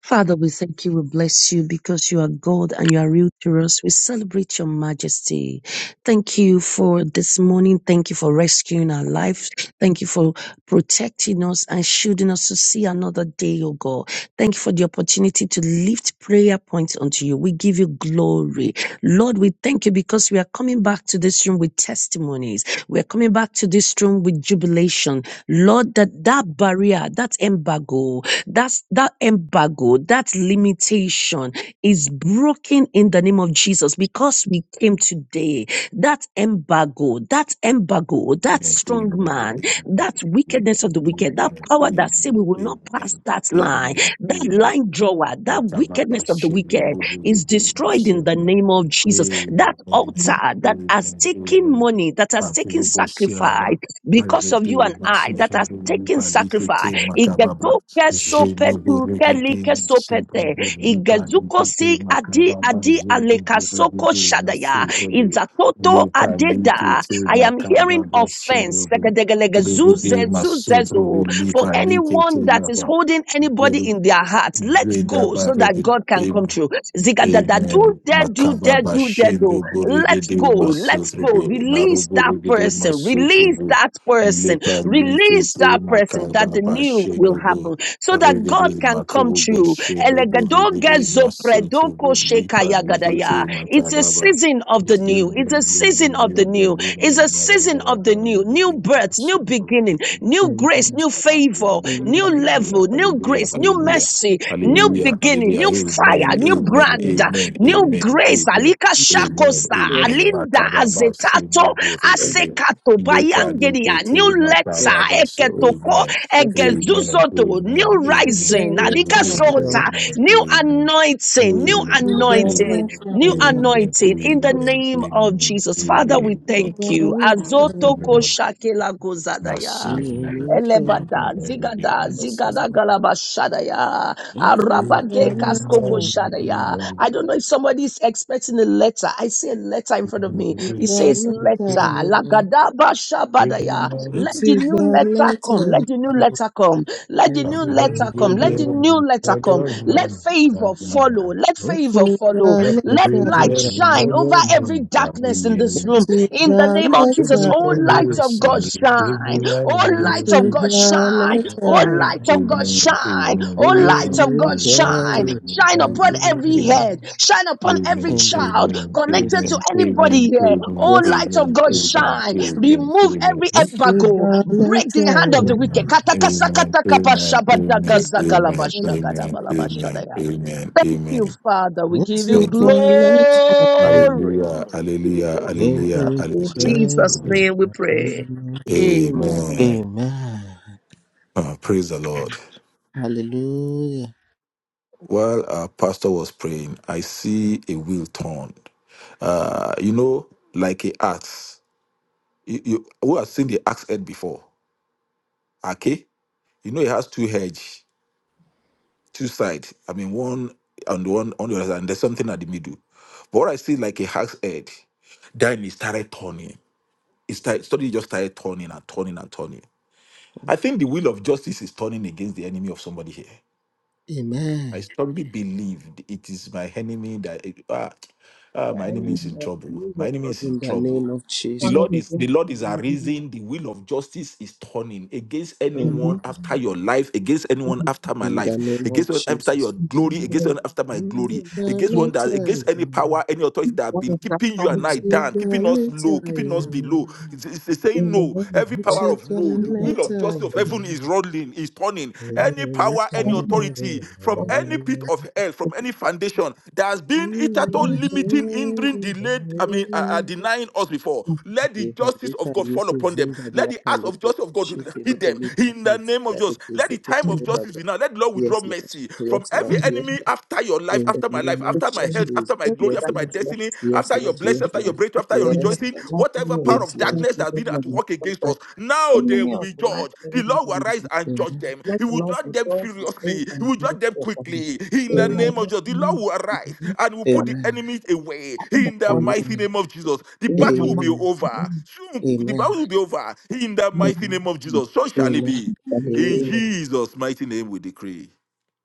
[SPEAKER 6] Father, we thank you, we bless you because you are God and you are real to us. We celebrate your majesty. Thank you for this morning. Thank you for rescuing our lives. Thank you for protecting us and shielding us to see another day, oh God. Thank you for the opportunity to lift prayer points unto you. We give you glory. Lord, we thank you because we are coming back to this room with testimonies. We are coming back to this room with jubilation. Lord, that that barrier, that embargo, that's that embargo, that limitation is broken in the name of Jesus because we came today. That embargo, that embargo,
[SPEAKER 3] Amen. Amen. Amen.
[SPEAKER 6] that strong
[SPEAKER 3] Amen.
[SPEAKER 6] man, that
[SPEAKER 3] Amen.
[SPEAKER 6] wickedness of the
[SPEAKER 3] Amen.
[SPEAKER 6] wicked, that power that say we will not pass that line, that line drawer, that wickedness of the wicked is destroyed in the name of Jesus. That
[SPEAKER 4] Amen.
[SPEAKER 6] altar that has taken money, that has taken sacrifice, because of you and I that has taken sacrifice. Igedoke sopetu kelike sopete. Igezuko si adi adi
[SPEAKER 3] Amen.
[SPEAKER 6] alekasoko
[SPEAKER 3] Amen.
[SPEAKER 6] shadaya.
[SPEAKER 3] Amen.
[SPEAKER 6] Izatoto
[SPEAKER 3] Lepa lipo
[SPEAKER 6] adeda.
[SPEAKER 3] te
[SPEAKER 6] I am hearing
[SPEAKER 3] makaba
[SPEAKER 6] offense.
[SPEAKER 3] bashobo.
[SPEAKER 6] Sekedegelegezu
[SPEAKER 3] Rebebe
[SPEAKER 6] zezu
[SPEAKER 3] masoto
[SPEAKER 6] zezu. For
[SPEAKER 3] lipa lipo te
[SPEAKER 6] anyone that is
[SPEAKER 3] lapa.
[SPEAKER 6] holding anybody in their heart, let
[SPEAKER 3] Reda
[SPEAKER 6] go so that
[SPEAKER 3] barede.
[SPEAKER 6] God can come through. Zigadada, do
[SPEAKER 3] Amen.
[SPEAKER 6] there, do
[SPEAKER 3] Makaba
[SPEAKER 6] there, do there, do.
[SPEAKER 3] bashendo
[SPEAKER 6] Let's go,
[SPEAKER 3] borigede
[SPEAKER 6] let's go.
[SPEAKER 3] masotrubu
[SPEAKER 6] Release
[SPEAKER 3] narubu
[SPEAKER 6] that
[SPEAKER 3] rigede
[SPEAKER 6] person, release
[SPEAKER 3] masotrubu
[SPEAKER 6] that person,
[SPEAKER 3] lepa
[SPEAKER 6] release
[SPEAKER 3] likete
[SPEAKER 6] that person
[SPEAKER 3] makaba
[SPEAKER 6] that the new will
[SPEAKER 3] bashendo bo
[SPEAKER 6] happen so that God
[SPEAKER 3] rigede
[SPEAKER 6] can come
[SPEAKER 3] makubu
[SPEAKER 6] through.
[SPEAKER 3] boshendo
[SPEAKER 6] Elegadoge
[SPEAKER 3] borigede
[SPEAKER 6] zopredoko
[SPEAKER 3] masotrubu lepa
[SPEAKER 6] shekayagadaya.
[SPEAKER 3] likete
[SPEAKER 6] It's a
[SPEAKER 3] makaba ba
[SPEAKER 6] season of the new,
[SPEAKER 3] jendo
[SPEAKER 6] it's a
[SPEAKER 3] jendo
[SPEAKER 6] season of the
[SPEAKER 3] jendo
[SPEAKER 6] new,
[SPEAKER 3] jendo
[SPEAKER 6] it's a season of the
[SPEAKER 3] marabaraba
[SPEAKER 6] new, new
[SPEAKER 3] rigede
[SPEAKER 6] birth, new
[SPEAKER 3] masotrubu
[SPEAKER 6] beginning morning. New grace, new favor,
[SPEAKER 3] Hallelujah,
[SPEAKER 6] new
[SPEAKER 3] hallelujah,
[SPEAKER 6] level, new
[SPEAKER 3] hallelujah,
[SPEAKER 6] grace, new
[SPEAKER 3] hallelujah.
[SPEAKER 6] mercy, new
[SPEAKER 3] Hallelujah,
[SPEAKER 6] beginning,
[SPEAKER 3] hallelujah,
[SPEAKER 6] new fire,
[SPEAKER 3] amen,
[SPEAKER 6] new
[SPEAKER 3] amen,
[SPEAKER 6] brand,
[SPEAKER 3] amen,
[SPEAKER 6] new
[SPEAKER 3] amen,
[SPEAKER 6] grace.
[SPEAKER 3] amen,
[SPEAKER 6] Alika
[SPEAKER 3] amen,
[SPEAKER 6] Shakosa,
[SPEAKER 3] amen.
[SPEAKER 1] sir.
[SPEAKER 6] Alinda
[SPEAKER 3] Makababa
[SPEAKER 6] Azetato,
[SPEAKER 3] sundo
[SPEAKER 1] Yes,
[SPEAKER 3] bebe.
[SPEAKER 6] Asekato,
[SPEAKER 3] Leka lipe
[SPEAKER 6] Bayangeria,
[SPEAKER 3] te
[SPEAKER 6] new
[SPEAKER 1] yes,
[SPEAKER 6] letter,
[SPEAKER 3] makababa she.
[SPEAKER 1] yes, sir.
[SPEAKER 6] Eketoko,
[SPEAKER 3] Amen,
[SPEAKER 1] yes,
[SPEAKER 3] amen, amen,
[SPEAKER 6] Egezuzoto,
[SPEAKER 3] amen,
[SPEAKER 6] new
[SPEAKER 3] amen,
[SPEAKER 6] rising, Alika
[SPEAKER 3] amen,
[SPEAKER 6] Sota, new
[SPEAKER 3] amen.
[SPEAKER 6] anointing, new
[SPEAKER 3] Amen,
[SPEAKER 1] sir.
[SPEAKER 3] amen,
[SPEAKER 6] anointing.
[SPEAKER 1] Yes,
[SPEAKER 6] New
[SPEAKER 1] sir.
[SPEAKER 3] amen,
[SPEAKER 6] anointing in the
[SPEAKER 3] amen,
[SPEAKER 6] name of
[SPEAKER 3] amen,
[SPEAKER 6] Jesus. Father, we
[SPEAKER 1] In
[SPEAKER 6] thank
[SPEAKER 3] amen.
[SPEAKER 6] you.
[SPEAKER 1] the
[SPEAKER 3] Thank you,
[SPEAKER 6] Azotoko
[SPEAKER 1] name
[SPEAKER 3] Lord.
[SPEAKER 6] shakela
[SPEAKER 3] My
[SPEAKER 6] gozadaya.
[SPEAKER 3] sins, we worship
[SPEAKER 6] Elebada,
[SPEAKER 3] you.
[SPEAKER 6] zigada, zigada
[SPEAKER 3] Amen.
[SPEAKER 6] galaba
[SPEAKER 3] Amen.
[SPEAKER 6] arabade
[SPEAKER 3] Amen,
[SPEAKER 6] kaskoko
[SPEAKER 3] amen, amen,
[SPEAKER 6] shadaya. I
[SPEAKER 3] amen,
[SPEAKER 6] don't know if somebody is expecting a letter. I see a letter in front of me. It says letter. Lagadaba shabadaya.
[SPEAKER 1] of
[SPEAKER 6] Let the new letter
[SPEAKER 1] Jesus.
[SPEAKER 6] come. Let the new letter come. Let the new letter come. Let the new letter come. Let favor follow. Let favor follow. Let light shine over every darkness in this room. In the name of Jesus, all light of God shine. Oh, light of God, shine. Oh, light of God, shine. Oh, light of God, shine. Shine upon every head. Shine upon every child connected to anybody here.
[SPEAKER 3] amen,
[SPEAKER 6] Oh,
[SPEAKER 1] Yes, Lord.
[SPEAKER 6] light of
[SPEAKER 3] amen,
[SPEAKER 6] God,
[SPEAKER 1] Yes, Lord.
[SPEAKER 3] amen,
[SPEAKER 6] shine.
[SPEAKER 1] Yes, Lord.
[SPEAKER 3] amen,
[SPEAKER 6] Remove
[SPEAKER 3] amen,
[SPEAKER 6] every
[SPEAKER 1] Unto
[SPEAKER 6] embargo.
[SPEAKER 1] the Lord,
[SPEAKER 6] Break
[SPEAKER 1] unto
[SPEAKER 6] the hand of the wicked.
[SPEAKER 3] Amen. Amen. Amen. Amen. Amen. Amen. Amen.
[SPEAKER 6] Katakasakatakapashabadakazakalabashagadabalabashadaya.
[SPEAKER 3] Amen.
[SPEAKER 6] Thank you,
[SPEAKER 3] Amen.
[SPEAKER 6] Father. We give you
[SPEAKER 3] Thank you.
[SPEAKER 1] the
[SPEAKER 6] glory.
[SPEAKER 3] Hallelujah.
[SPEAKER 6] We give you
[SPEAKER 3] Hallelujah.
[SPEAKER 6] praise.
[SPEAKER 1] Lord,
[SPEAKER 3] Hallelujah.
[SPEAKER 1] every
[SPEAKER 6] In
[SPEAKER 3] Hallelujah.
[SPEAKER 1] share.
[SPEAKER 6] Jesus'
[SPEAKER 3] Hallelujah.
[SPEAKER 6] name we pray.
[SPEAKER 3] Amen.
[SPEAKER 1] Amen.
[SPEAKER 3] Uh, praise the Lord.
[SPEAKER 1] Hallelujah.
[SPEAKER 3] While our pastor was praying, I see a wheel turned. Uh, you know, like a axe. You, you who has seen the axe head before? Okay, you know it has two heads. two sides. I mean, one on the one on the other side, and there's something at the middle. But what I see like a hack's head, then it started turning. It started suddenly just started turning and turning and turning. I think the wheel of justice is turning against the enemy of somebody here. I
[SPEAKER 1] Amen.
[SPEAKER 3] strongly believed it is my enemy that ah, ah,
[SPEAKER 4] The
[SPEAKER 3] my enemy
[SPEAKER 4] enemy
[SPEAKER 3] is in
[SPEAKER 4] of the
[SPEAKER 3] trouble.
[SPEAKER 4] will
[SPEAKER 3] My
[SPEAKER 4] of
[SPEAKER 3] enemy
[SPEAKER 4] God
[SPEAKER 3] is
[SPEAKER 1] In
[SPEAKER 3] in
[SPEAKER 1] the name
[SPEAKER 3] trouble.
[SPEAKER 1] of
[SPEAKER 3] The
[SPEAKER 1] Jesus.
[SPEAKER 3] Lord
[SPEAKER 4] standing
[SPEAKER 3] is the
[SPEAKER 4] against
[SPEAKER 3] Lord
[SPEAKER 4] the
[SPEAKER 3] is
[SPEAKER 4] enemy.
[SPEAKER 3] arisen. The will of justice is turning against
[SPEAKER 1] Mm.
[SPEAKER 3] anyone
[SPEAKER 4] Mhm.
[SPEAKER 3] after your life, against
[SPEAKER 4] Thank
[SPEAKER 3] anyone
[SPEAKER 4] you,
[SPEAKER 3] after my
[SPEAKER 1] In the
[SPEAKER 3] life,
[SPEAKER 1] name
[SPEAKER 3] against
[SPEAKER 1] of
[SPEAKER 3] one after
[SPEAKER 1] Jesus.
[SPEAKER 3] your
[SPEAKER 4] thank
[SPEAKER 3] glory,
[SPEAKER 4] you,
[SPEAKER 3] against
[SPEAKER 4] Lord,
[SPEAKER 3] one after my
[SPEAKER 4] thank
[SPEAKER 3] glory,
[SPEAKER 1] Unto the
[SPEAKER 3] against
[SPEAKER 4] you.
[SPEAKER 3] one that against any
[SPEAKER 1] Lord,
[SPEAKER 3] power, any authority that have
[SPEAKER 4] What
[SPEAKER 3] been
[SPEAKER 4] is that time
[SPEAKER 3] keeping
[SPEAKER 4] I
[SPEAKER 3] you and I
[SPEAKER 1] unto
[SPEAKER 4] want
[SPEAKER 3] down, keeping us low,
[SPEAKER 4] to
[SPEAKER 3] keeping
[SPEAKER 4] do
[SPEAKER 3] us
[SPEAKER 4] now?
[SPEAKER 3] below.
[SPEAKER 1] the
[SPEAKER 3] It's, it's it's saying
[SPEAKER 4] In the
[SPEAKER 3] no.
[SPEAKER 4] name of
[SPEAKER 1] Lord,
[SPEAKER 3] Every
[SPEAKER 4] God,
[SPEAKER 3] power
[SPEAKER 1] unto
[SPEAKER 4] to
[SPEAKER 3] of
[SPEAKER 4] give
[SPEAKER 3] no, the
[SPEAKER 4] you the
[SPEAKER 3] will of
[SPEAKER 4] first of
[SPEAKER 3] justice
[SPEAKER 1] the
[SPEAKER 3] of
[SPEAKER 4] all,
[SPEAKER 3] heaven
[SPEAKER 1] Lord.
[SPEAKER 3] is rolling, is turning. Any power power,
[SPEAKER 1] Yevalika
[SPEAKER 4] all
[SPEAKER 3] any
[SPEAKER 4] the
[SPEAKER 3] authority from
[SPEAKER 4] thoughts
[SPEAKER 3] any pit of hell, from
[SPEAKER 4] that you
[SPEAKER 3] any foundation that has been it at all
[SPEAKER 4] have heard
[SPEAKER 3] limiting, hindering, delayed, I mean, uh, uh, denying us before.
[SPEAKER 4] from God,
[SPEAKER 3] Let the justice of God fall
[SPEAKER 1] yeke
[SPEAKER 3] upon them.
[SPEAKER 1] zinda
[SPEAKER 3] Let the
[SPEAKER 1] liapa
[SPEAKER 3] act of
[SPEAKER 1] lipo
[SPEAKER 3] justice of God
[SPEAKER 1] kushipe
[SPEAKER 3] hit
[SPEAKER 1] lipo
[SPEAKER 3] them
[SPEAKER 1] lipa
[SPEAKER 3] in the name of
[SPEAKER 1] zinda
[SPEAKER 3] Jesus.
[SPEAKER 1] leke
[SPEAKER 3] Let the
[SPEAKER 1] zeke
[SPEAKER 3] time
[SPEAKER 4] in the
[SPEAKER 3] of
[SPEAKER 4] name
[SPEAKER 3] justice
[SPEAKER 1] televalia.
[SPEAKER 3] be now. Let the Lord withdraw
[SPEAKER 1] Yes, Lord.
[SPEAKER 3] mercy from
[SPEAKER 1] Yes,
[SPEAKER 3] every
[SPEAKER 1] Lord.
[SPEAKER 4] of
[SPEAKER 1] Yes,
[SPEAKER 3] enemy
[SPEAKER 1] Lord.
[SPEAKER 3] after your life,
[SPEAKER 1] In the
[SPEAKER 3] after my life,
[SPEAKER 1] name of
[SPEAKER 3] after my
[SPEAKER 4] God,
[SPEAKER 3] health, after my
[SPEAKER 1] Jesus.
[SPEAKER 4] when
[SPEAKER 3] glory,
[SPEAKER 1] Yes,
[SPEAKER 3] after
[SPEAKER 4] time
[SPEAKER 3] my
[SPEAKER 4] is
[SPEAKER 1] Lord.
[SPEAKER 3] destiny,
[SPEAKER 4] left,
[SPEAKER 1] Yes,
[SPEAKER 3] after your
[SPEAKER 1] Lord.
[SPEAKER 3] blessing,
[SPEAKER 1] Yes,
[SPEAKER 3] after
[SPEAKER 4] because
[SPEAKER 3] your
[SPEAKER 1] Lord.
[SPEAKER 3] breakthrough, after
[SPEAKER 4] the
[SPEAKER 3] your
[SPEAKER 4] enemy of
[SPEAKER 1] Yes,
[SPEAKER 3] rejoicing,
[SPEAKER 4] the
[SPEAKER 1] Lord.
[SPEAKER 4] life of
[SPEAKER 3] whatever
[SPEAKER 4] everyone,
[SPEAKER 3] power
[SPEAKER 1] Yes,
[SPEAKER 3] of
[SPEAKER 4] even the
[SPEAKER 1] Lord.
[SPEAKER 3] darkness
[SPEAKER 4] Lord,
[SPEAKER 3] that
[SPEAKER 4] he does not
[SPEAKER 3] has
[SPEAKER 4] have
[SPEAKER 3] been at
[SPEAKER 4] money,
[SPEAKER 3] work
[SPEAKER 4] but
[SPEAKER 3] against
[SPEAKER 4] that
[SPEAKER 3] us, now they
[SPEAKER 4] enemy
[SPEAKER 3] will
[SPEAKER 4] of
[SPEAKER 3] be
[SPEAKER 4] the life
[SPEAKER 3] judged.
[SPEAKER 4] of
[SPEAKER 3] The
[SPEAKER 4] the
[SPEAKER 3] Lord will
[SPEAKER 4] Lord,
[SPEAKER 3] arise and judge
[SPEAKER 1] Amen.
[SPEAKER 3] them.
[SPEAKER 4] let
[SPEAKER 3] He
[SPEAKER 4] the
[SPEAKER 3] will
[SPEAKER 4] Lord
[SPEAKER 3] judge them
[SPEAKER 4] restore his grace
[SPEAKER 3] furiously. He
[SPEAKER 4] and
[SPEAKER 3] will
[SPEAKER 4] mercy
[SPEAKER 3] judge them
[SPEAKER 4] upon him.
[SPEAKER 3] quickly. In
[SPEAKER 4] In
[SPEAKER 3] the
[SPEAKER 4] the
[SPEAKER 3] name of
[SPEAKER 4] mighty
[SPEAKER 3] Jesus, the Lord
[SPEAKER 4] name
[SPEAKER 3] will
[SPEAKER 4] of
[SPEAKER 3] arise and will
[SPEAKER 4] Jesus,
[SPEAKER 3] put the
[SPEAKER 1] Amen.
[SPEAKER 3] enemies away.
[SPEAKER 4] the
[SPEAKER 3] In
[SPEAKER 1] Amen.
[SPEAKER 3] the
[SPEAKER 4] quality
[SPEAKER 3] mighty
[SPEAKER 1] Amen.
[SPEAKER 3] name of Jesus, the
[SPEAKER 4] In my
[SPEAKER 3] battle will
[SPEAKER 4] mind,
[SPEAKER 3] be over.
[SPEAKER 4] in
[SPEAKER 3] Soon, the battle
[SPEAKER 1] Amen.
[SPEAKER 3] will be over. In the
[SPEAKER 4] my
[SPEAKER 3] mighty
[SPEAKER 1] Amen.
[SPEAKER 3] name of
[SPEAKER 4] mind,
[SPEAKER 3] Jesus, so shall
[SPEAKER 1] Amen.
[SPEAKER 3] it
[SPEAKER 1] Amen.
[SPEAKER 3] be. In
[SPEAKER 4] everything.
[SPEAKER 1] Amen.
[SPEAKER 3] Jesus' mighty name, we decree.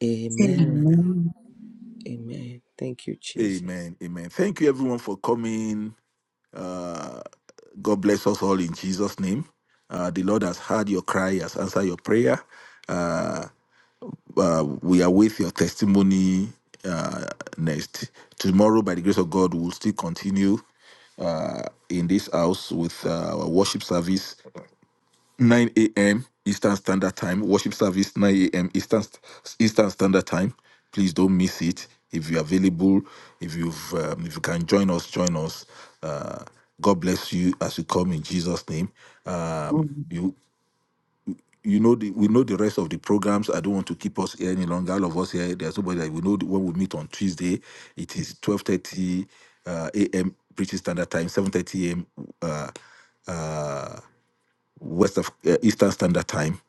[SPEAKER 1] Amen.
[SPEAKER 3] Amen.
[SPEAKER 4] Amen.
[SPEAKER 1] Amen. Thank you, Jesus.
[SPEAKER 3] Amen. Amen. Thank you, everyone, for coming. Uh, God bless us all in Jesus' name. Uh, the Lord has heard your cry, has answered your prayer. Uh, uh, we await your testimony uh, next. Tomorrow, by the grace of God, we'll still continue uh, in this house with uh, our worship service. 9 a.m. Eastern Standard Time. Worship service 9 a.m. Eastern Eastern Standard Time. Please don't miss it. If you're available, if you've um, if you can join us, join us. Uh, God bless you as you come in Jesus' name. Um,
[SPEAKER 4] Amen.
[SPEAKER 3] you you know the, we know the rest of the programs. I don't want to keep us here any longer. All of us here, there's nobody that we know the- when we meet on Tuesday. It is 12:30 uh, a.m. British Standard Time, 7:30 a.m. Uh, uh, west of uh, Eastern Standard Time,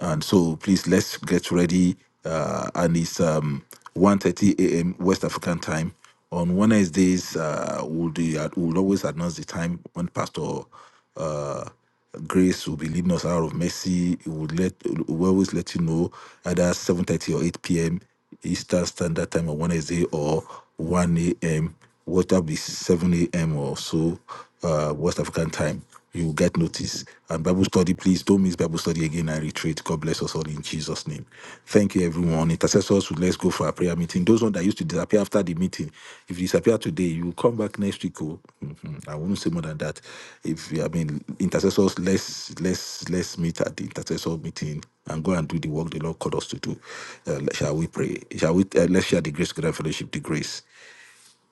[SPEAKER 3] and so please let's get ready. Uh, and it's um 1:30 a.m. West African time on Wednesdays. Uh, we'll do we'll always announce the time when Pastor uh Grace will be leading us out of mercy. we will let will always let you know either 7:30 or 8 p.m. Eastern Standard Time at 1 a.m. or 1 a.m. What that be 7 a.m. or so uh, West African time. You will get notice. And Bible study, please don't miss Bible study again and retreat. God bless us all in Jesus' name. Thank you, everyone. Intercessors, let's go for our prayer meeting. Those stone that used to disappear after the meeting. If you disappear today, you will come back next week. Oh. Mhm. I won't say more than that. If I mean intercessors, let's let's let's meet at the intercessor meeting and go and do the work the Lord called us to do. Uh, let- shall we pray? Shall we? Uh, let's share the grace, together, fellowship, the grace,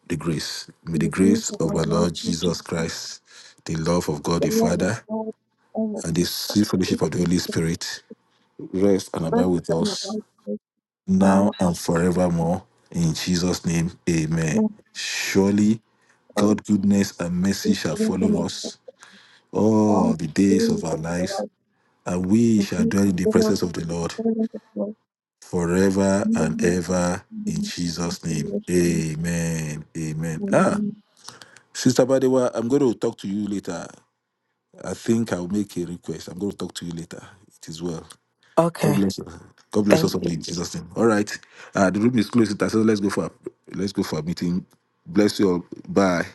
[SPEAKER 3] the grace. May
[SPEAKER 4] In
[SPEAKER 3] the
[SPEAKER 4] the
[SPEAKER 3] grace
[SPEAKER 4] grace of
[SPEAKER 3] of
[SPEAKER 4] our
[SPEAKER 3] our
[SPEAKER 4] Lord
[SPEAKER 3] Lord
[SPEAKER 4] Jesus
[SPEAKER 3] Jesus
[SPEAKER 4] Christ,
[SPEAKER 3] Christ, the love of God
[SPEAKER 4] the
[SPEAKER 3] the
[SPEAKER 4] love of
[SPEAKER 3] Father,
[SPEAKER 4] God, and the
[SPEAKER 3] and the sweet
[SPEAKER 4] sanctity
[SPEAKER 3] fellowship of the Holy
[SPEAKER 4] of the Spirit,
[SPEAKER 3] Spirit rest and abide
[SPEAKER 4] and
[SPEAKER 3] with
[SPEAKER 4] the life
[SPEAKER 3] us
[SPEAKER 4] of
[SPEAKER 3] now
[SPEAKER 4] now our
[SPEAKER 3] and forevermore. In Jesus' name, amen.
[SPEAKER 4] prayer and
[SPEAKER 3] Surely
[SPEAKER 4] our
[SPEAKER 3] God' goodness and mercy
[SPEAKER 4] the
[SPEAKER 3] shall
[SPEAKER 4] wisdom
[SPEAKER 3] follow
[SPEAKER 4] of the
[SPEAKER 3] us
[SPEAKER 4] God,
[SPEAKER 3] all the
[SPEAKER 4] the
[SPEAKER 3] days of
[SPEAKER 4] glory
[SPEAKER 3] our
[SPEAKER 4] of the
[SPEAKER 3] lives,
[SPEAKER 4] life,
[SPEAKER 3] and we
[SPEAKER 4] and
[SPEAKER 3] shall
[SPEAKER 4] the
[SPEAKER 3] dwell in the
[SPEAKER 4] glory
[SPEAKER 3] presence of the
[SPEAKER 4] of
[SPEAKER 3] Lord
[SPEAKER 4] the Lord,
[SPEAKER 3] forever
[SPEAKER 4] and the Spirit of the Lord, and the glory of the Lord, and
[SPEAKER 3] and ever. In Jesus' name,
[SPEAKER 4] the glory
[SPEAKER 3] amen. Amen.
[SPEAKER 4] of the
[SPEAKER 3] Ah,
[SPEAKER 4] Lord,
[SPEAKER 3] Sister Badewa, I'm going to talk to you later. I think I'll make a request. I'm going to talk to you later. It is well. God
[SPEAKER 7] Okay.
[SPEAKER 3] bless you. God bless us
[SPEAKER 7] Thank
[SPEAKER 3] all in Jesus' name. All right. Uh, the room is closed. So let's go for a, let's go for a meeting. Bless you all. Bye.